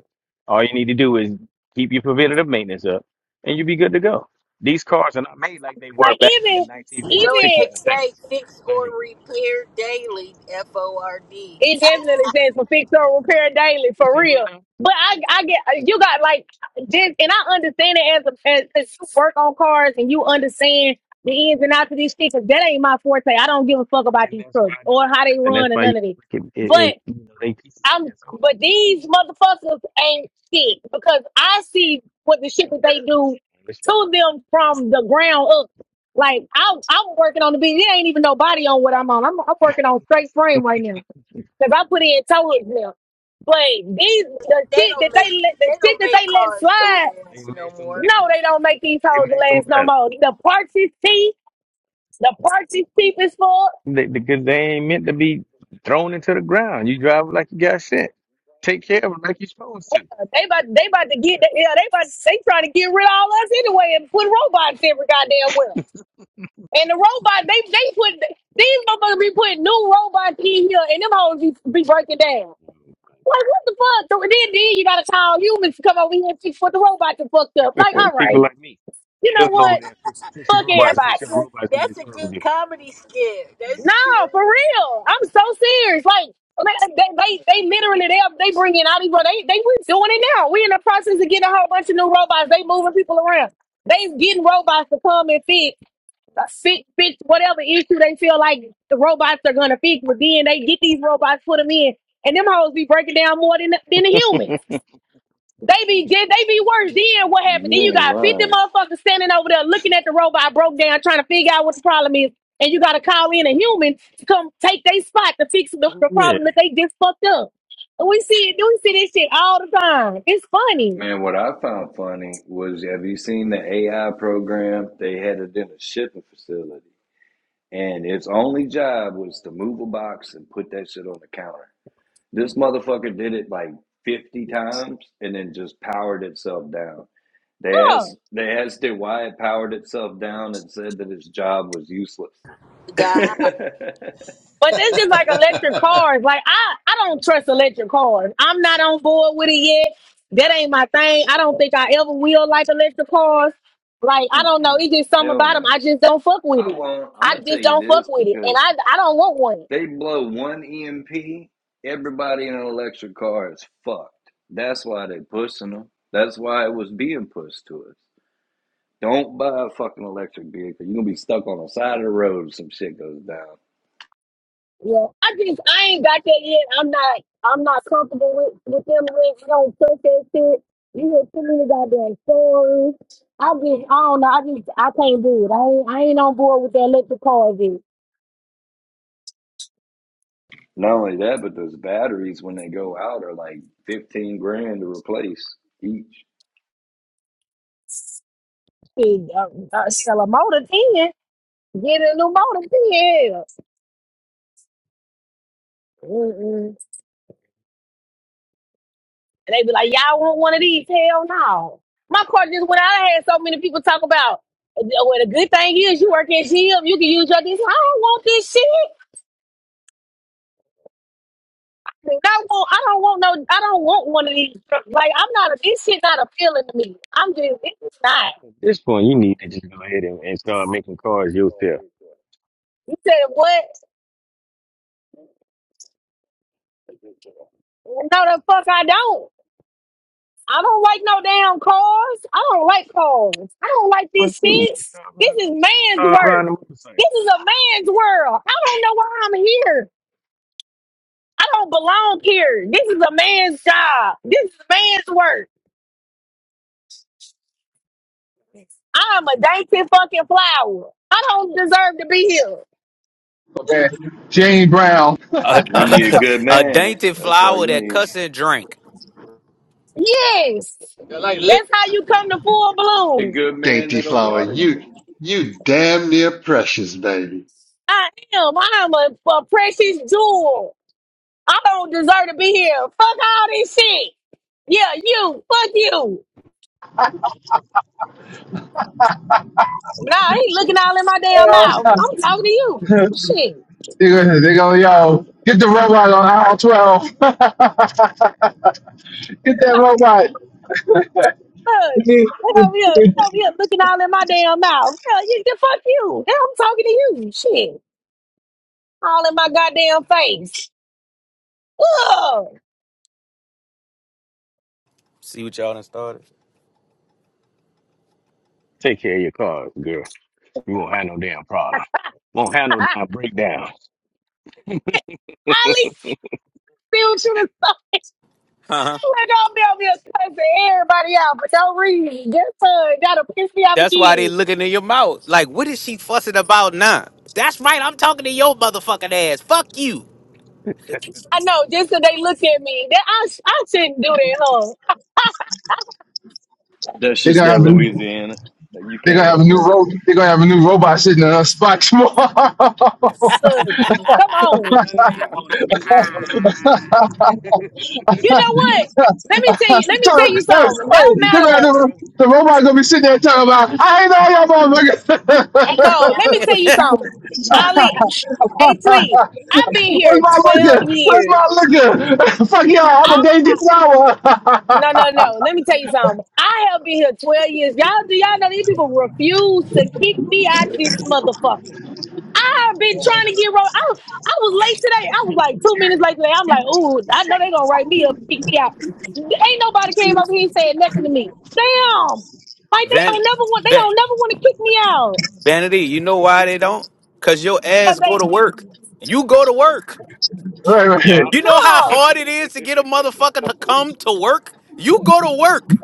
S8: All you need to do is keep your preventative maintenance up, and you'll be good to go. These cars are not made like they were
S6: Like
S8: back in the
S6: even
S1: You
S8: 1950s,
S1: know what
S6: even
S1: they
S8: 60s, and
S1: say:
S8: 70s.
S1: fix
S8: Like
S1: or repair daily. F O R D.
S6: it
S1: (laughs)
S6: definitely says for fix or repair daily
S8: you
S6: for
S8: say what
S6: real.
S8: now?
S6: But I I get you got like just and I understand it as a as, as you work on cars and you understand the ins and outs of these things. 'cause That ain't my forte. I don't give a fuck about
S8: And
S6: these
S8: that's why
S6: trucks
S8: I
S6: or
S8: don't
S6: how
S8: laugh.
S6: they
S8: And that's
S6: run and
S8: why you,
S6: none of this.
S8: it, it, it,
S6: But.
S8: you know, they pieces of
S6: I'm
S8: it's okay.
S6: but these motherfuckers ain't shit because I see what the shit that they do to them from the ground up. Like I'm, I'm working on the beat. It ain't even nobody on what I'm on. I'm, I'm working on straight frame right now because I put in toes now. But these the
S1: They
S6: shit that
S1: don't make
S6: they let
S1: they
S6: the shit
S1: don't
S6: that
S1: make
S6: they let
S1: cars to
S6: slide.
S8: They
S1: last
S8: make
S1: no more.
S6: No, they don't make these toes
S8: they make them
S6: last no
S8: better.
S6: more. The parts teeth. The The teeth is cheap
S8: They, because they ain't meant to be thrown into the ground. You drive like you got sent. Take care of them like you're supposed to.
S6: They about they about to get yeah they about they trying to get rid of all us anyway and put robots every goddamn well. And the robot they they put these motherfuckers be putting new robots in here and them hoes be, be breaking down. Like what the fuck? So then then you gotta call humans to come over here and fix what the robots are fucked up. Like all
S8: People
S6: right,
S8: like me.
S6: you know
S8: Let's go over
S6: what?
S8: there and fix, fix the
S6: Fuck
S8: robots.
S1: That's
S8: Make
S1: a
S8: sure the
S6: everybody.
S1: good
S8: robots do what they're
S1: that's a good comedy skit.
S6: No,
S1: That's true.
S6: for real. I'm so serious. Like they, they, they, they literally they they bringing out these they they we doing it now. We in the process of getting a whole bunch of new robots. They moving people around. They getting robots to come and fix fix fix whatever issue they feel like the robots are gonna fix. But then they get these robots, put them in, and them hoes be breaking down more than the, than the humans.
S8: supposed to
S6: They be did they be worse. Then what happened?
S15: you
S6: Then you
S15: ain't
S6: got 50
S15: lying.
S6: motherfuckers standing over there looking at the robot broke down, trying to figure out what the problem is. And you gotta call in a human to come take their spot to fix the,
S8: do.
S6: the
S8: (laughs) yeah.
S6: problem that they just fucked up. And we see it, we see this shit all the time. It's funny.
S15: Man, what I found funny was have you seen the AI program? They had it in a shipping facility, and its only job was to move a box and put that shit on the counter. This motherfucker did it like 50 times and then just powered itself down. They
S6: Huh.
S15: asked, they asked it why it powered itself down and said that its job was useless. (laughs)
S1: God.
S15: Mm-mm.
S6: But that's just like electric cars. Like I, I don't trust electric cars. I'm not on board with it yet. That ain't my thing. I don't think I ever will like electric cars. Like I don't know. It's just something
S15: Hell
S6: about them.
S15: no.
S6: I just don't fuck with
S15: I
S6: it.
S15: won't. I'm
S6: I
S15: gonna tell
S6: just
S15: you
S6: don't fuck
S15: this
S6: with it,
S15: because
S6: and I, I don't want one.
S15: They blow one EMP, everybody in an electric car is fucked. That's why they pushing them. That's why it was being pushed to us. Don't buy a fucking electric vehicle. You're gonna be stuck on the side of the road if some shit goes down.
S6: Yeah, I just, I ain't got that yet. I'm not, I'm not comfortable with with them. Rigs. I don't trust that shit. You hear too many goddamn stories. I just, I don't know. I just, I can't do it. I ain't, I ain't on board with the electric cars yet.
S15: Not only that, but those batteries when they go out are like fifteen grand to replace each.
S6: Hey, uh, uh, sell a motor 10. Get a new motor 10. Hell. Mm-mm. And they be like, y'all want one of these? Hell no. My car just went out. I had so many people talk about, uh, well, the good thing is you work at GM, you can use your this. I don't want this shit. I don't want, I don't want no, I don't want one of these. trucks. Like, I'm not, a, this shit not appealing to me. I'm just, it's not.
S8: At this point, you need to just go ahead and, and start making cars yourself.
S6: You said what? No, the fuck I don't. I don't like no damn cars. I don't like cars. I don't like
S8: Let's
S6: these
S8: do.
S6: seats.
S8: Start
S6: This
S8: riding,
S6: is man's
S8: start
S6: work.
S8: riding a motorcycle.
S6: This is a man's world. I don't know why I'm here. I don't belong here. This is a man's job. This is man's work. I'm a dainty fucking flower. I don't deserve to be here.
S13: Okay, Jane Brown.
S15: You need a
S12: a,
S15: good
S12: a
S15: man. That's
S12: dainty
S15: that's all
S12: flower
S15: you
S12: that
S15: need.
S12: cussing drink.
S6: Yes. That's how you come to full
S15: A
S6: bloom.
S15: good man
S7: dainty
S15: that'll
S7: flower,
S15: water you.
S7: you you damn near precious, baby.
S6: I am. I'm a, a precious jewel. I don't deserve to be here. Fuck all this shit. Yeah, you. Fuck you. Nah, I ain't looking all in my damn mouth. I'm talking to you.
S13: Uh, (laughs)
S6: Shit.
S13: They go, they go, yo, get the robot on aisle 12. (laughs) get that robot. (laughs)
S6: Look. He over here, he over here looking all in my damn mouth. Hell, you, the fuck you. Hell, I'm talking to you. Shit. All in my goddamn face. Ugh.
S12: See what y'all done started?
S8: Take care of your cars, girl. You won't have no damn
S6: (laughs)
S8: problem. Won't have no
S6: I
S8: damn breakdown.
S6: at least still you a song.
S12: Huh?
S6: Like, I'll be over here cussing everybody out for no reason. Just what? That'll piss me off
S12: That's why they
S6: again.
S12: looking in your mouth. Like, what is she fussing about now? That's right, I'm talking to your motherfucking ass. Fuck you.
S6: I know, just 'cause they look at me. That I, sh- I shouldn't do that, huh?
S15: That's
S13: They're
S15: just
S13: gonna
S15: that
S13: have a,
S15: Louisiana. That You
S13: they're
S15: can't
S13: gonna have a
S15: help
S13: new
S15: that.
S13: ro- they're gonna have a new robot sitting in a spot tomorrow. (laughs)
S6: (laughs) Look, come on.
S8: With her name on it, man, it's
S6: You know what? Let me tell you. Let me tell you
S13: tell-
S6: something. No
S13: Wait, they're gonna have
S6: matter.
S13: the,
S8: broken. (laughs)
S13: the robot gonna be sitting there talking about I ain't know y'all
S6: No.
S13: motherfuckers.
S6: Let me tell you something. Ali, (sniffs) H. Lee,
S13: (laughs)
S6: I've been
S13: Where's
S6: here
S13: my
S6: twelve
S13: liquor? Where's
S6: years.
S13: my liquor? (laughs) Fuck y'all, I'm a
S6: I
S13: daisy flower. (laughs)
S6: no no no. Let me tell you something. I have been here twelve years. Y'all do y'all know these people refuse to kick me out this motherfucker. I've been trying to get wrong. I, was- I was late today. I was like two minutes late today. I'm like, ooh, I know they gonna write me up, and kick me out. Ain't nobody came up here and said nothing to me. Damn. Like they
S12: Van,
S6: don't never want they
S12: van,
S6: don't never want to kick me out.
S12: vanity. You know why they don't? Cause your ass
S6: 'Cause
S12: go to work.
S6: they
S12: You go to work.
S13: right, right.
S8: Yep.
S12: You know how
S6: no.
S12: hard
S8: (laughs)
S12: it is to get a motherfucker to come to work. You go to work.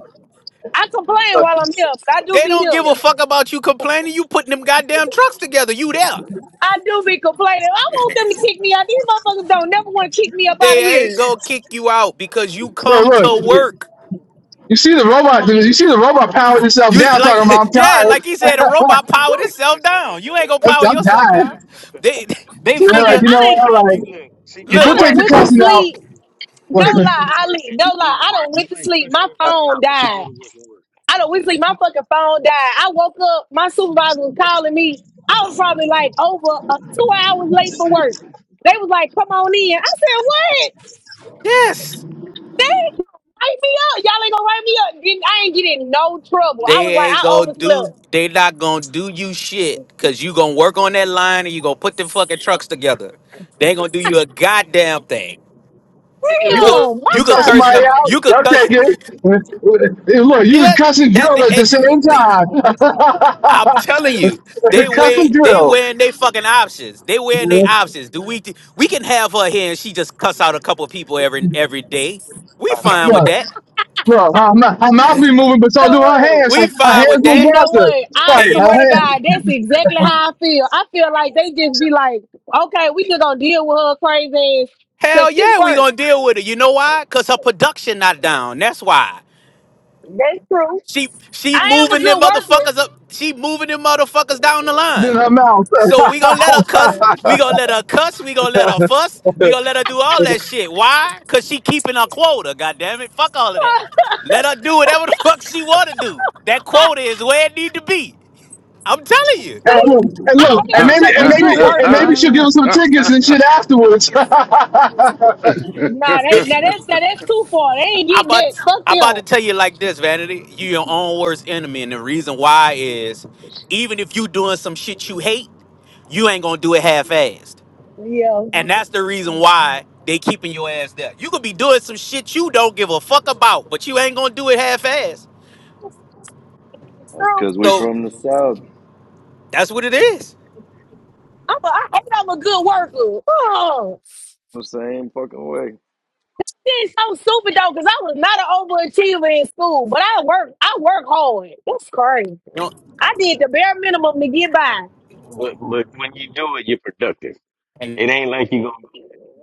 S6: I complain while I'm here, but I do
S12: They
S6: be
S12: don't give
S6: here.
S12: a fuck about you complaining. You putting them goddamn trucks together. You there?
S6: I do be complaining. I want them to kick me out. These motherfuckers don't never want to kick me up out of
S12: They ain't
S6: here.
S12: gonna kick you out because you
S13: So
S12: come
S13: look,
S12: to work.
S13: you see the robot, you see the robot powering itself
S12: You
S13: down
S12: like,
S13: talking about I'm
S12: (laughs) yeah,
S13: tired.
S12: like he
S13: (laughs)
S12: said, a robot
S13: I'm
S12: powered itself down. You ain't gonna power
S13: I'm
S12: yourself
S13: tired.
S12: down. They, (laughs) they
S13: So they're
S6: I done
S13: like,
S12: figure,
S13: you know
S6: I
S13: what,
S6: done
S13: all
S6: came,
S13: right.
S8: you look, she get
S13: if
S8: to
S13: We'll
S6: I
S12: look,
S13: take
S6: done
S8: work.
S13: the
S6: went to
S13: cussing out.
S6: sleep.
S13: (laughs)
S6: No
S8: Look,
S13: and
S8: you get to
S6: lie,
S8: work
S6: Ali.
S8: and
S6: No
S8: you go
S6: lie.
S8: to
S6: I
S8: work.
S6: done
S8: You
S6: went to
S8: might
S6: sleep.
S8: crush
S6: My
S8: everybody
S6: phone
S8: out, but you go
S6: died.
S8: to work and work.
S6: I don't see my fucking phone died. I woke up, my supervisor was calling me. I was probably like over uh, two hours late for work. They was like, come on in. I said, what?
S12: yes.
S6: Write me up. Y'all ain't gonna write me up. Didn't- I ain't getting in no trouble. I was
S12: They
S6: like,
S12: ain't
S6: I
S12: gonna do.
S6: overslept.
S12: They not gonna do you shit. Cause you gonna work on that line and you gonna put them fucking trucks together. They ain't gonna do you a
S8: (laughs)
S12: goddamn thing.
S13: if
S12: You could
S13: all
S6: Damn,
S13: you
S12: you could
S13: cuss
S6: why?
S12: curse.
S13: somebody
S12: up-
S13: out,
S12: You could
S13: they'll
S12: cuss.
S13: take it. Hey, look, you can
S12: Yeah,
S13: cuss and
S12: that,
S13: drill
S12: that-
S13: at the same
S12: it-
S13: time.
S12: I'm telling you, they
S13: (laughs) cuss
S12: wear
S13: and
S12: they
S13: drill.
S12: wearing their fucking options. They wearing their options. Do we we can have her here and she just cuss out a couple people every every day. We
S8: I know,
S12: fine
S13: Yeah.
S12: with
S8: right?
S12: that.
S13: Bro, her mouth, her mouth be moving, but so
S6: So
S13: do her
S6: what?
S13: hands.
S12: We
S13: Her, her
S12: fine
S13: hands
S12: with
S13: move
S6: You
S12: that.
S6: know
S13: faster.
S6: what? I
S13: Right,
S12: And you
S13: her
S6: swear to
S13: hand,
S6: God, that's exactly how I feel. I feel like they just be like, okay, we just gonna deal with her crazy ass because
S12: Hell
S6: she
S12: yeah, we
S6: worked.
S12: gonna deal with it. You know why? Cause her production not down. That's why.
S6: That's true.
S12: She she
S6: I am a
S12: moving them
S6: good worker.
S12: motherfuckers up. She moving them motherfuckers down the
S13: than
S12: line.
S13: her mouth. (laughs) and,
S12: So we gonna
S6: I
S12: let her cuss. We
S6: am.
S12: gonna let her cuss. We gonna let her fuss. We gonna let her do all that shit. Why? Cause she keeping her quota. God damn it. Fuck all of that.
S6: (laughs)
S12: Let her do whatever the (laughs) fuck she wanna do. That quota is where it need to be. I'm telling
S6: See,
S13: look, and
S7: (laughs)
S13: look,
S6: I hate
S13: and
S6: I'm
S7: clap
S13: maybe,
S6: such
S13: and
S6: a
S13: maybe,
S6: good
S13: and
S6: worker.
S13: maybe she'll give us some tickets and shit afterwards. (laughs) it's
S6: Nah, they,
S12: you. (laughs)
S6: now that's now that's too far. They ain't
S12: I
S6: getting that.
S12: about
S6: Fuck
S12: I about to
S6: them.
S12: tell you like this, Vanity. You your own worst enemy, and the reason why is even if you doing some shit you hate, you ain't gonna do it half-assed,
S6: Yeah.
S12: and that's the reason why they keeping your ass there. You could be doing some shit you don't give a fuck about, but you ain't gonna do it half-assed.
S15: That's
S6: So
S15: because we
S12: So
S15: from the south.
S12: that's what it is.
S6: I'm a, I hate I'm a good worker. Oh,
S15: the same fucking way.
S6: it's so stupid though, because I was not an overachiever in school, but I work I work hard. That's crazy.
S12: You know,
S6: I did the bare minimum to get by.
S8: But, but when you do it, you're productive.
S12: and
S8: It ain't like you gonna go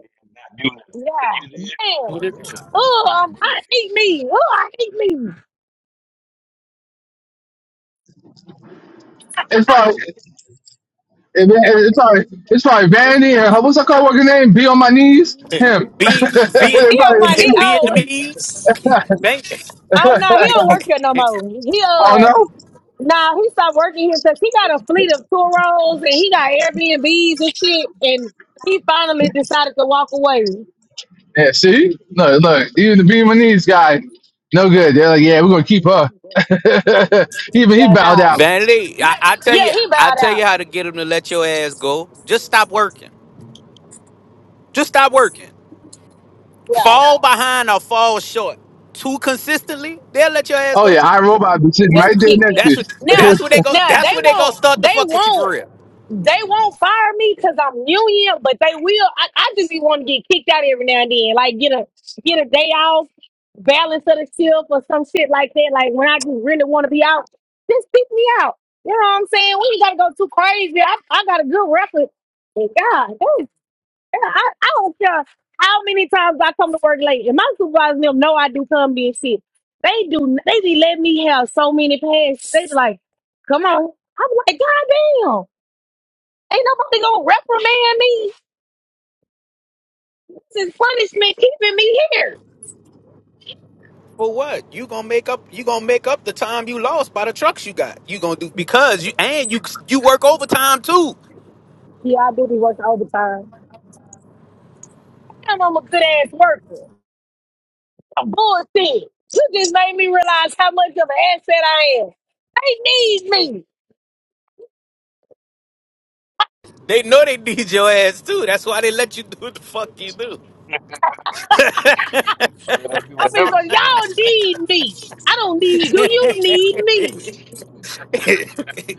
S8: there and not do nothing. When
S6: Yeah,
S8: you there,
S6: damn.
S8: you productive. So that's
S6: Oh,
S8: what they
S6: I
S8: looking at.
S6: hate me. Oh, I hate me.
S13: probably, it- it's probably, it's probably Vandy and her, what's her coworker name? Be on my knees.
S12: (laughs)
S13: Him. (laughs)
S12: be be it
S6: Be on
S13: Everybody,
S6: my knee.
S12: (laughs)
S13: too.
S12: be it
S6: Oh.
S12: to me. Thank you.
S13: (laughs) I
S6: Oh no, he don't work there no more. He
S13: don't
S6: uh
S13: know.
S6: nah, he stopped working here because he got a fleet of Toros and he got Airbnbs and shit and he finally decided to walk away.
S13: Yeah, see? No, look, even the beam my knees guy, no good. They're like, yeah, we're gonna keep her. (laughs) even he
S6: Yeah,
S13: bowed
S6: nah.
S13: out.
S12: Vanity, I, I tell
S6: Yeah,
S12: you,
S6: he
S12: I
S6: bowed
S12: tell
S6: out.
S12: you how to get them to let your ass go. Just stop working. Just stop working.
S6: Yeah.
S12: Fall behind or fall short too consistently, they'll let your ass
S13: Oh
S12: go.
S13: yeah, I robot be sitting right
S6: Just
S13: there
S6: kick me
S13: next to
S6: out.
S13: you.
S12: That's what
S13: (laughs)
S6: Now,
S12: that's what they go
S6: now they
S12: that's what they gonna
S6: won't,
S12: start to
S6: they
S12: fuck with you for
S6: won't,
S12: real.
S6: they won't fire me because I'm union, but they will. I, I just be want to get kicked out every now and then, like get a get a day off, balance of the shift or some shit like that. Like when I just really want to be out, just kick me out. You know what I'm saying? We ain't gotta go too crazy. I, I got a good record. And God damn. Yeah, I, I don't care how many times I come to work late. And my supervisors and them know I do come being sick. They do they be letting me have so many passes. They be like, come on. I'm like, God damn. Ain't nobody gonna reprimand me. This is punishment keeping me here.
S12: For what? You gonna make up you gonna make up the time you lost by the trucks you got. You gonna do because you and you you work overtime too.
S6: Yeah, I do be working overtime. Damn, I'm a good ass worker. I'm bullshit. You just made me realize how much of an asset I am. They need me.
S12: They know they need your ass too. That's why they let you (laughs) do what the fuck you do.
S8: (laughs) Let her do
S6: I'm gonna
S8: whatever
S6: say,
S8: she
S6: y'all
S8: wants.
S6: need me. I don't need you. You need me.
S12: (laughs)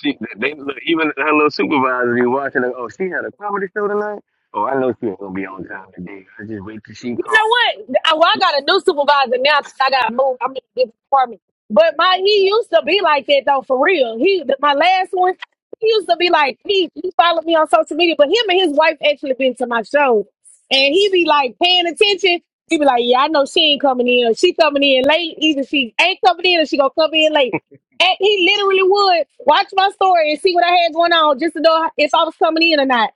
S8: She, they look, even her little supervisor be watching her. Oh, she had a comedy show tonight. Oh, I know she ain't gonna be on time today. I just wait till she
S6: You know
S8: calls.
S6: what? I, well, I got a new supervisor now 'cause I got moved. I'm in a different department. But my he used to be like that though, for real. He my last one, he used to be like he he followed me on social media, but him and his wife actually been to my show, and he be like paying attention. He be like, yeah, I know she ain't coming in. Or She coming in late. Either she ain't coming in or she gonna come in late. And he literally would watch my story and see what I had going on just to know if I was coming in or not.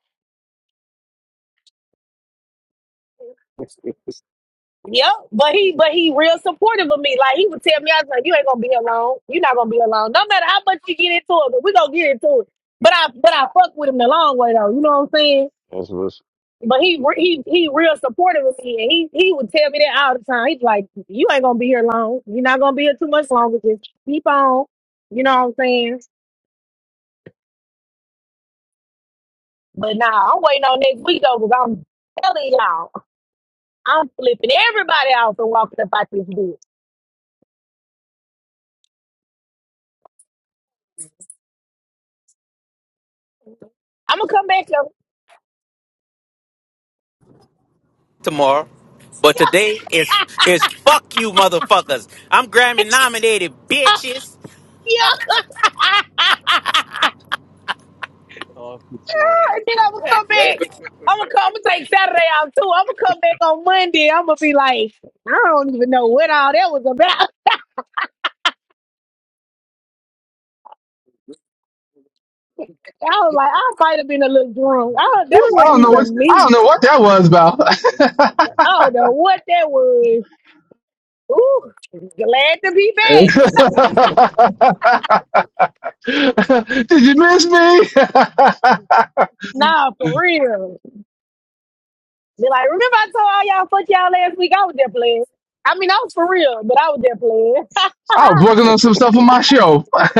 S6: Yep, but he but he real supportive of me. Like he would tell me, I was like, "You ain't gonna be alone. You're not gonna be alone. No matter how much you get into it, but we gonna get into it." But I but I fuck with him the long way though. You know what I'm saying?
S8: That's what's
S6: But he re- he he real supportive of me, and he he would tell me that all the time. He's like, "You ain't gonna be here long. You're not gonna be here too much longer. Just keep on." You know what I'm saying? But nah, I'm waiting on next week though, because I'm telling y'all, I'm flipping everybody off and walking up out this bitch. I'm gonna come back up.
S12: Tomorrow. But today is is fuck you motherfuckers. I'm Grammy nominated
S6: (laughs)
S12: bitches.
S6: Yeah. (laughs) and
S8: Off the chain.
S6: then I'm gonna come back. I'm gonna come. I'm gonna take Saturday off too. I'm gonna come back on Monday. I'm gonna be like, I don't even know what all that was about. (laughs) I was like, I might have been a little drunk. Oh,
S13: Woo,
S6: that
S13: I
S6: wasn't
S13: don't know what
S6: even me.
S13: I don't know what that was about.
S6: I don't know what that was. Ooh, glad to be back. (laughs)
S13: (laughs) Did you miss me? (laughs)
S6: Nah, for real. Be like, remember I told all y'all fuck y'all last week? I was there playing. I mean, I was for real, but I was there playing.
S13: I was working on some stuff on my show. (laughs) Flaps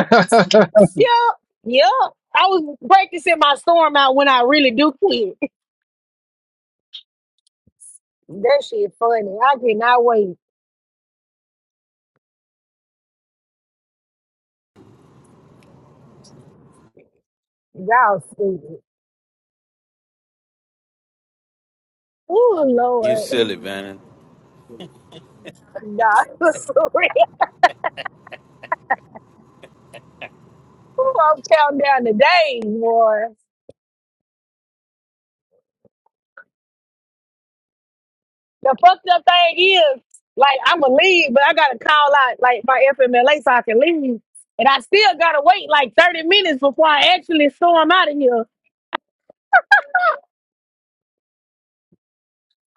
S6: (laughs) yup, yup. I was practicing my storm out when I really do quit. That shit funny. I cannot wait. Y'all stupid. Oh
S12: You
S6: Lord. (laughs)
S12: silly man.
S6: Nah, (laughs) it's real. I'm counting down the days, boy. The fucked up thing is, like, I'ma leave, but I gotta call out like my FMLA so I can leave. And I still gotta wait like 30 minutes before I actually storm out of here.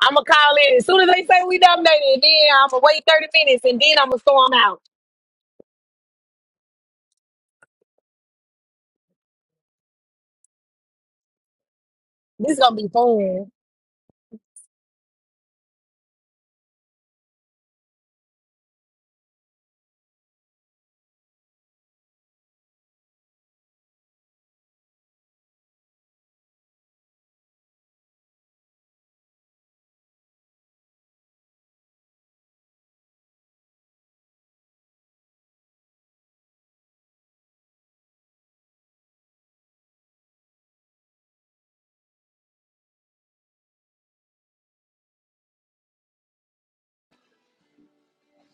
S6: I'ma call in. As soon as they say we nominated, then I'ma wait 30 minutes and then I'ma storm out. This gonna be fun.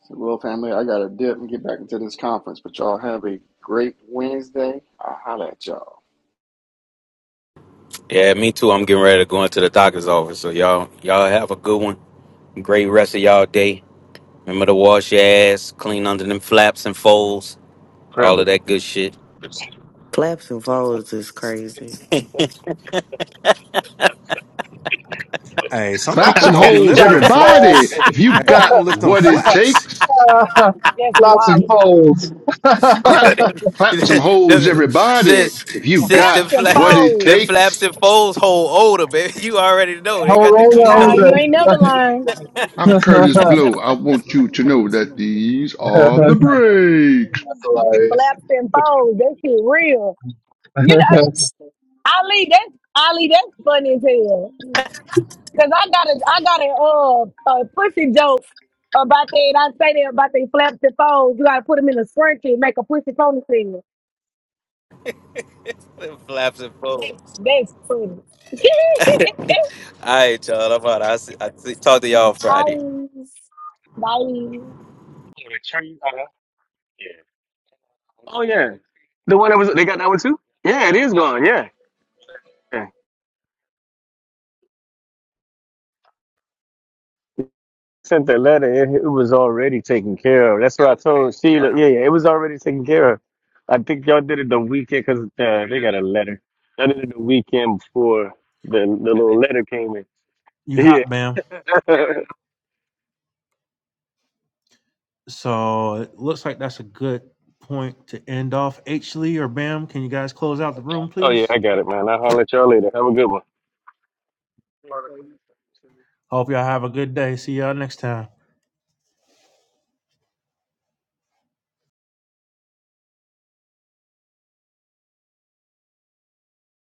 S11: So, well, family, I got to dip and get back into this conference, but y'all have a great Wednesday. I'll holler at y'all.
S12: Yeah, me too. I'm getting ready to go into the doctor's office. So y'all, y'all have a good one. Great rest of y'all day. Remember to wash your ass, clean under them flaps and folds, all of
S8: Travis.
S12: that good shit. (laughs)
S16: Flaps and folds is crazy.
S9: (laughs) hey, some people
S7: some
S9: don't be
S7: holes,
S9: lifting them
S13: and poles.
S7: everybody.
S9: flaps.
S7: If you
S9: Hey, they
S7: got
S9: don't lift them
S7: what it
S9: flaps.
S7: takes,
S13: (laughs)
S6: That's
S13: Flaps and
S6: wild.
S13: poles.
S12: Yeah,
S7: clap
S13: (laughs)
S7: clap some holes,
S12: them-
S7: everybody.
S12: sis,
S7: If you
S12: sis,
S7: got
S12: them,
S6: Claps and
S12: fla-
S7: what it
S12: them
S6: folds.
S7: takes.
S12: flaps and folds hold older, baby. You already know they
S13: Hold
S12: got to
S13: on,
S12: clean
S6: Nah,
S12: up
S6: you ain't never
S13: hold
S6: lying.
S7: I'm Curtis
S13: on.
S7: Blow. I want you to know that these are
S13: (laughs)
S7: the breaks.
S13: That's
S6: Them
S13: hilarious.
S6: flaps and folds, that shit real. You know, Ali, that's Ali, that's funny as hell. Cause I got a, I got a, uh, a pussy joke about that. And I say that about they flaps and folds. You gotta put them in a scrunchie and make a pussy ponytail.
S12: (laughs) them flaps and folds.
S6: That's funny. (laughs)
S12: All right, y'all. I'm out. I see, I see, talk to y'all Friday.
S6: Nice, nice.
S8: Oh, the tree. Uh, yeah. Oh yeah, the one that was they got that one too. Yeah, it is gone. Yeah, Yeah. sent the letter, it, it was already taken care of. That's what I told Sheila. Yeah, yeah, it was already taken care of. I think y'all did it the weekend because uh, they got a letter. I did it the weekend before the the little letter came in.
S9: You
S8: Yeah.
S9: hot, Bam?
S8: (laughs)
S9: So it looks like that's a good point to end off. H Lee or Bam, can you guys close out the room,
S8: oh yeah,
S9: please?
S8: I got it, man. I'll holler at y'all later. Have a good one.
S9: Hope y'all have a good day. See y'all next time.